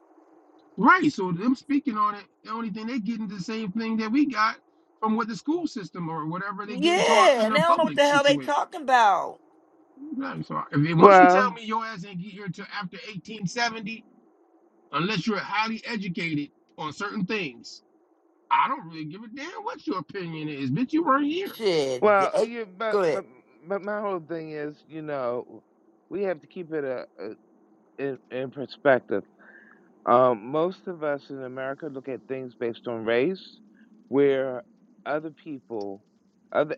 Right. So them speaking on it, the only thing they getting the same thing that we got from what the school system or whatever they getting taught
Yeah,
in
and they
the
don't know what
public
the hell they
situation.
talking about.
Right, So if it- once you tell
Well,
me your ass ain't get here till after 1870, unless you're highly educated on certain things, I don't really give a damn what your opinion is. Bitch, you weren't here.
Shit,
well,
they,
you but
go ahead.
but but my whole thing is, you know, we have to keep it a, a, in in perspective. Um, most of us in America look at things based on race, where other people, other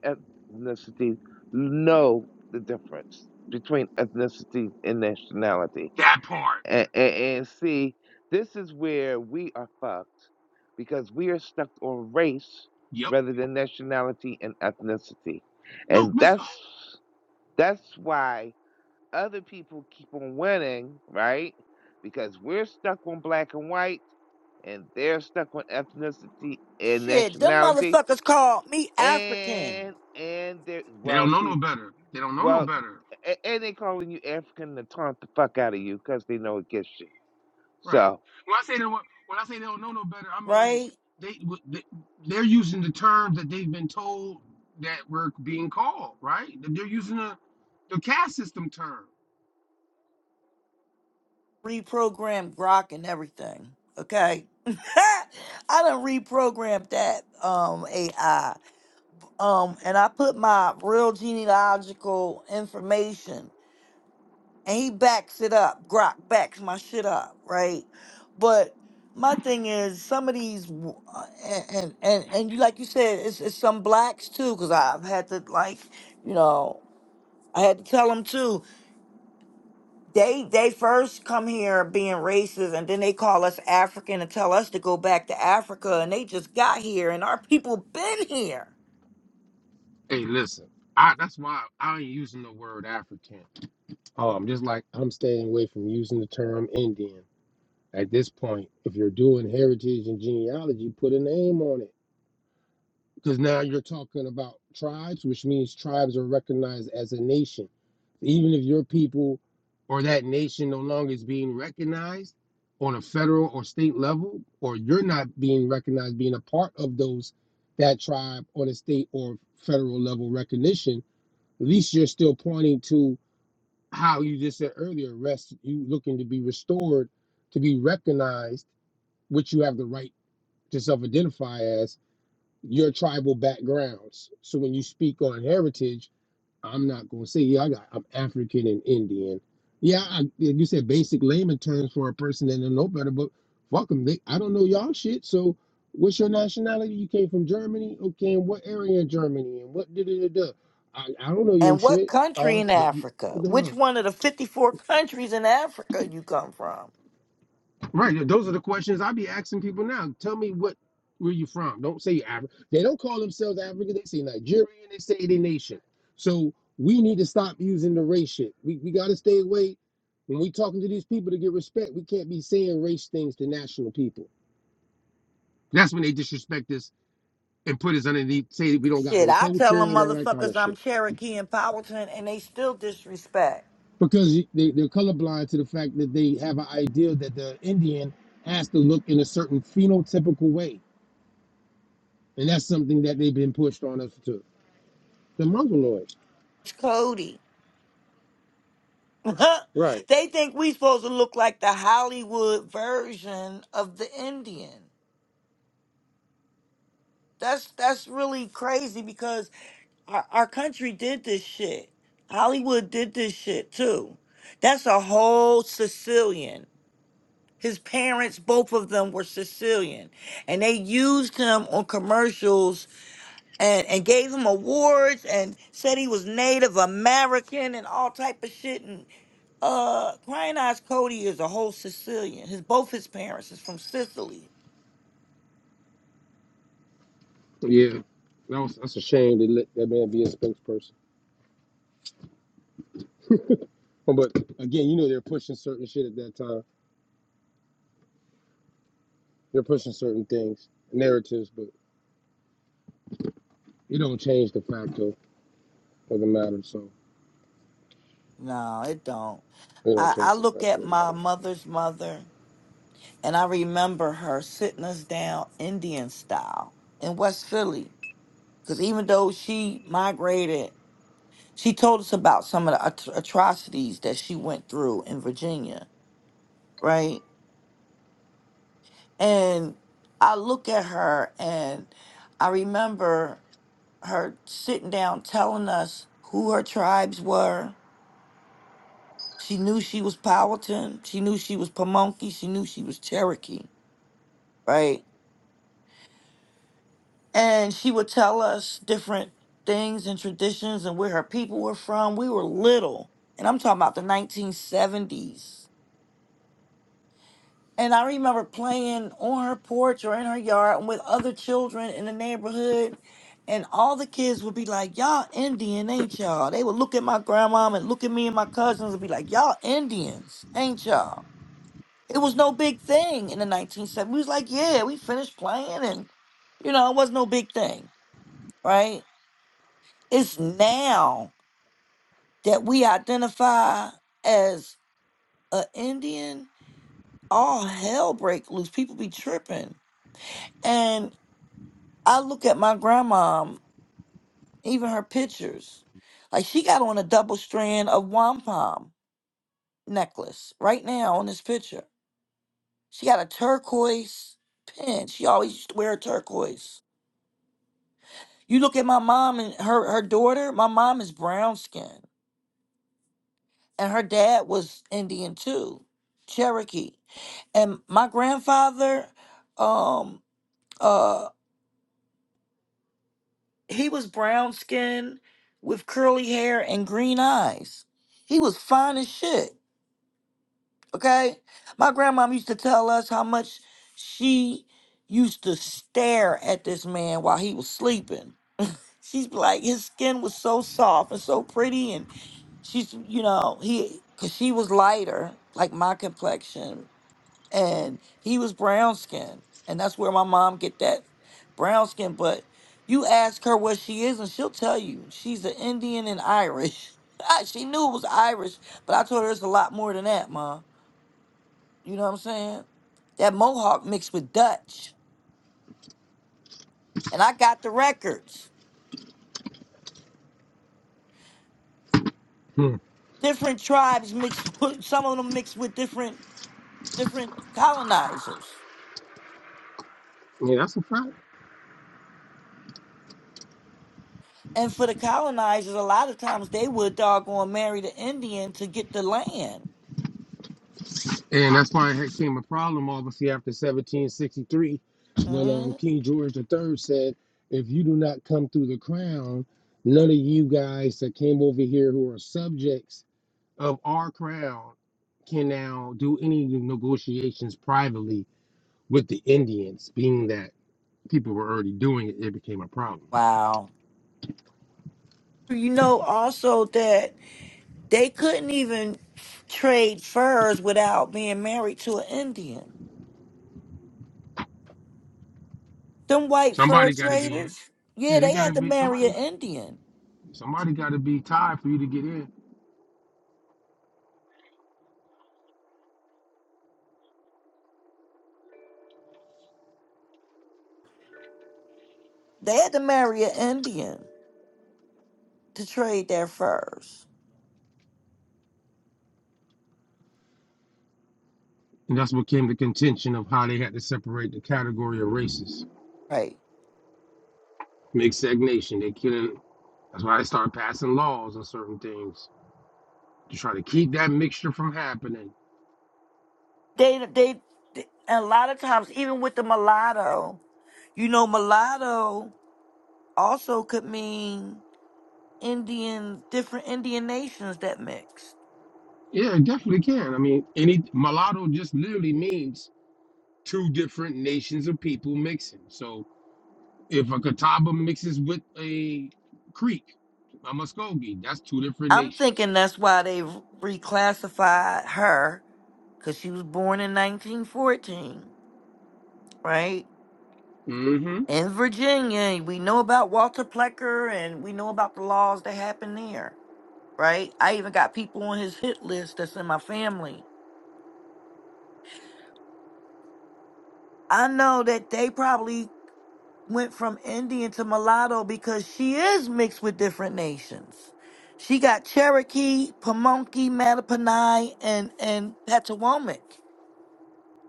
ethnicities know the difference between ethnicity and nationality
That part.
And, and, and see, this is where we are fucked because we are stuck on race
Yep.
rather than nationality and ethnicity.
Look,
And
Miss.
that's that's why other people keep on winning, right? Because we're stuck on black and white and they're stuck on ethnicity and
Shit, them
nationality
motherfuckers called me African,
and and they're
They
well
don't know no
see
better. They don't know no
well
better,
a- and they calling you African to taunt the fuck out of you because they know it gets you.
right?
So
When I say they do when I say they don't know no better, I mean
right?
they w- they- they're using the terms that they've been told that we're being called, right? They're using the the caste system term.
Reprogrammed Grok and everything. Okay, I done reprogrammed that um AI, um, and I put my real genealogical information. and he backs it up. Grok backs my shit up, right? But my thing is some of these, w- uh, and and and, and you like you said, it's, it's some blacks too, because I've had to like, you know, I had to tell them too. They they first come here being racist, and then they call us African and tell us to go back to Africa, and they just got here, and our people been here.
Hey, listen, I that's why I ain't using the word African. Um, just like I'm staying away from using the term Indian at this point. If you're doing heritage and genealogy, put a name on it. Because now you're talking about tribes, which means tribes are recognized as a nation. Even if your people or that nation no longer is being recognized on a federal or state level, or you're not being recognized being a part of those that tribe on a state or federal level recognition, at least you're still pointing to how you just said earlier, rest you looking to be restored, to be recognized, which you have the right to self-identify as your tribal backgrounds. So when you speak on heritage, I'm not going to say, yeah, I got, I'm African and Indian. Yeah, I, yeah, you said basic layman terms for a person that don't know better, but fuck them. They, I don't know y'all shit. So what's your nationality? You came from Germany? Okay, and what area in Germany? And what da da da da? I, I don't know your
And what
shit.
country
All,
in
but you,
Africa?
what the
Which
hell?
one of the 54 countries in Africa you come from?
Right. yeah, Those are the questions I be asking people now. Tell me what where you from. Don't say Africa. They don't call themselves African. They say Nigerian. They say they nation. So we need to stop using the race shit. We we gotta stay away. When we talking to these people to get respect, we can't be saying race things to national people. That's when they disrespect us and put us underneath, say we don't got
Shit,
no
I tell
culture
them
and all that kind
motherfuckers
of
I'm
shit.
Cherokee and Powhatan, and they still disrespect.
Because you- they, they're colorblind to the fact that they have an idea that the Indian has to look in a certain phenotypical way and that's something that they've been pushed on us to. The mongoloids,
It's Cody.
right?
they think we supposed to look like the Hollywood version of the Indian. That's that's really crazy because our, our country did this shit. Hollywood did this shit too. That's a whole Sicilian. His parents, both of them were Sicilian, and they used him on commercials and and gave him awards and said he was Native American and all type of shit. And uh, Crying Eyes Cody is a whole Sicilian. His both his parents is from Sicily.
Yeah, that was that's a shame they let that man be a spokesperson. But again, you know they're pushing certain shit at that time. They're pushing certain things, narratives, but it don't change the fact of, of the matter. So
No, it don't.
they don't
I,
change
I
the
look
fact
at
of the
my
matter.
mother's mother and I remember her sitting us down Indian style in West Philly. Because even though she migrated, she told us about some of the at- atrocities that she went through in Virginia, right? And I look at her and I remember her sitting down telling us who her tribes were. She knew she was Powhatan. She knew she was Pamunkey. She knew she was Cherokee, right? And she would tell us different things and traditions and where her people were from. We were little. And I'm talking about the 1970s. And I remember playing on her porch or in her yard and with other children in the neighborhood. And all the kids would be like, Y'all Indian, ain't y'all? They would look at my grandma and look at me and my cousins and be like, Y'all Indians, ain't y'all? It was no big thing in the 1970s. We was like, Yeah, we finished playing and, you know, it was no big thing, right? It's now that we identify as a Indian, all hell break loose. People be tripping. And I look at my grandma, even her pictures. Like she got on a double strand of wampum necklace right now on this picture. She got a turquoise pin. She always used to wear a turquoise. You look at my mom and her her daughter. My mom is brown skinned and her dad was Indian too, Cherokee. And my grandfather, um, uh. he was brown skinned with curly hair and green eyes. He was fine as shit. Okay. My grandmom used to tell us how much she used to stare at this man while he was sleeping. She's like, his skin was so soft and so pretty. And she's, you know, he, cause she was lighter, like my complexion and he was brown skinned and that's where my mom get that brown skin but you ask her what she is and she'll tell you she's an indian and irish she knew it was irish but i told her it's a lot more than that ma you know what i'm saying that mohawk mixed with dutch and i got the records
Hmm.
different tribes mixed with- some of them mixed with different different colonizers
Yeah, that's a fact.
and for the colonizers a lot of times they would doggone marry the indian to get the land
And that's why it became a problem, obviously, after 1763, when
Mm-hmm.
um, King George III said, if you do not come through the crown, none of you guys that came over here who are subjects of our crown can now do any negotiations privately with the Indians, being that people were already doing it, it became a problem.
Wow. You know also that they couldn't even trade furs without being married to an Indian. Them white fur
Somebody got to be in.
traders, yeah,
Yeah, they
they
got
had
to
to
be
marry an
somebody.
Indian.
Somebody got to be tied for you to get in,
They had to marry an Indian to trade their furs.
and that's what came the contention of how they had to separate the category of races.
Right.
Make stagnation. They couldn't. That's why they start passing laws on certain things to try to keep that mixture from happening.
They they, they a lot of times even with the mulatto, you know mulatto also could mean Indian different Indian nations that mixed.
Yeah, it definitely can. I mean, any mulatto just literally means two different nations of people mixing. So if a Catawba mixes with a Creek, a Muskogee, that's two different
I'm
nations.
thinking that's why they reclassified her because she was born in 1914, right?
hmm
In Virginia, we know about Walter Plecker and we know about the laws that happened there, right? I even got people on his hit list that's in my family. I know that they probably went from Indian to mulatto because she is mixed with different nations. She got Cherokee, Pamunkey, Mattapani, and and Petawomic.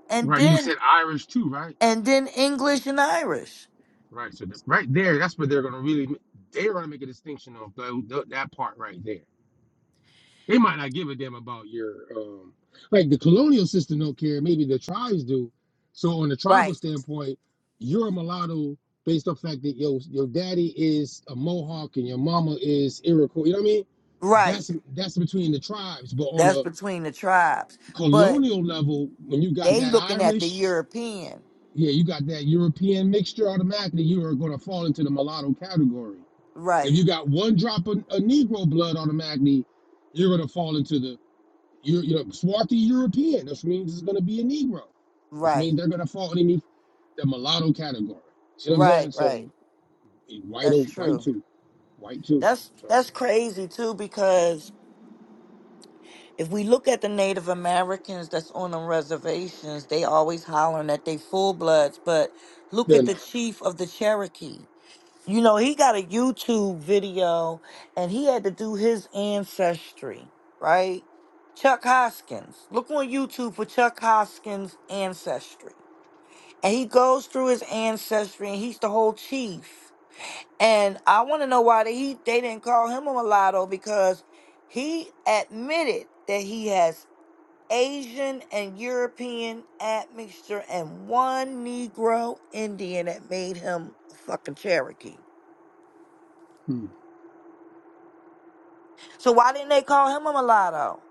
And
Right. You
then
said Irish too, right?
and then English and Irish.
Right. So th- right there, that's where they're gonna really they're gonna make a distinction of tho- tho- that part right there. They might not give a damn about your um like the colonial system don't care, maybe the tribes do. So on the tribal
Right,
standpoint, you're a mulatto based on the fact that your your daddy is a Mohawk and your mama is Iroquois. You know what I mean?
right.
That's that's between the tribes. But on
That's
a
between the tribes. But
colonial level, when you got
they
that
looking at the
Irish,
European.
yeah, you got that European mixture automatically, you are gonna fall into the mulatto category. If
Right,
you got one drop of, of Negro blood automatically, you're gonna fall into the you you know, swarthy European, which means it's gonna be a Negro, which
right,
means they're gonna fall underneath the mulatto category. See what I'm
right,
saying? So
right.
eh, white
That's
o- white
true.
too, white too.
That's
So
that's crazy too because if we look at the Native Americans that's on the reservations, they always hollering at they full bloods, but look
they're
at the
not.
chief of the Cherokee. You know, he got a YouTube video and he had to do his ancestry, right? Chuck Hoskins. Look on YouTube for Chuck Hoskins' ancestry. And he goes through his ancestry and he's the whole chief. And I want to know why they, he, they didn't call him a mulatto because he admitted that he has Asian and European admixture and one Negro Indian that made him a fucking Cherokee.
Hmm.
So why didn't they call him a mulatto?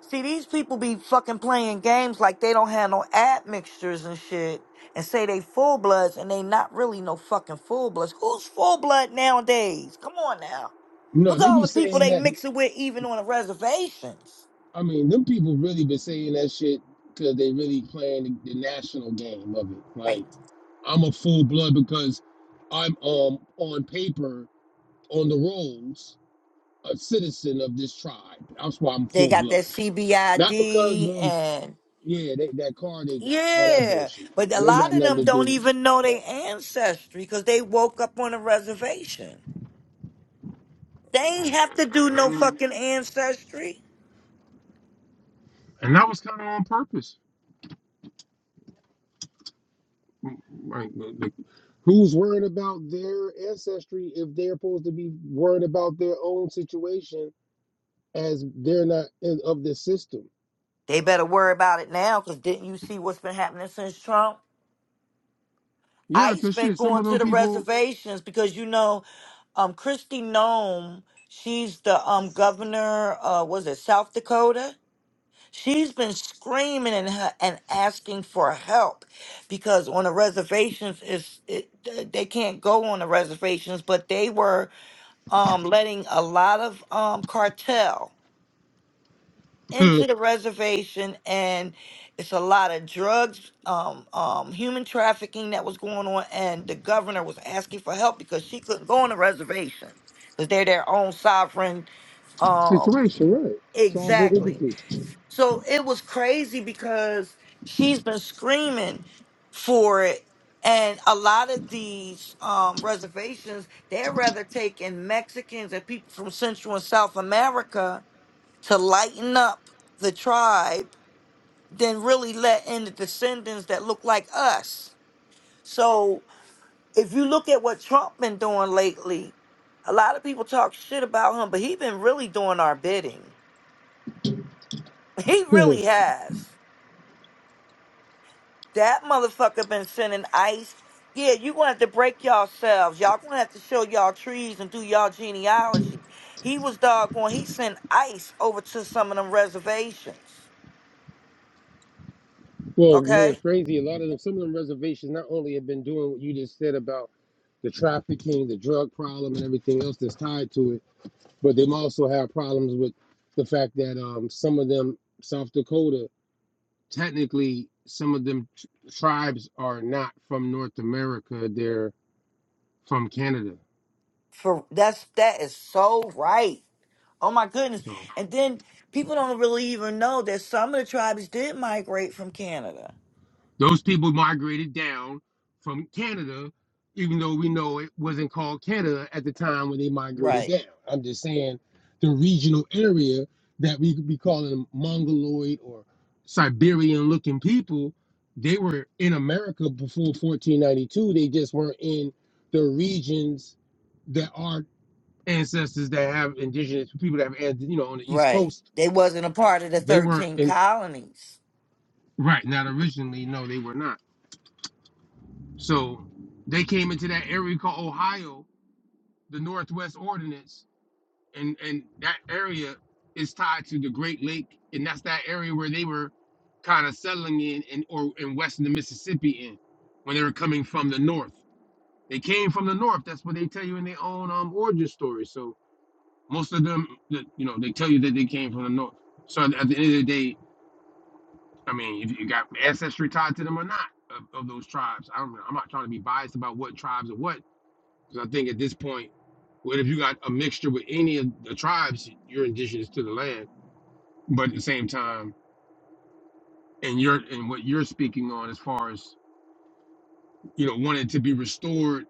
See, these people be fucking playing games like they don't have no admixtures and shit and say they full bloods and they not really no fucking full bloods. Who's full blood nowadays? Come on now.
No,
Look at
they
all
be
the people
saying
they
that. They,
mixing with even on the reservations.
I mean, them people really been saying that shit because they really playing the, the national game of it. Like
Right.
I'm a full blood because I'm um on paper on the rolls a citizen of this tribe. That's why I'm
They
full
got that
blood, not because
CBID
of
and
Yeah, they, that car they got, all that
yeah,
bullshit.
but a
It ain't
lot
got
of
nothing
them
to do
don't
with
even know
that.
their ancestry because they woke up on a reservation. They ain't have to do no fucking ancestry.
And that was kind of on purpose. Like, the- the- Who's worried about their ancestry if they're supposed to be worried about their own situation as they're not in, of this system?
They better worry about it now, cause didn't you see what's been happening since Trump?
yeah,
ICE
because
been
shit, some
going
of
to
them
the
people,
reservations because you know, um, Christy Nome, she's the um governor, uh, was it South Dakota? She's been screaming and ha- and asking for help because on the reservations is it, they can't go on the reservations, but they were um letting a lot of um cartel. into the reservation and it's a lot of drugs um um human trafficking that was going on and the governor was asking for help because she couldn't go on the reservation because they're their own sovereign um
Situation, right. It's all very
exactly
interesting.
so it was crazy because she's been screaming for it and a lot of these um reservations they would rather take in mexicans and people from central and south america to lighten up the tribe than really let in the descendants that look like us. So if you look at what Trump been doing lately, a lot of people talk shit about him, but he been really doing our bidding. He really has. That motherfucker been sending ice. Yeah, you gonna have to break yourselves. Y'all gonna have to show y'all trees and do y'all genealogy. He was doggone. He sent ice over to some of them reservations.
well, you know,
Okay
it's crazy. A lot of them, some of them reservations not only have been doing what you just said about the trafficking, the drug problem, and everything else that's tied to it. but they also have problems with the fact that um, some of them, South Dakota, technically, some of them t- tribes are not from North America; they're from Canada.
For that's that is so right. Oh my goodness.
So.
And then people don't really even know that some of the tribes did migrate from Canada.
Those people migrated down from Canada, even though we know it wasn't called Canada at the time when they migrated
Right.
down. I'm just saying the regional area that we could be calling Mongoloid or Siberian looking people, they were in America before 1492. They just weren't in the regions that our ancestors that have indigenous people that have, you know, on the East
Right.
Coast,
They wasn't a part of the
they weren't
13
in,
colonies.
right, not originally, no, they were not. So they came into that area called Ohio, the Northwest Ordinance, and and that area is tied to the Great Lake, and that's that area where they were kind of settling in in or in western the Mississippi in when they were coming from the north. They came from the north. That's what they tell you in their own um, origin story. So most of them, that- you know, they tell you that they came from the north. So at at the end of the day, I mean, if you got ancestry tied to them or not of, of those tribes, I don't know. I'm not trying to be biased about what tribes or what Because I think at this point, what if you got a mixture with any of the tribes, you're indigenous to the land, but at the same time, and you're and what you're speaking on as far as you know wanting to be restored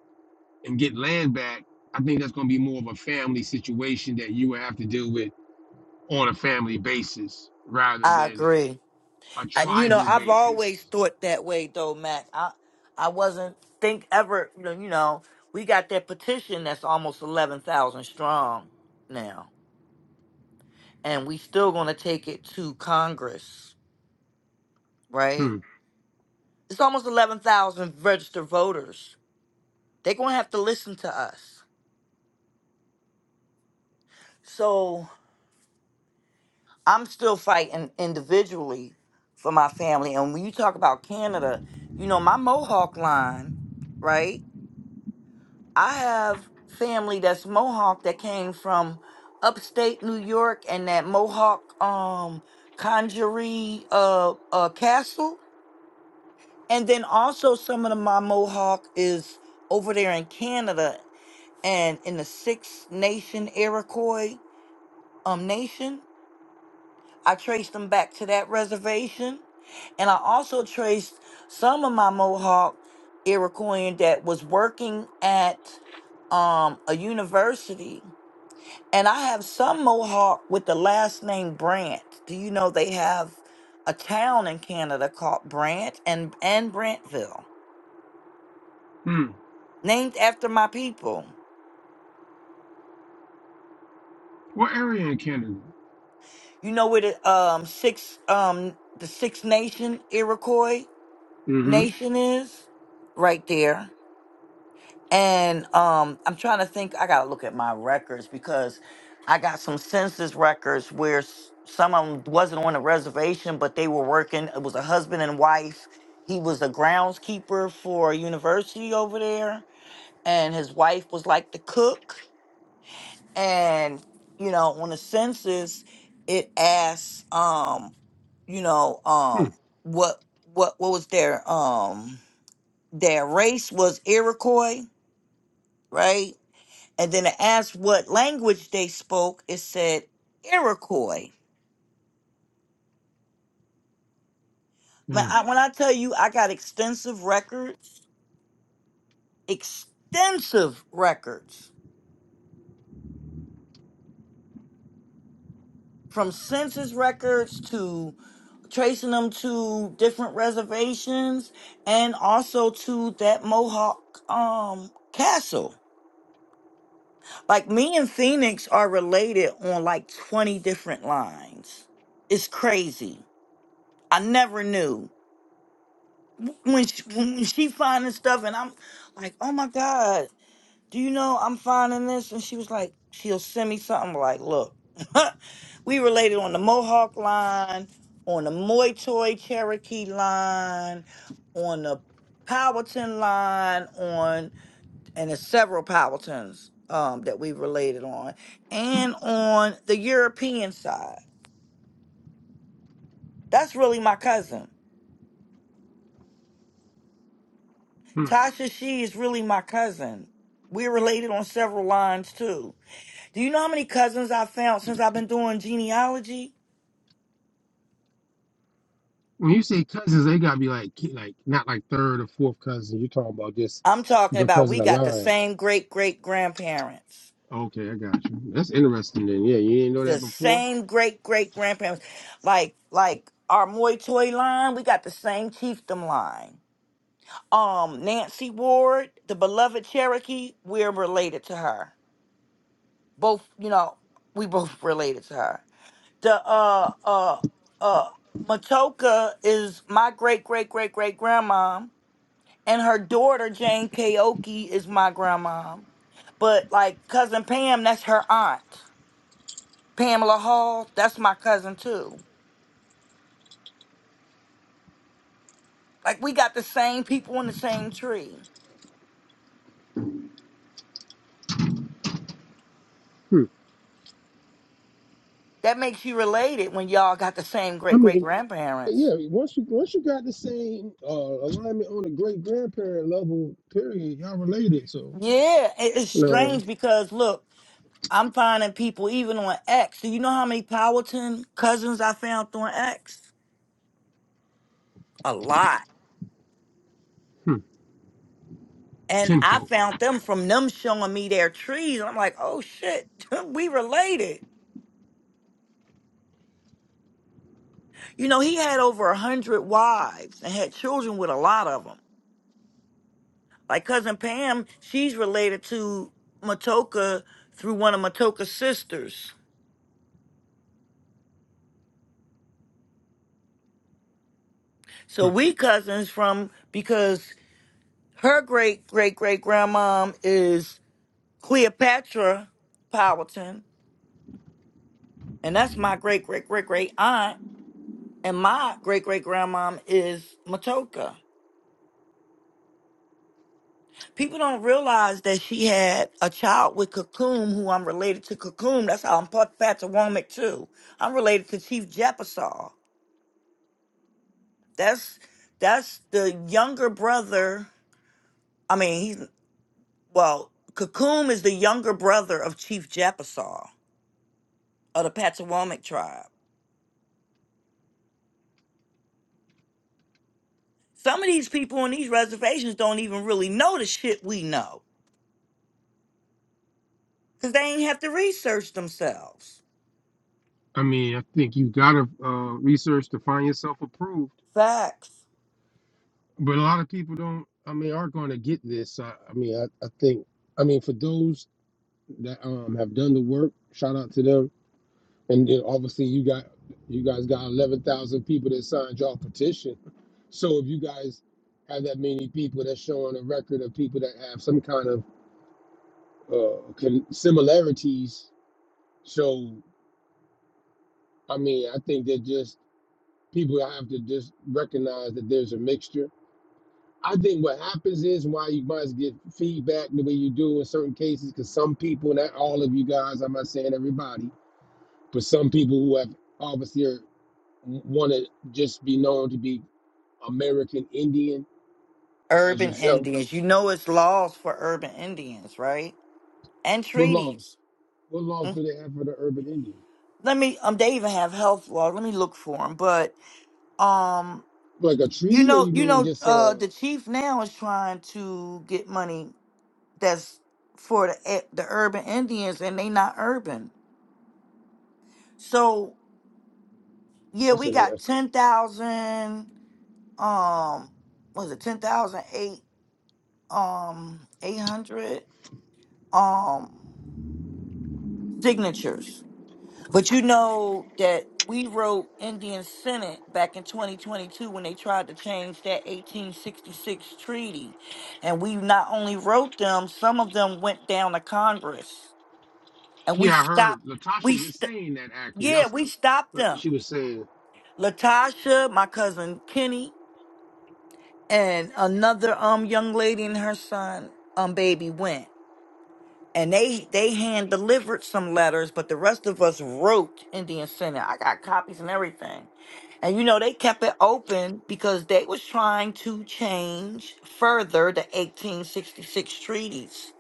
and get land back, I think that's going to be more of a family situation that you would have to deal with on a family basis rather
I
than
agree.
a
And you know,
tribal
I've always
basis.
thought that way though, Mac. I I wasn't think ever, you know, you know, we got that petition that's almost 11,000 strong now, and we still going to take it to Congress, right?
Hmm.
It's almost 11,000 registered voters. They're going to have to listen to us. So I'm still fighting individually for my family. And when you talk about Canada, you know, my Mohawk line, right? I have family that's Mohawk that came from upstate New York and that Mohawk um conjury uh, uh castle. And then also some of the, my Mohawk is over there in Canada and in the Six Nation Iroquois um nation. I traced them back to that reservation, and I also traced some of my Mohawk Iroquois that was working at um a university, and I have some Mohawk with the last name Brant. Do you know they have a town in Canada called Brant and and Brantville,
Hmm.
named after my people?
What area in Canada?
You know where the um six um the Six Nation Iroquois
Mm-hmm.
Nation is? Right there. And um I'm trying to think I gotta look at my records because I got some census records where s- some of them wasn't on a reservation, but they were working. It was a husband and wife. He was a groundskeeper for a university over there, and his wife was like the cook and you know on the census it asks um you know
Hmm.
um what what what was their um their race was iroquois right and then it asked what language they spoke it said iroquois Man, I, when i tell you i got extensive records extensive records from census records to. tracing them to different reservations and also to that Mohawk um castle. Like me and Phoenix are related on like 20 different lines. It's crazy. I never knew. When she, when she finding stuff and I'm like, "Oh my god." do you know I'm finding this? And she was like, she'll send me something like, look, we related on the Mohawk line, on the Moy Toy Cherokee line, on the Powhatan line, on and there's several Powhatans um that we related on, and on the European side. That's really my cousin.
Hmm.
Tasha She is really my cousin. We're related on several lines too. Do you know how many cousins I've found since I've been doing genealogy?
when you say cousins, they gotta be like ki- like not like third or fourth cousin. You're talking about just
I'm talking about
because of
we
the
got the
lines.
same great great grandparents,
Okay, I got you. That's interesting. Then yeah, you didn't know
the
that before.
same great great grandparents, like like our Moy Toy line. We got the same chiefdom line. Um, Nancy Ward, the beloved Cherokee, we're related to her. Both, you know, we both related to her. The uh uh uh Matoka is my great great great great grandma and her daughter Jane Kaoki is my grandma, But like cousin Pam, that's her aunt. Pamela Hall, that's my cousin too. Like we got the same people in the same tree.
Hmm.
That makes you related when y'all got the same
I
great great
mean,
grandparents.
yeah. Once you once you got the same uh, alignment on the great grandparent level, period, y'all related. So
Yeah, it- it's
no,
strange because look, I'm finding people even on X. Do you know how many Powelton cousins I found on X? A lot.
Hmm.
And I
Kinfolk.
found them from them showing me their trees. I'm like, oh shit, we related. You know, he had over a hundred wives and had children with a lot of them. Like cousin Pam, she's related to Matoka through one of Matoka's sisters. So
Hmm.
we cousins from because her great great great grandmom is Cleopatra Powelton, and that's my great great great great aunt, and my great great grandmom is Matoka. People don't realize that she had a child with Cocoon, who I'm related to Cocoon. That's how I'm Pat- Patawomic too. I'm related to Chief Jepasol. That's that's the younger brother. I mean, he's well, Cocoon is the younger brother of Chief Jepasol of the Patawomic tribe. Some of these people on these reservations don't even really know the shit we know because they ain't have to research themselves.
I mean, I think you gotta uh, research to find yourself approved.
Facts.
But a lot of people don't. I mean, aren't going to get this. I I mean, I, I think I mean for those that um have done the work. Shout out to them. And then obviously you got you guys got eleven thousand people that signed y'all petition. So if you guys have that many people that's showing a record of people that have some kind of uh con- similarities, so I mean I think that just people have to just recognize that there's a mixture. I think what happens is why you must get feedback the way you do in certain cases, because some people, not all of you guys, I'm not saying everybody, but some people who have obviously are. want to just be known to be American Indian uh, as
Urban
yourself.
Indians. You know it's laws for urban Indians, right? and
What
treaties.
laws? What laws
Hmm.
do they have for the urban Indian?
Let me um they even have health law. Let me look for them. But um
Like a
you
treaty, or
know
you
you
mean
know
just
uh
uh?
the chief now is trying to get money that's for the e- the urban Indians and they not urban. So yeah,
That's
we got
interesting.
10,000 um Was it 10,008 um 800 um signatures But you know that we wrote Indian Senate back in 2022 when they tried to change that 1866 treaty. And we not only wrote them, some of them went down to Congress. And we
Yeah, I
stopped,
heard
we,
Latasha just
st-
saying that. Actually,
yeah,
that's
we stopped
what she
them.
was saying.
Latasha, my cousin Kenny, and another um young lady and her son, um baby went. and they they hand delivered some letters, but the rest of us wrote Indian Senate. I got copies and everything. And you know, they kept it open because they was trying to change further the 1866 treaties.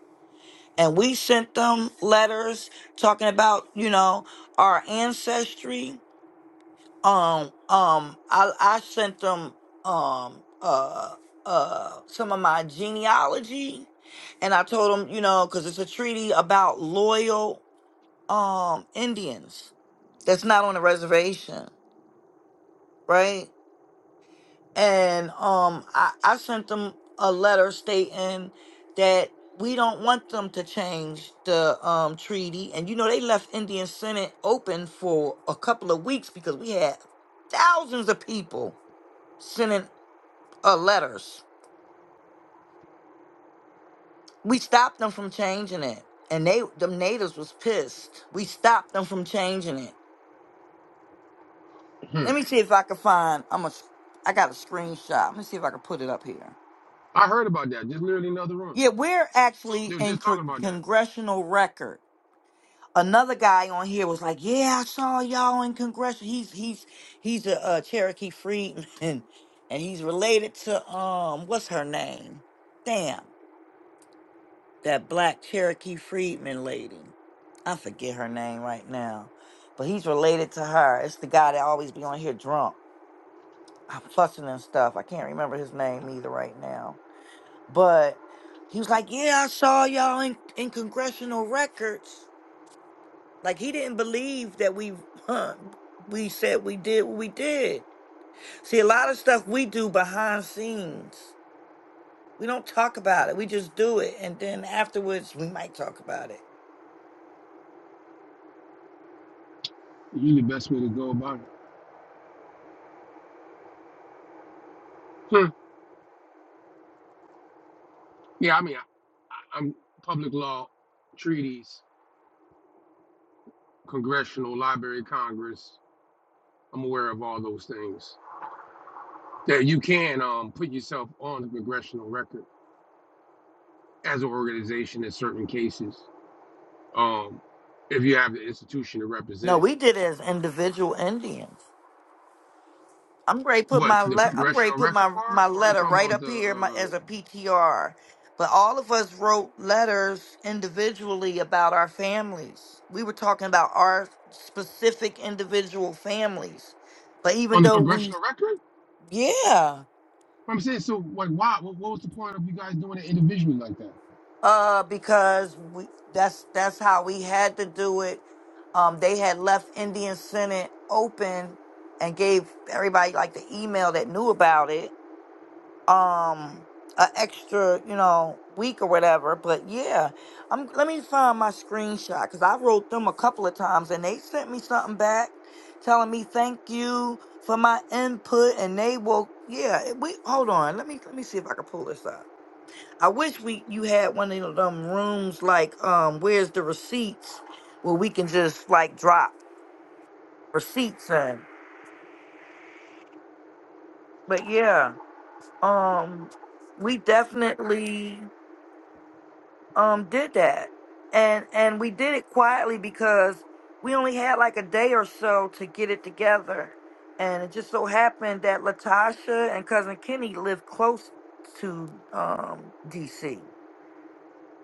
And we sent them letters talking about, you know, our ancestry um um I I sent them um uh uh some of my genealogy and I told them, you know, cuz it's a treaty about loyal um Indians that's not on the reservation, right? And um I I sent them a letter stating that we don't want them to change the um treaty and you know they left Indian Senate open for a couple of weeks because we had thousands of people sending uh, letters. We stopped them from changing it, and they them natives was pissed. We stopped them from changing it.
Hmm.
Let me see if I can find. I'm a. s- i am ai got a screenshot. Let me see if I can put it up here.
I heard about that. Just literally in another room.
Yeah, we're actually
They were
in
just talking
con-
about that.
congressional record. Another guy on here was like, "Yeah, I saw y'all in Congress. He's he's he's a, uh Cherokee Freedman, and he's related to um, what's her name? Damn." that black Cherokee freedman lady. I forget her name right now, but he's related to her. It's the guy that always be on here drunk, I'm fussing and stuff. I can't remember his name either right now. But he was like, "Yeah, I saw y'all in, in congressional records." Like he didn't believe that we huh, we said we did what we did. See, a lot of stuff we do behind scenes. We don't talk about it. We just do it, and then afterwards we might talk about it
Usually, the best way to go about it. Hmm. Yeah, I mean, I, I'm public law, treaties, congressional, library, Congress. I'm aware of all those things. that you can um, put yourself on the congressional record as an organization in certain cases um, if you have the institution to
No,
represent it.
we did it as individual Indians. I'm ready to put
What
my
the
le- I'm ready to
congressional
put
record
my,
part,
my
or are you
letter
talking
right
about the
up here my, as a
uh,
PTR. But all of us wrote letters individually about our families. We were talking about our specific individual families. But even
on the
though we
congressional record?
yeah,
I'm saying so. Like, why? What, what was the point of you guys doing it individually like that?
uh because we that's that's how we had to do it. Um they had left Indian Senate open and gave everybody like the email that knew about it um an extra, you know, week or whatever. But yeah, I'm let me find my screenshot because I wrote them a couple of times and they sent me something back telling me thank you for my input and they will yeah, it- we hold on. Let me let me see if I can pull this up. I wish we you had one of them rooms like um where's the receipts where we can just like drop receipts in. But yeah, um we definitely um did that and and we did it quietly because we only had like a day or so to get it together and it just so happened that latasha and cousin kenny live close to um dc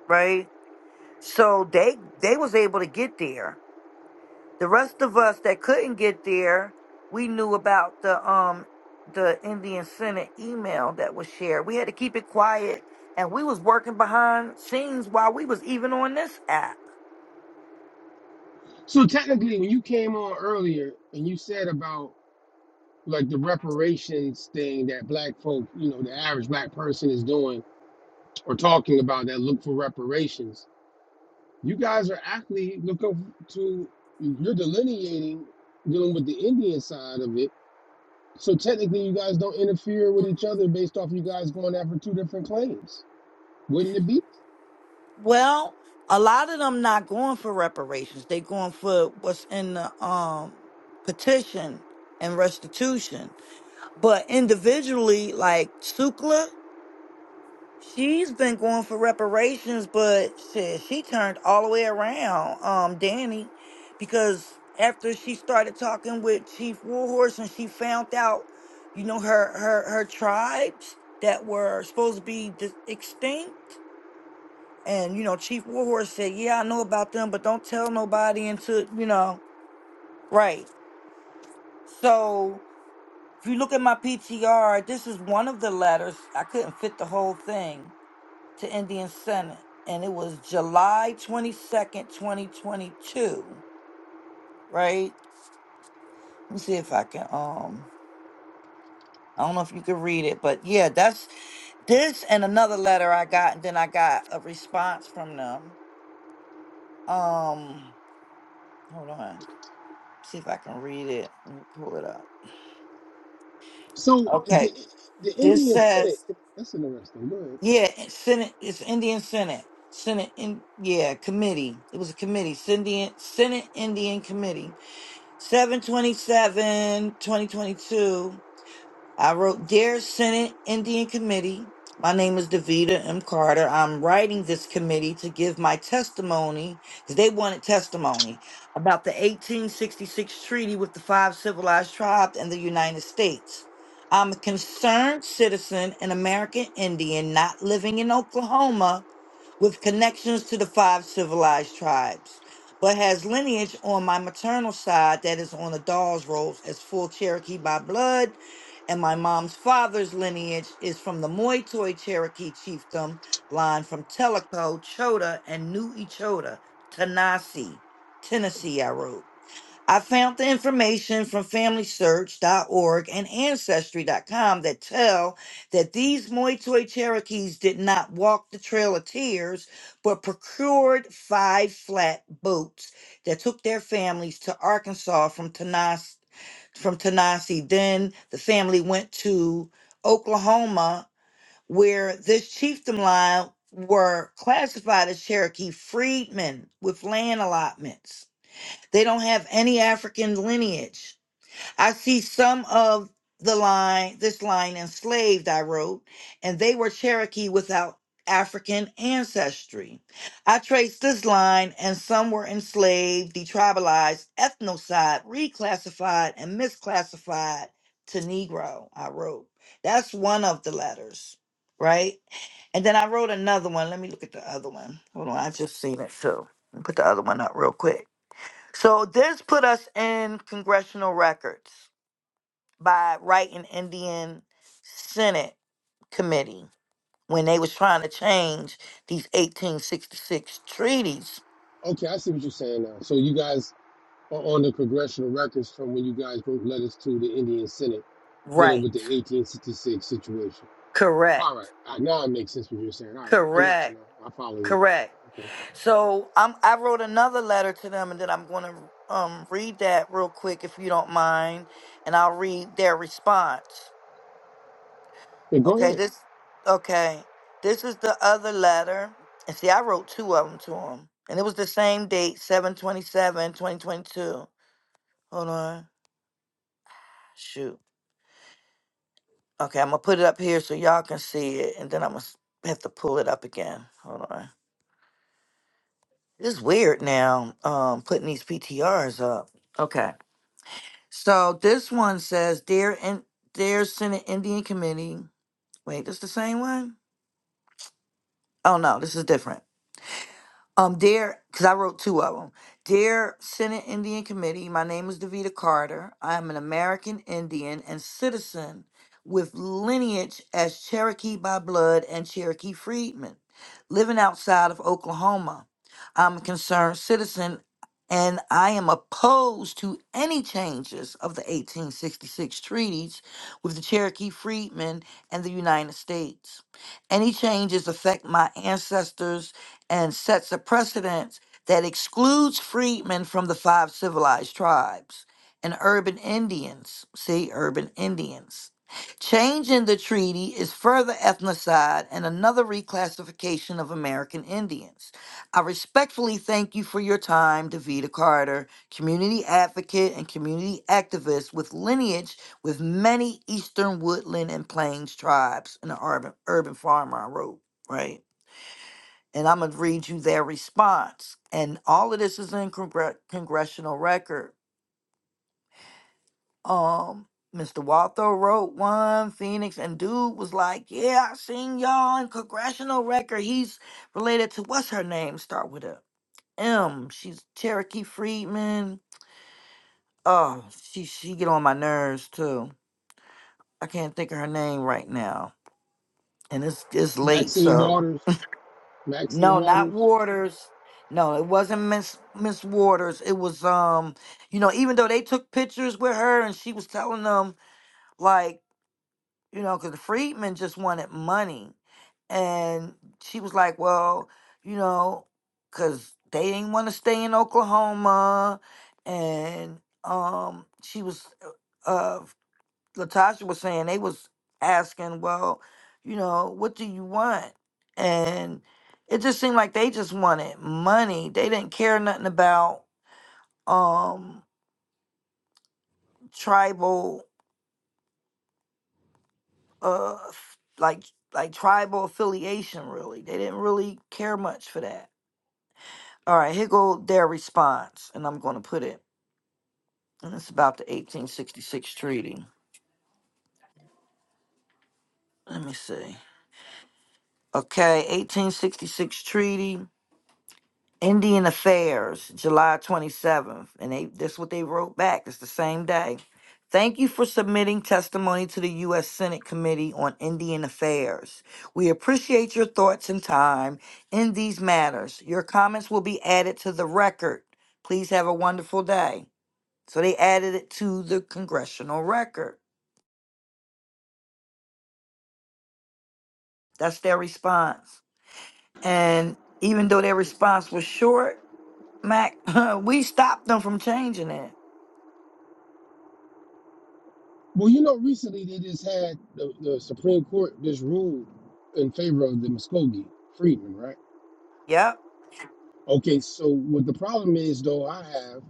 right so they they was able to get there the rest of us that couldn't get there we knew about the um the indian senate email that was shared we had to keep it quiet and we was working behind scenes while we was even on this app
So technically, when you came on earlier and you said about like the reparations thing that black folk, you know, the average black person is doing or talking about that look for reparations You guys are actually look up to you're delineating dealing with the Indian side of it. So technically, you guys don't interfere with each other based off you guys going after two different claims. Wouldn't it be?
Well, a lot of them not going for reparations. They going for what's in the um petition and restitution. But individually, like Sukla, she's been going for reparations, but shit, she turned all the way around, um, Danny, because after she started talking with Chief Warhorse and she found out, you know, her her her tribes that were supposed to be dis- extinct and you know, Chief Warhorse said, "Yeah, I know about them, but don't tell nobody until you know." Right. So if you look at my PTR, this is one of the letters. I couldn't fit the whole thing to Indian Senate, and it was July twenty second, twenty twenty two. Right. Let me see if I can. Um, I don't know if you can read it, but yeah, that's this and another letter I got, and then I got a response from them. Um, hold on. See if I can read it. Let me pull it up.
So the
Okay,
the
this
Indian Senate.
says,
That's interesting. Go ahead.
yeah, Senate, it's Indian Senate, Senate, in, yeah, committee. It was a committee, Senate, Senate Indian Committee, Seven twenty-seven, twenty twenty-two. I wrote, Dear Senate Indian Committee, my name is Davita M. Carter. I'm writing this committee to give my testimony, because they wanted testimony, about the 1866 treaty with the five civilized tribes and the United States. I'm a concerned citizen and American Indian not living in Oklahoma with connections to the five civilized tribes, but has lineage on my maternal side that is on the Dawes rolls as full Cherokee by blood and my mom's father's lineage is from the Moitoy Cherokee chiefdom line from Tellico, Chota, and New Echota, Tennessee. Tennessee, I wrote. I found the information from FamilySearch.org and Ancestry.com that tell that these Moi Cherokees did not walk the Trail of Tears, but procured five flat boats that took their families to Arkansas from Tennessee. From Tennessee, then the family went to Oklahoma, where this chieftain line were classified as Cherokee freedmen with land allotments. They don't have any African lineage. I see some of the line, this line, enslaved, I wrote, and they were Cherokee without African ancestry. I traced this line, and some were enslaved, detribalized, ethnocide, reclassified, and misclassified to Negro, I wrote. That's one of the letters, right? And then I wrote another one. Let me look at the other one. Hold on, I just seen it too. Let me Put the other one up real quick. So this put us in congressional records by writing Indian Senate committee when they was trying to change these 1866 treaties.
Okay, I see what you're saying now. So you guys are on the congressional records from when you guys wrote letters to the Indian Senate dealing
Right.
with the 1866 situation. All right,
Correct.
I- now it makes sense what you're saying. All right, I got you
Correct.
now. I follow you.
Correct. So I'm I wrote another letter to them and then I'm going to um read that real quick if you don't mind and I'll read their response.
Yeah, go
Okay,
ahead.
this okay. This is the other letter. And see, I wrote two of them to him. And it was the same date, seven twenty-seven, twenty twenty-two. Hold on. Shoot. Okay, I'm gonna put it up here so y'all can see it, and then I'm gonna have to pull it up again. Hold on. It's weird now, um, putting these PTRs up. Okay. So this one says, Dear in Dear Senate Indian Committee. Wait, this the same one? Oh no, this is different. Um, dear, because I wrote two of them. Dear Senate Indian Committee, my name is Davita Carter. I am an American Indian and citizen with lineage as Cherokee by blood and Cherokee freedman, living outside of Oklahoma. I'm a concerned citizen and I am opposed to any changes of the 1866 treaties with the Cherokee freedmen and the United States. Any changes affect my ancestors and sets a precedent that excludes freedmen from the five civilized tribes and urban Indians. See, urban Indians. Changing the treaty is further ethnocide and another reclassification of American Indians. I respectfully thank you for your time, Davita Carter, community advocate and community activist with lineage with many eastern woodland and plains tribes and an urban, urban farmer, I wrote, right? and I'm going to read you their response. And all of this is in congre- congressional record. Um, Mr. Waltho wrote one, Phoenix, and dude was like, "Yeah, I seen y'all in congressional record. He's related to what's her name? Start with a M. She's Cherokee Freedman. Oh, she she get on my nerves too. I can't think of her name right now, and it's it's late,
Maxine
so
Waters. Maxine
No, not
Waters.
Waters. No, it wasn't Miss Miss Waters. It was um, you know, even though they took pictures with her and she was telling them like, you know, because Friedman just wanted money, and she was like, well, you know, because they didn't want to stay in Oklahoma, and um, she was. uh uh, Latasha was saying, they was asking, well, you know, what do you want? And it just seemed like they just wanted money. They didn't care nothing about um tribal uh f- like like tribal affiliation really. They didn't really care much for that. All right, here go their response, and I'm gonna put it. And it's about the 1866 treaty. Let me see. Okay, 1866 treaty. Indian Affairs, July 27th. And they that's what they wrote back. It's the same day. Thank you for submitting testimony to the U.S. Senate Committee on Indian Affairs. We appreciate your thoughts and time in these matters. Your comments will be added to the record. Please have a wonderful day. So they added it to the congressional record. That's their response. And even though their response was short, Mac, we stopped them from changing it.
Well, you know, recently they just had the, the Supreme Court just ruled in favor of the Muskogee Freedmen, right?
Yep
Okay, so what the problem is, though, I have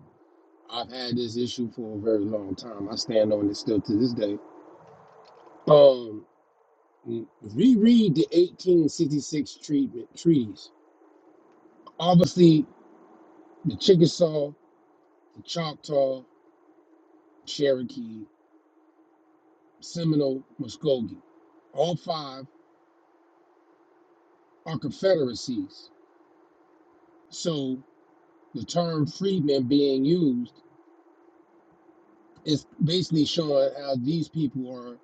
I've had this issue for a very long time. I stand on it still to this day. Um, reread the 1866 treatment treaties. Obviously, the Chickasaw, the Choctaw, Cherokee, Seminole, Muskogee, all five are confederacies. So the term freedmen being used is basically showing how these people are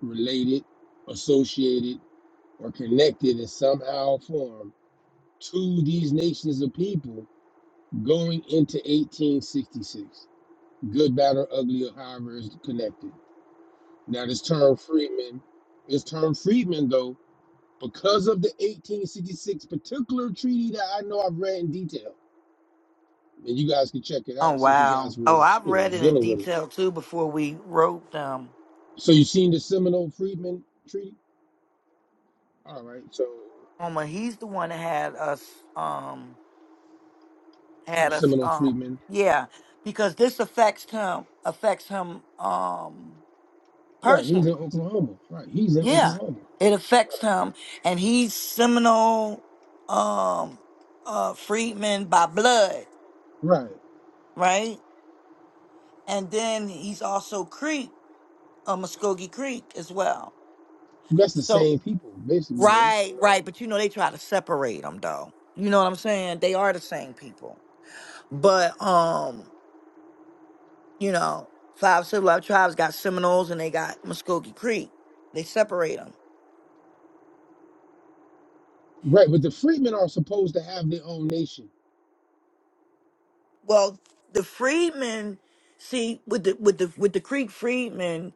related, associated, or connected in somehow form to these nations of people going into 1866. Good, bad, or ugly, or however is connected. Now, this term freedmen, this term freedmen, though, because of the 1866 particular treaty that I know I've read in detail, and you guys can check it
Oh
out since you
wow.
guys were,
Oh, I've
you know,
read it in
dealing with it
detail too before we wrote them. um
So you seen the Seminole Freedman treaty? All right. So
Homer. He's the one that had us um had us
Seminole
um
Freedman,
yeah, because this affects him affects him um
right? He's in
personally.
Oklahoma, right? He's in
Yeah.
Oklahoma,
It affects him and he's Seminole um uh freedman by blood,
right?
right? And then he's also Creek, uh, Muskogee Creek as well.
That's the
So
same people, basically, though.
Right,
You know,
right. But you know, they try to separate them though. You know what I'm saying? They are the same people. But um, you know, five civilized tribes got Seminoles and they got Muskogee Creek. They separate them.
right? But the freedmen are supposed to have their own nation,
Well, the freedmen, see, with the with the with the Creek freedmen,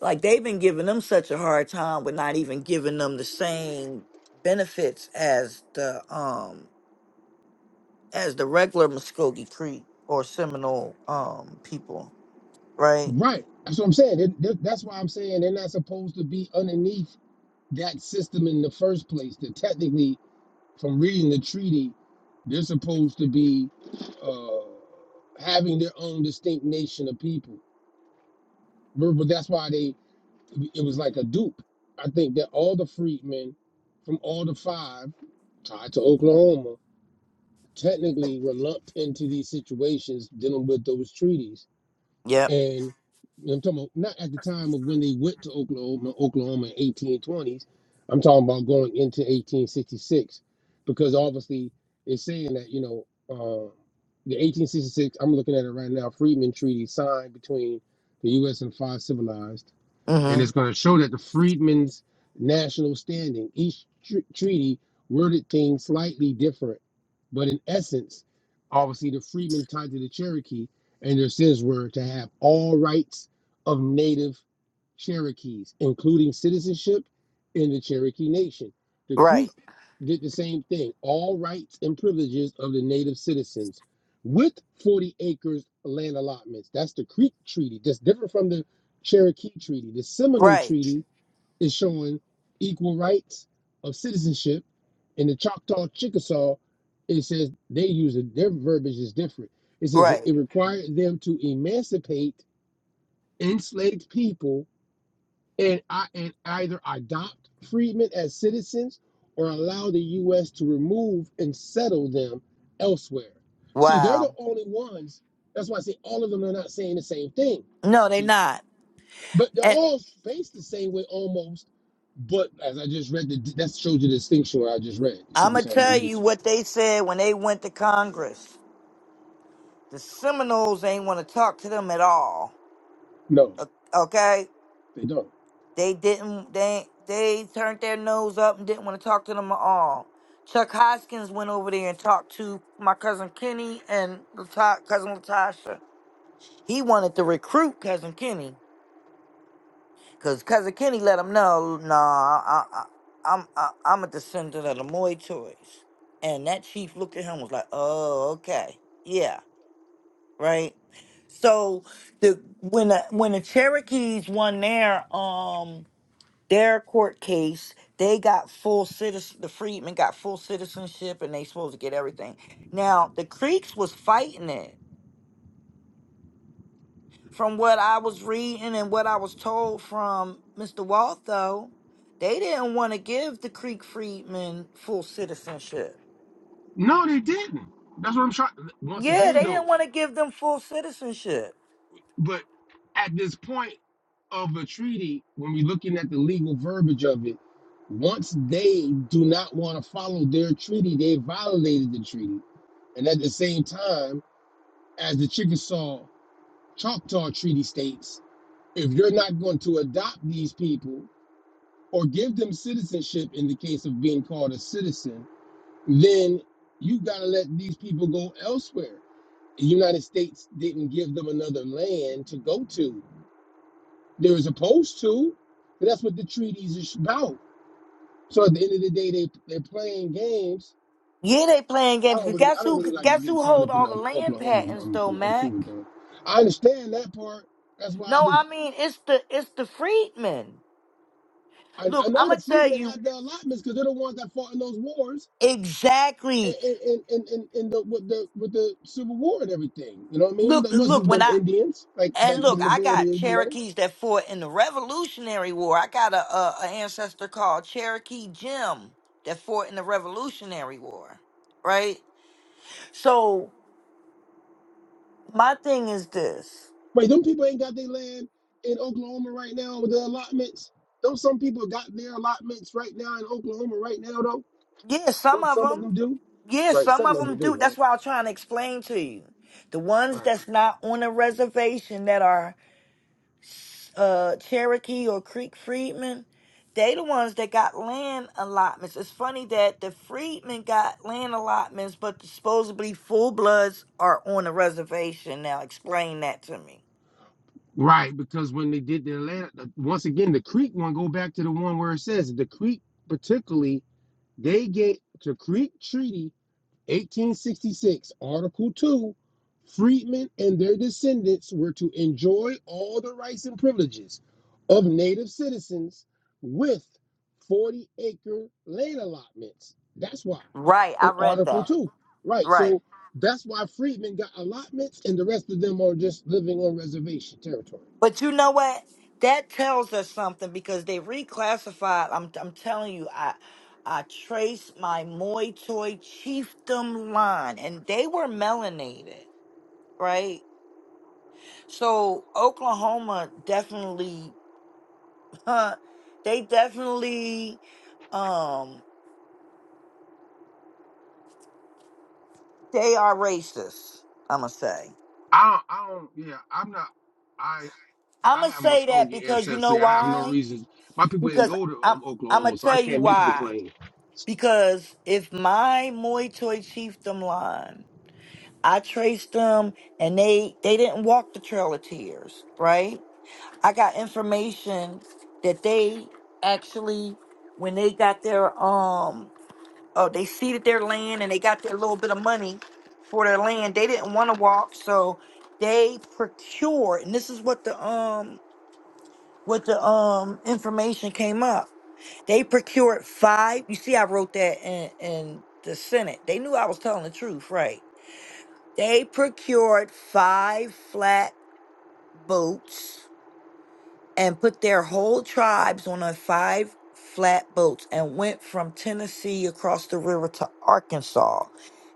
like they've been giving them such a hard time with not even giving them the same benefits as the um as the regular Muskogee Creek or Seminole um people, right?
right? That's what I'm saying. They- they- that's why I'm saying they're not supposed to be underneath that system in the first place. That technically, from reading the treaty, they're supposed to be uh, having their own distinct nation of people. But but that's why they It was like a dupe. I think that all the freedmen from all the five tied to Oklahoma technically were lumped into these situations dealing with those treaties.
Yep.
And I'm talking about not at the time of when they went to Oklahoma, Oklahoma in 1820s. I'm talking about going into 1866 because obviously it's saying that, you know, uh, the 1866, I'm looking at it right now, Freedmen Treaty signed between the U.S. and five civilized and
Mm-hmm.
it's going to show that the freedmen's national standing each tr- treaty worded things slightly different but in essence obviously the freedmen tied to the cherokee and their sins were to have all rights of native Cherokees, including citizenship in the Cherokee Nation. The
Right.
Creek did the same thing, all rights and privileges of the native citizens with 40 acres land allotments. That's the Creek Treaty. That's different from the Cherokee Treaty. The Seminole
Right.
Treaty is showing equal rights of citizenship, and the Choctaw Chickasaw, it says they use it, their verbiage is different. It says
Right.
it required them to emancipate enslaved people and, I, and either adopt freedmen as citizens or allow the U.S. to remove and settle them elsewhere. See, they're
Wow.
the only ones. That's why I say all of them are not saying the same thing.
No,
You
they
see,
not.
but they're
And
all based the same way almost. But as I just read, the, that shows you the distinction where I just read. You see
I'm
what I'm
gonna
saying?
tell
They
you
just
what they said when they went to Congress. The Seminoles ain't want to talk to them at all.
no,
O- Okay,
they don't.
they didn't. They they turned their nose up and didn't want to talk to them at all. Chuck Hoskins went over there and talked to my cousin Kenny and Lata- cousin Latasha. He wanted to recruit cousin Kenny. Cause cousin Kenny let him know, nah, I, I, I'm I, I'm a descendant of the Moy Toys, and that chief looked at him and was like, oh, okay, yeah, right. So the when the when the Cherokees won their um their court case, they got full citizen. The freedmen got full citizenship, and they supposed to get everything. Now the Creeks was fighting it From what I was reading and what I was told from Mr. Waltho, they didn't want to give the Creek Freedmen full citizenship.
No, they didn't. That's what I'm trying. Once
Yeah,
again,
they didn't
though,
want to give them full citizenship.
but at this point. of a treaty, when we're looking at the legal verbiage of it, once they do not want to follow their treaty, they violated the treaty. And at the same time, as the Chickasaw Choctaw Treaty states, if you're not going to adopt these people or give them citizenship in the case of being called a citizen, then you got to let these people go elsewhere. The United States didn't give them another land to go to. They were supposed to, but that's what the treaties is about So at the end of the day, they they're playing games.
Yeah, they playing
I
games.
don't
'Cause
really I
guess
don't
who?
really like to
Guess
get
who
caught
hold
up in
all the
um,
land
Oklahoma.
patents
I'm
though,
cool. I'm cool with
Mac?
that. I understand that part. That's why I
No,
did.
I mean it's the it's the freedmen.
I, I
Look, I'm
know the
gonna tell
freedmen
you
had the allotments because they're the ones that fought in those wars and
exactly.
and and and, and the, with the with the Civil War and everything. You know what I mean?
Look,
That
look.
wasn't
When
them
I
Indians like
And
like the
look, I
majority
got
of you know.
Cherokees that fought in the Revolutionary War. I got a, a, a ancestor called Cherokee Jim that fought in the Revolutionary War, right? So my thing is this:
Wait, them people ain't got their land in Oklahoma right now with the allotments. Though some people got their allotments right now in Oklahoma right now though.
yeah, some
Don't
of
some of
them,
them do?
yeah,
Right,
some
some
of
of
them
them
do.
do,
That's
right?
why I'm trying to explain to you the ones
Right.
that's not on a reservation that are uh, Cherokee or Creek freedmen, they the ones that got land allotments. It's funny that the freedmen got land allotments, but supposedly full bloods are on a reservation. Now explain that to me.
Right, because when they did the Atlanta, the- once again, the Creek one, go back to the one where it says the Creek, particularly, they get the Creek Treaty 1866, Article 2, freedmen and their descendants were to enjoy all the rights and privileges of native citizens with 40 acre land allotments. That's why
Right, I
in
read
Article
that.
2, right?
Right.
So that's why freedmen got allotments and the rest of them are just living on reservation territory.
But you know what? That tells us something because they reclassified. I'm I'm telling you, I I traced my Moy Toy chiefdom line and they were melanated, right? So Oklahoma definitely, huh, they definitely, um, they are racist. I'ma say.
I don't, I don't yeah, I'm not I I
I'ma
have
say that
Muskogee
because you know
ancestry. I have no
why?
reason. My people didn't
Because
go to
I'm
um,
I'ma
Oklahoma, so I
tell you
can't make the
why.
claim.
Because if my Moy Toy chiefdom line, I traced them and they they didn't walk the Trail of Tears, right? I got information that they actually when they got their um Oh, they seeded their land and they got their little bit of money for their land. They didn't want to walk, so they procured, and this is what the um what the um information came up. They procured five. You see, I wrote that in in the Senate. They knew I was telling the truth, right? They procured five flat boats and put their whole tribes on a five flat boats and went from Tennessee across the river to Arkansas.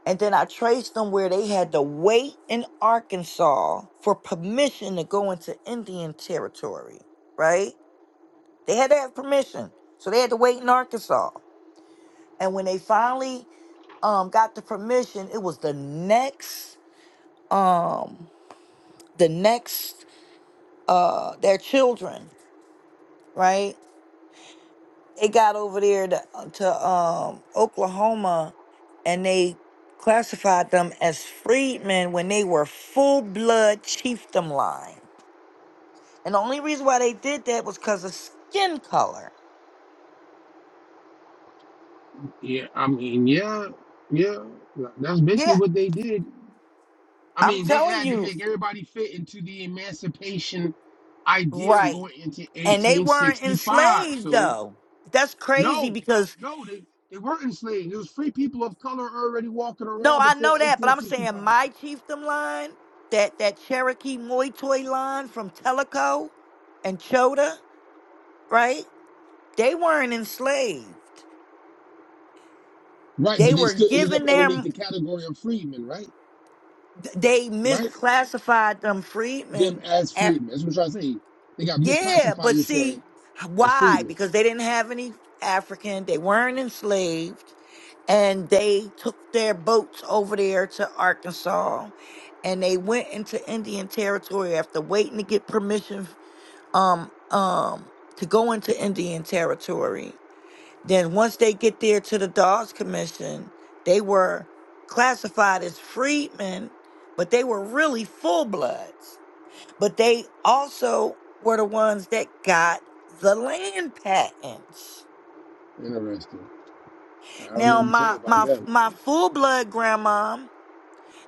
And then I traced them where they had to wait in Arkansas for permission to go into Indian territory, right? They had to have permission. So they had to wait in Arkansas. And when they finally um, got the permission, it was the next um the next uh their children, right? they got over there to, uh, to um Oklahoma and they classified them as freedmen when they were full blood chiefdom line. And the only reason why they did that was because of skin color.
Yeah, I mean, yeah, yeah. That's
Yeah,
basically what they did. I
I'm
mean, they
telling
had to
you,
make everybody fit into the emancipation ideal
right.
going into
And they weren't
1865.
enslaved
So
though. That's crazy
no,
because
no, they, they weren't enslaved. There was free people of color already walking
no,
around
I
before
know that, but I'm saying
1865.
my chiefdom line, that that Cherokee Moitoy line from Tellico and Chota, right? They weren't enslaved.
Right,
They
but they
were
still ended
given
up underneath
their.
the category of freedmen, right?
They
Right?
misclassified them
Them
freedmen.
as
Af-
freedmen. That's what I'm trying to say. They got
Yeah,
misclassified,
but
you're saying,
see
as
why?
freedmen.
Because they didn't have any African. They weren't enslaved, and they took their boats over there to Arkansas, and they went into Indian territory after waiting to get permission. Um, um, to go into Indian territory Then once they get there to the Dawes Commission, they were classified as freedmen, but they were really full bloods. But they also were the ones that got the land patents.
Interesting. I don't know
Now
what to tell
my
you about
my
that.
my full blood grandma,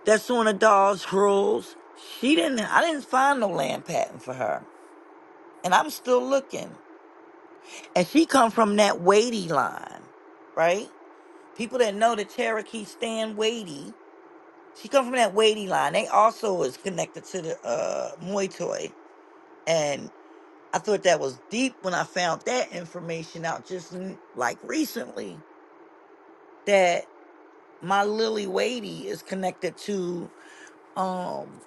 that's on the Dawes rules, she didn't I didn't find no land patent for her. And I'm still looking. And she come from that weighty line, right? People that know the Cherokee stand weighty She come from that Wadey line. They also is connected to the uh Muay Thai, and I thought that was deep when I found that information out just n- like recently that my Lily Wadey is connected to um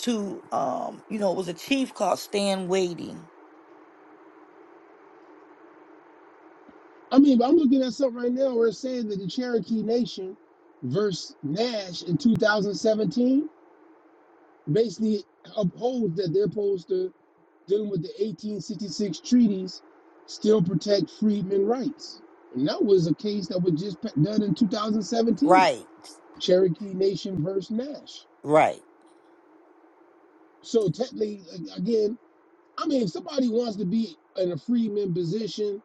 to um you know it was a chief called Stan Wadey.
I mean, but I'm looking at something right now where it's saying that the Cherokee Nation versus Nash in 2017 basically upholds that they're supposed to dealing with the 1866 treaties still protect freedmen rights. And that was a case that was just pa- done in 2017,
Right,
Cherokee Nation versus Nash.
right.
So technically, a- again, I mean, if somebody wants to be in a freedman position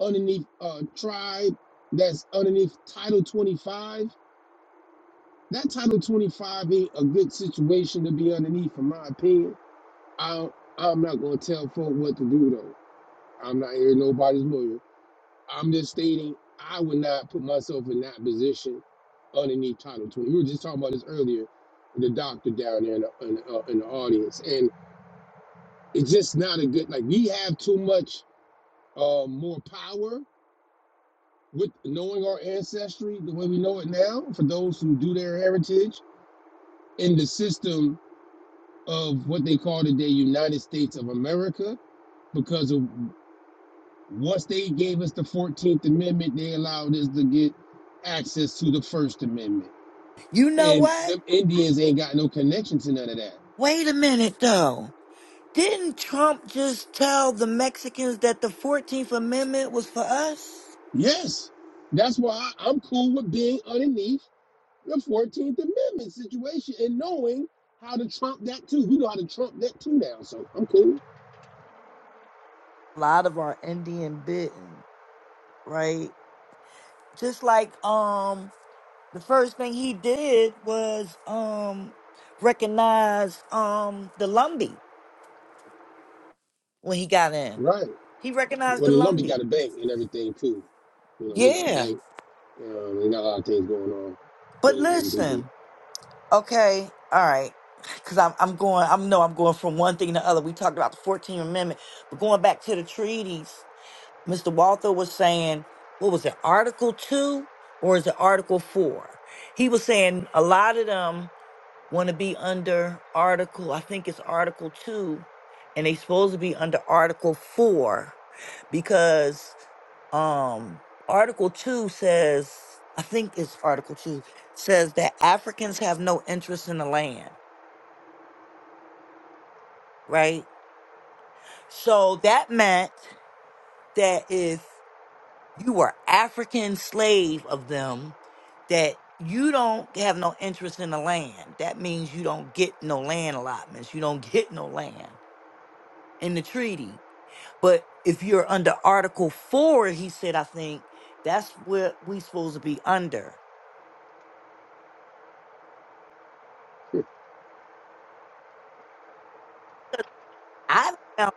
underneath uh, tribe that's underneath Title 25 That title 25 ain't a good situation to be underneath, in my opinion. I, I'm not going to tell folk what to do, though. I'm not here, nobody's lawyer. I'm just stating I would not put myself in that position underneath title 20. We were just talking about this earlier, with the doctor down there in the, in, the, uh, in the audience. And it's just not a good, like, we have too much uh, more power with knowing our ancestry the way we know it now, for those who do their heritage in the system of what they call today United States of America because of, once they gave us the 14th Amendment, they allowed us to get access to the First Amendment.
You know
And
what?
them Indians ain't got no connection to none of that.
Wait a minute though. Didn't Trump just tell the Mexicans that the Fourteenth Amendment was for us?
Yes, that's why I'm cool with being underneath the 14th Amendment situation and knowing how to trump that too. We know how to trump that, so I'm cool.
a lot of our Indian bitten, right? Just like um the first thing he did was um recognize um the Lumbee when he got in.
Right.
He recognized
Well,
the
the Lumbee got a
Lumbee.
bank and everything too. You know, they got a
Yeah.
bank. Um, they got a lot of things going on.
But
Them, them people.
listen, okay, all right. Cause I'm I'm going I'm no, I'm going from one thing to the other. We talked about the fourteenth amendment, but going back to the treaties. Mr. Walther was saying, what was it, Article 2 or is it Article 4? He was saying a lot of them want to be under Article, I think it's Article 2, and they supposed to be under Article 4 because um Article 2 says, I think it's Article 2, says that Africans have no interest in the land, right? So that meant that if you were African slave of them that you don't have no interest in the land. That means you don't get no land allotments. You don't get no land in the treaty. But if you're under Article Four, he said, I think that's what we supposed to be under. I found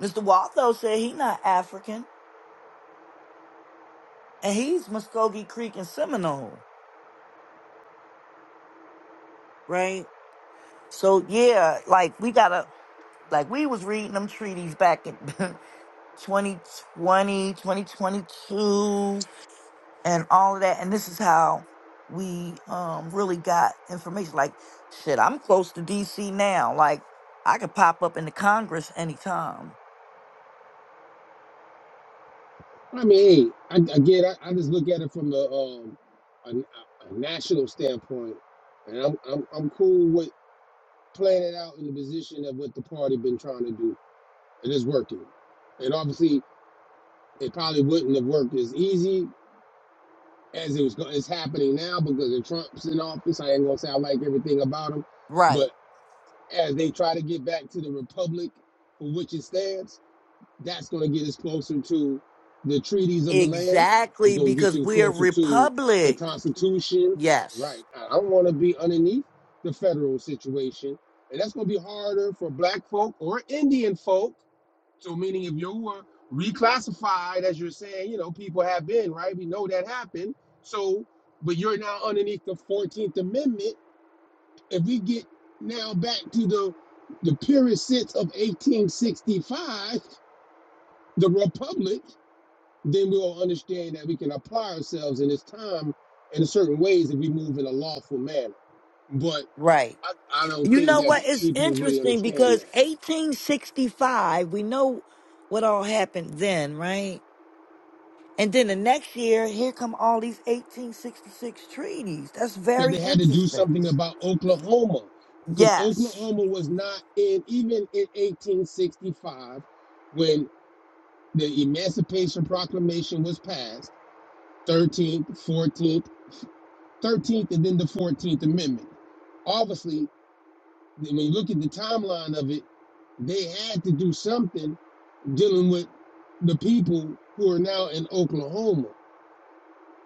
Mr. Waltho said he not African and he's Muskogee Creek and Seminole, right? So yeah, like we gotta like we was reading them treaties back in Twenty twenty twenty twenty two and all of that. And this is how we um really got information. Like, shit, I'm close to DC now. Like, I could pop up into Congress anytime.
I mean, I, again, I, I just look at it from the um, a, a national standpoint, and I'm, I'm I'm cool with playing it out in the position of what the party been trying to do, and it's working. And obviously, it probably wouldn't have worked as easy as it was. go- It's happening now because of Trump's in office. I ain't gonna say I like everything about him,
Right.
but as they try to get back to the republic for which it stands, That's going to get us closer to the treaties of the land. It's
Exactly,
going to get
because
you
we're a
closer to the
republic.
Constitution.
Yes.
Right. I don't want to be underneath the federal situation. And that's going to be harder for black folk or Indian folk. So, meaning if you were reclassified, as you're saying, you know, people have been, right? We know that happened. So, but you're now underneath the 14th Amendment. If we get now back to the the purest sense of 1865, the Republic then we'll understand that we can apply ourselves in this time in certain ways if we move in a lawful manner. But
Right.
I, I don't
You
think
know
that
what? It's
people really
interesting
understand
because
that
1865, we know what all happened then, right? And then the next year, here come all these 1866 treaties. That's
because
very
they had to do
interesting.
something about Oklahoma because
Yes.
Oklahoma was not in even in 1865 when the Emancipation Proclamation was passed 13th, 14th, 13th, and then the 14th Amendment. Obviously, when you look at the timeline of it, they had to do something dealing with the people who are now in Oklahoma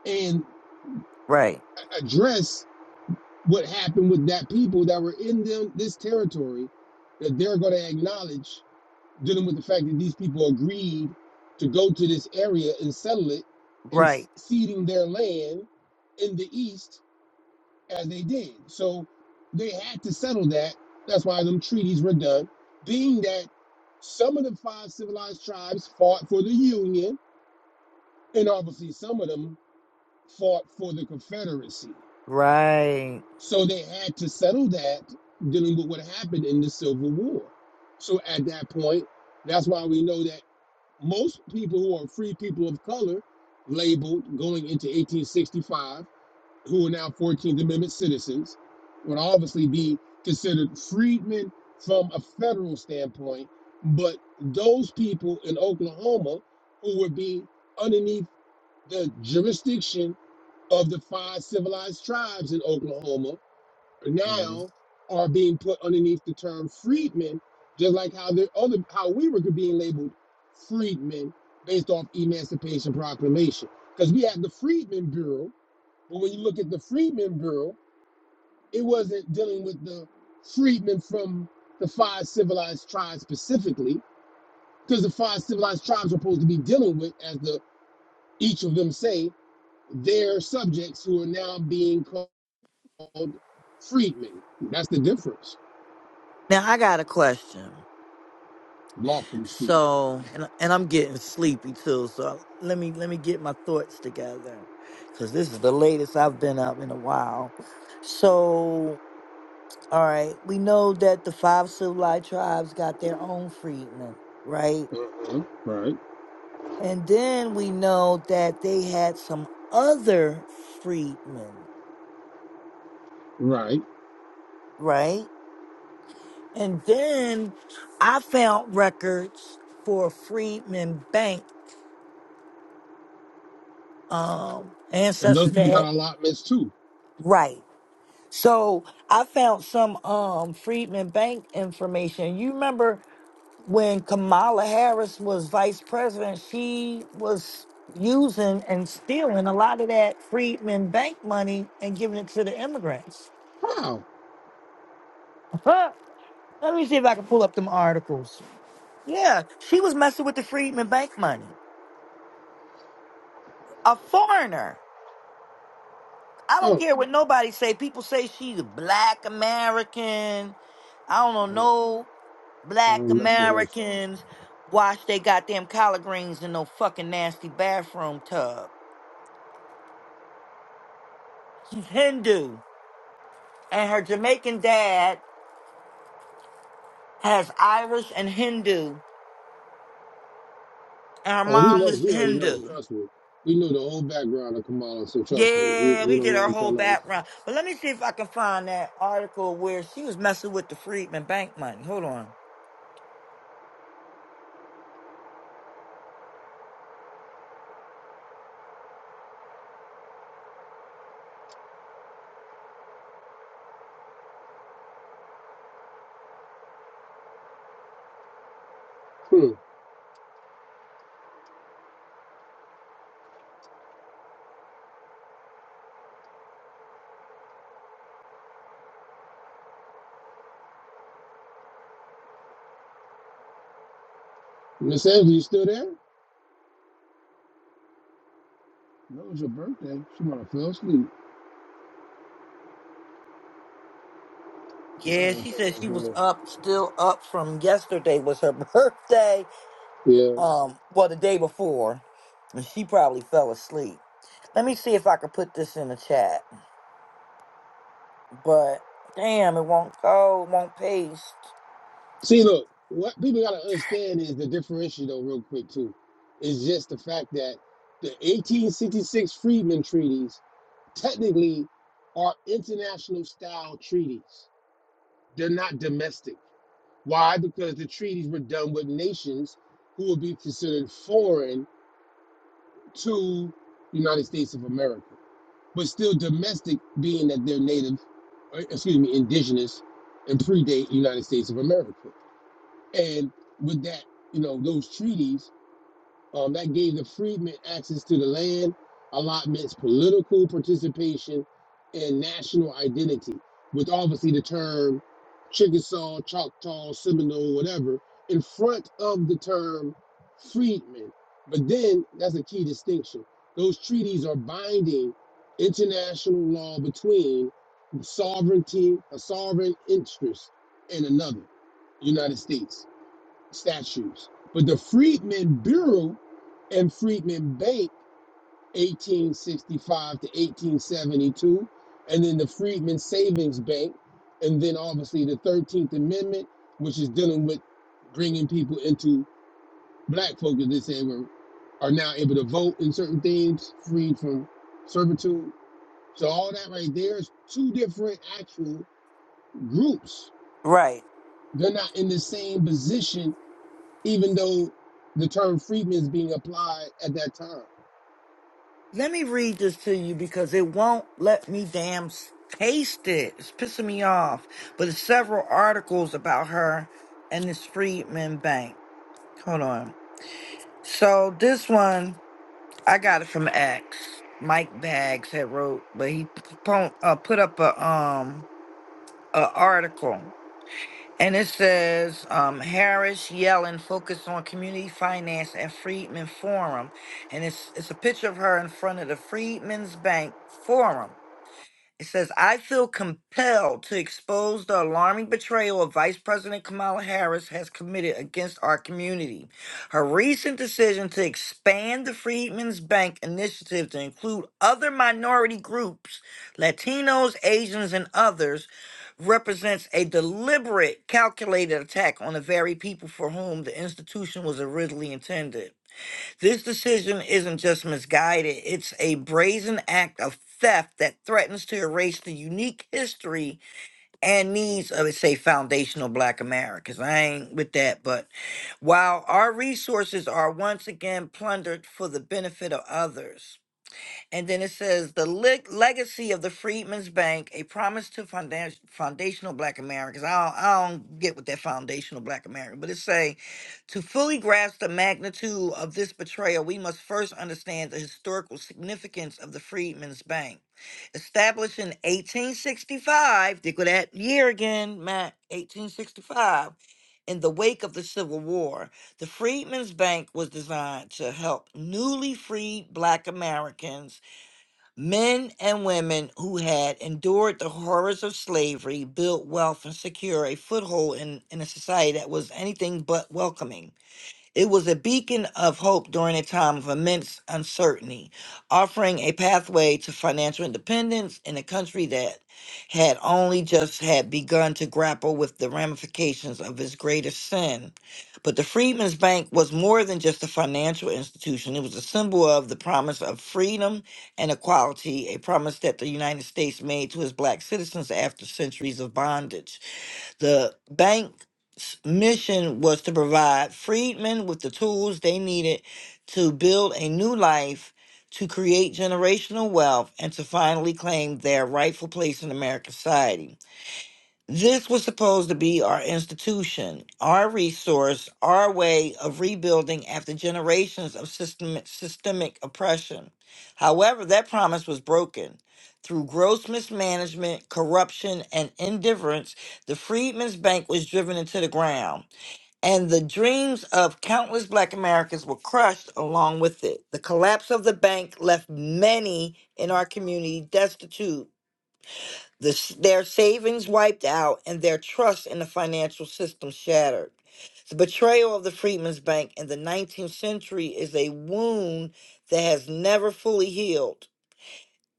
and
Right.
address what happened with that people that were in them this territory that they're going to acknowledge dealing with the fact that these people agreed to go to this area and settle it and
Right.
ceding their land in the east as they did so they had to settle that that's why them treaties were done being that some of the five civilized tribes fought for the union and obviously some of them fought for the Confederacy.
Right.
So they had to settle that dealing with what happened in the Civil War. So at that point, that's why we know that most people who are free people of color, labeled going into 1865, who are now 14th Amendment citizens, would obviously be considered freedmen from a federal standpoint. But those people in Oklahoma who would be underneath the jurisdiction of the five civilized tribes in Oklahoma
Mhm.
now are being put underneath the term freedmen, just like how the other how we were being labeled freedmen based off Emancipation Proclamation. Because we had the Freedmen Bureau, but when you look at the Freedmen Bureau, it wasn't dealing with the freedmen from the five civilized tribes specifically, because the five civilized tribes are supposed to be dealing with, as the each of them say, their subjects who are now being called freedmen. That's the difference,
Now I got a question.
lawfully speaking.
So, and and I'm getting sleepy too. So let me let me get my thoughts together, because this is the latest I've been up in a while. So, all right, we know that the five civilized tribes got their own freedmen, right?
Uh-huh. Right,
And then we know that they had some other freedmen,
right.
right? And then I found records for Freedman Bank um,
And those
ancestors that
people got
had,
allotments too.
right. So I found some um, Freedman Bank information. You remember when Kamala Harris was vice president, she was using and stealing a lot of that Freedman Bank money and giving it to the immigrants.
How?
Let me see if I can pull up them articles. Yeah, she was messing with the Freedman Bank money. A foreigner. I don't
Oh,
care what nobody say. People say she's a black American. I don't know
I don't
no
I
black
don't mess with her.
Americans wash they goddamn collard greens in no fucking nasty bathroom tub. She's Hindu. And her Jamaican dad has Irish and Hindu. And her
Oh, we
mom
know.
is
We already know.
Hindu.
Trust me. We know the whole background of Kamala, so trust me. We,
Yeah,
we
we
don't
did our
gotta
whole
tell us.
background. But let me see if I can find that article where she was messing with the Freedman Bank money. Hold on.
Hmm. Miss Evans, you still there? No, it was your birthday. She might have fell asleep. My
Yeah,
ass
she said she was up, still up from yesterday was her birthday. Um, well, the day before, and she probably fell asleep. Let me see if I can put this in the chat. But damn, it won't go, it won't paste.
See, look, what people gotta understand is the differential, though, real quick too, is just the fact that the 1866 Freedmen Treaties technically are international style treaties. They're not domestic. Why? Because the treaties were done with nations who would be considered foreign to the United States of America, but still domestic, being that they're native, or, excuse me, indigenous, and predate the United States of America. And with that, you know, those treaties, um, that gave the freedmen access to the land, allotments, political participation, and national identity, with obviously the term Chickasaw, Choctaw, Seminole, whatever, in front of the term freedmen. But then that's a key distinction. Those treaties are binding international law between sovereignty, a sovereign interest, and another, United States statues. But the Freedmen Bureau and Freedmen Bank, 1865 to 1872, and then the Freedmen Savings Bank, and then obviously the 13th Amendment, which is dealing with bringing people into black folk, as they say, were, are now able to vote in certain things, freed from servitude. So all that right there is two different actual groups.
Right.
They're not in the same position even though the term freedman is being applied at that time.
Let me read this to you because it won't let me damn s- paste it. It's pissing me off. But it's several articles about her and this Freedman Bank. Hold on. So this one, I got it from X. Mike Bags had wrote, but he p- po- uh, put up a um a article. And it says, um, Harris Yellen focused on community finance and Freedman Forum. And it's it's a picture of her in front of the Freedmen's Bank Forum It says, I feel compelled to expose the alarming betrayal of Vice President Kamala Harris has committed against our community. Her recent decision to expand the Freedmen's Bank initiative to include other minority groups, Latinos, Asians, and others, represents a deliberate, calculated attack on the very people for whom the institution was originally intended. This decision isn't just misguided, it's a brazen act of theft that threatens to erase the unique history and needs of, say, foundational Black Americans. I ain't with that, but while our resources are once again plundered for the benefit of others. And then it says the le- legacy of the Freedmen's Bank, a promise to founda- foundational Black Americans. I don't, I don't get what that foundational Black American, but it's saying to fully grasp the magnitude of this betrayal, we must first understand the historical significance of the Freedmen's Bank, established in 1865. Think of that year again, Matt. 1865. In the wake of the Civil War, the Freedmen's Bank was designed to help newly freed Black Americans Men and women who had endured the horrors of slavery built wealth and secured a foothold in, in a society that was anything but welcoming. It was a beacon of hope during a time of immense uncertainty, offering a pathway to financial independence in a country that had only just had begun to grapple with the ramifications of its greatest sin. But the Freedmen's Bank was more than just a financial institution. It was a symbol of the promise of freedom and equality, a promise that the United States made to its black citizens after centuries of bondage. The bank's mission was to provide freedmen with the tools they needed to build a new life, to create generational wealth, and to finally claim their rightful place in American society. This was supposed to be our institution, our resource, our way of rebuilding after generations of systemic, systemic oppression. However, that promise was broken. Through gross mismanagement, corruption, and indifference, the Freedmen's Bank was driven into the ground, and the dreams of countless Black Americans were crushed along with it. The collapse of the bank left many in our community destitute this, their savings wiped out and their trust in the financial system shattered. The betrayal of the Freedmen's Bank in the 19th century is a wound that has never fully healed,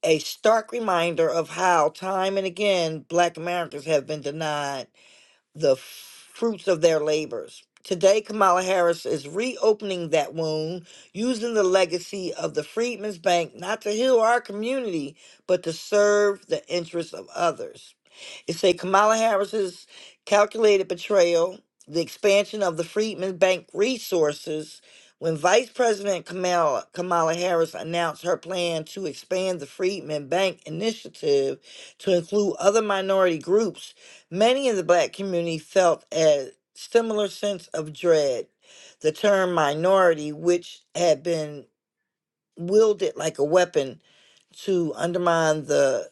a stark reminder of how, time and again, Black Americans have been denied the fruits of their labors. Today, Kamala Harris is reopening that wound using the legacy of the Freedmen's Bank not to heal our community, but to serve the interests of others. It say Kamala Harris's calculated betrayal, the expansion of the Freedmen's Bank resources. When Vice President Kamala, Kamala Harris announced her plan to expand the Freedmen Bank initiative to include other minority groups, many in the black community felt a similar sense of dread. The term minority, which had been wielded like a weapon to undermine the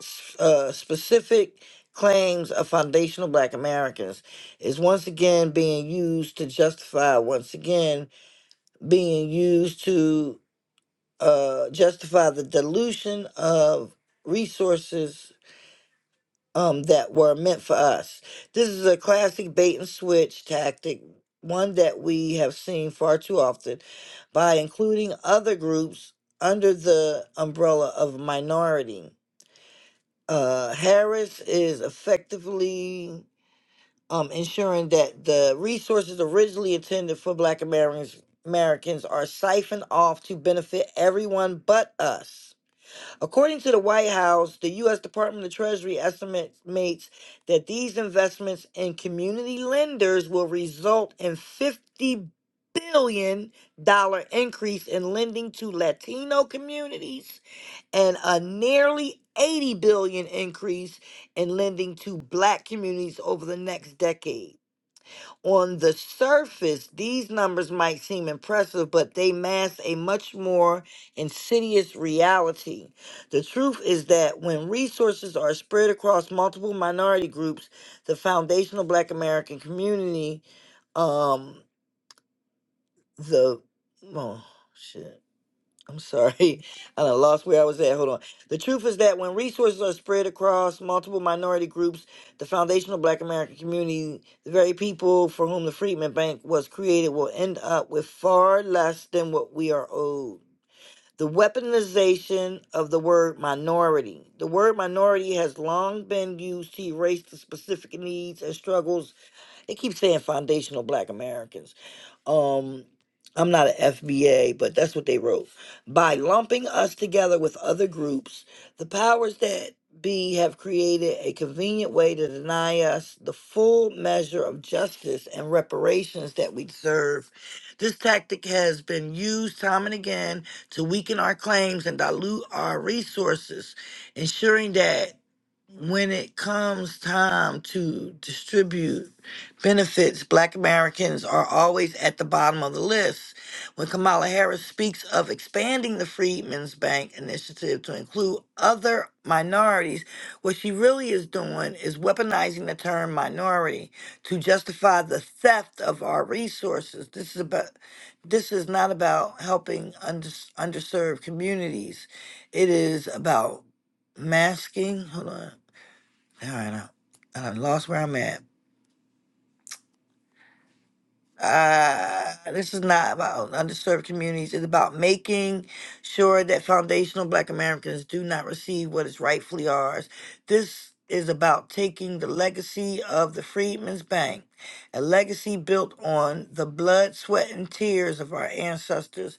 s- uh, specific claims of foundational black americans is once again being used to justify once again being used to uh, justify the dilution of resources um, that were meant for us this is a classic bait and switch tactic one that we have seen far too often by including other groups under the umbrella of minority uh, Harris is effectively um, ensuring that the resources originally intended for Black Americans Americans are siphoned off to benefit everyone but us. According to the White House, the U.S. Department of Treasury estimates that these investments in community lenders will result in fifty billion dollar increase in lending to Latino communities and a nearly 80 billion increase in lending to black communities over the next decade. On the surface, these numbers might seem impressive, but they mask a much more insidious reality. The truth is that when resources are spread across multiple minority groups, the foundational black American community, um, the, oh, shit I'm sorry. I done lost where I was at. Hold on. The truth is that when resources are spread across multiple minority groups, the foundational black American community, the very people for whom the Freedmen Bank was created, will end up with far less than what we are owed. The weaponization of the word minority. The word minority has long been used to erase the specific needs and struggles they keep saying foundational black Americans. Um, I'm not an FBA, but that's what they wrote. By lumping us together with other groups, the powers that be have created a convenient way to deny us the full measure of justice and reparations that we deserve. This tactic has been used time and again to weaken our claims and dilute our resources, ensuring that when it comes time to distribute benefits, black Americans are always at the bottom of the list. When Kamala Harris speaks of expanding the Freedmen's Bank initiative to include other minorities, what she really is doing is weaponizing the term minority to justify the theft of our resources. This is about this is not about helping under, underserved communities. It is about masking. Hold on. All right, I, I done lost where I'm at. Uh, this is not about underserved communities. It's about making sure that foundational Black Americans do not receive what is rightfully ours. This is about taking the legacy of the Freedmen's Bank, a legacy built on the blood, sweat, and tears of our ancestors,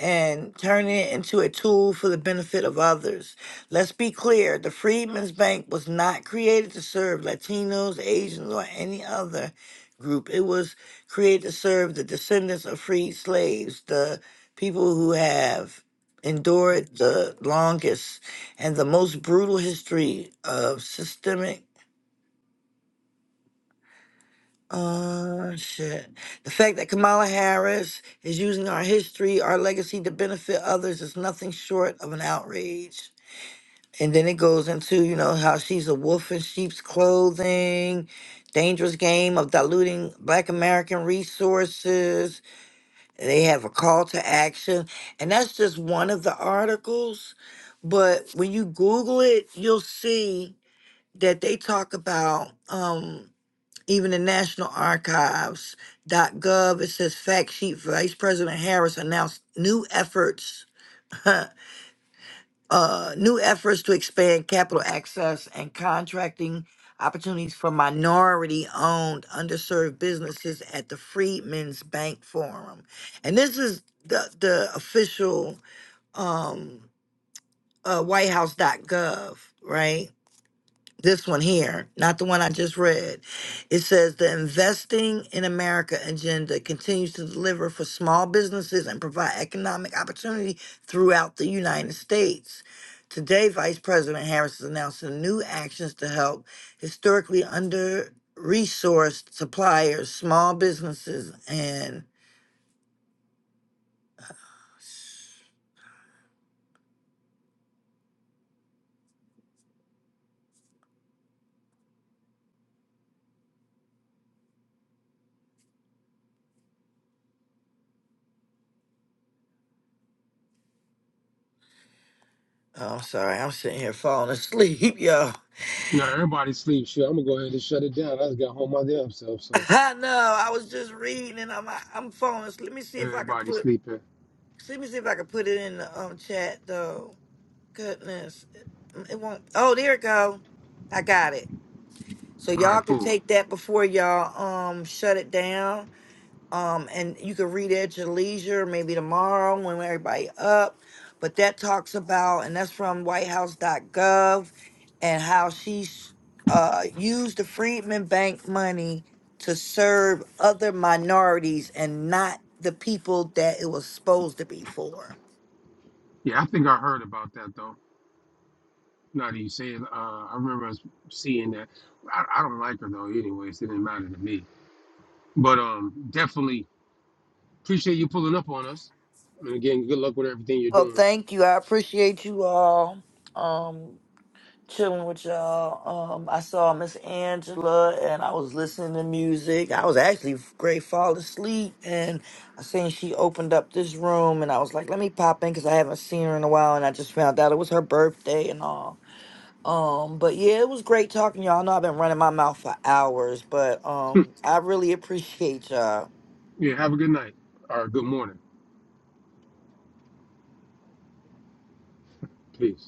and turning it into a tool for the benefit of others. Let's be clear the Freedmen's Bank was not created to serve Latinos, Asians, or any other group. It was created to serve the descendants of freed slaves, the people who have endured the longest and the most brutal history of systemic. Uh, shit. The fact that Kamala Harris is using our history, our legacy to benefit others is nothing short of an outrage. And then it goes into, you know, how she's a wolf in sheep's clothing, dangerous game of diluting Black American resources, They have a call to action, and that's just one of the articles. But when you Google it, you'll see that they talk about um, even the National Archives dot gov. It says fact sheet Vice President Harris announced new efforts uh, new efforts to expand capital access and contracting opportunities for minority owned underserved businesses at the Freedmen's Bank Forum. And this is the, the official um, uh, whitehouse.gov, right? This one here, not the one I just read. It says the Investing in America agenda continues to deliver for small businesses and provide economic opportunity throughout the United States. Today, Vice President Harris is announcing new actions to help historically under resourced suppliers, small businesses, and Oh, sorry. I'm sitting here falling asleep, y'all.
Now everybody sleep. Shit, I'm gonna go ahead and shut it down. I just got home my damn self, so
I know. I was just reading and I'm I'm falling asleep. Let me see if I can
everybody
put
sleeping.
Let me see if I can put it in the um chat though. Goodness, it, it won't. Oh, there it go. I got it. So
All right,
y'all could
cool.
take that before y'all um shut it down. Um, and you can read it at your leisure, maybe tomorrow when everybody up. But that talks about, and that's from white house dot gov and how she uh used the Freedman Bank money to serve other minorities and not the people that it was supposed to be for.
Yeah, I think I heard about that though. Now that you say it, uh, I remember us seeing that. I, I don't like her though. Anyways, it didn't matter to me. But um, definitely appreciate you pulling up on us. And again, good luck with everything you're
Well,
doing.
thank you. I appreciate you all. Um, chilling with y'all. Um, I saw Miss Angela and I was listening to music. I was actually great fall asleep and I seen she opened up this room and I was like, let me pop in because I haven't seen her in a while and I just found out it was her birthday and all. Um, but yeah, it was great talking to y'all. I know I've been running my mouth for hours, but um I really appreciate y'all.
Yeah, have a good night or good morning, please.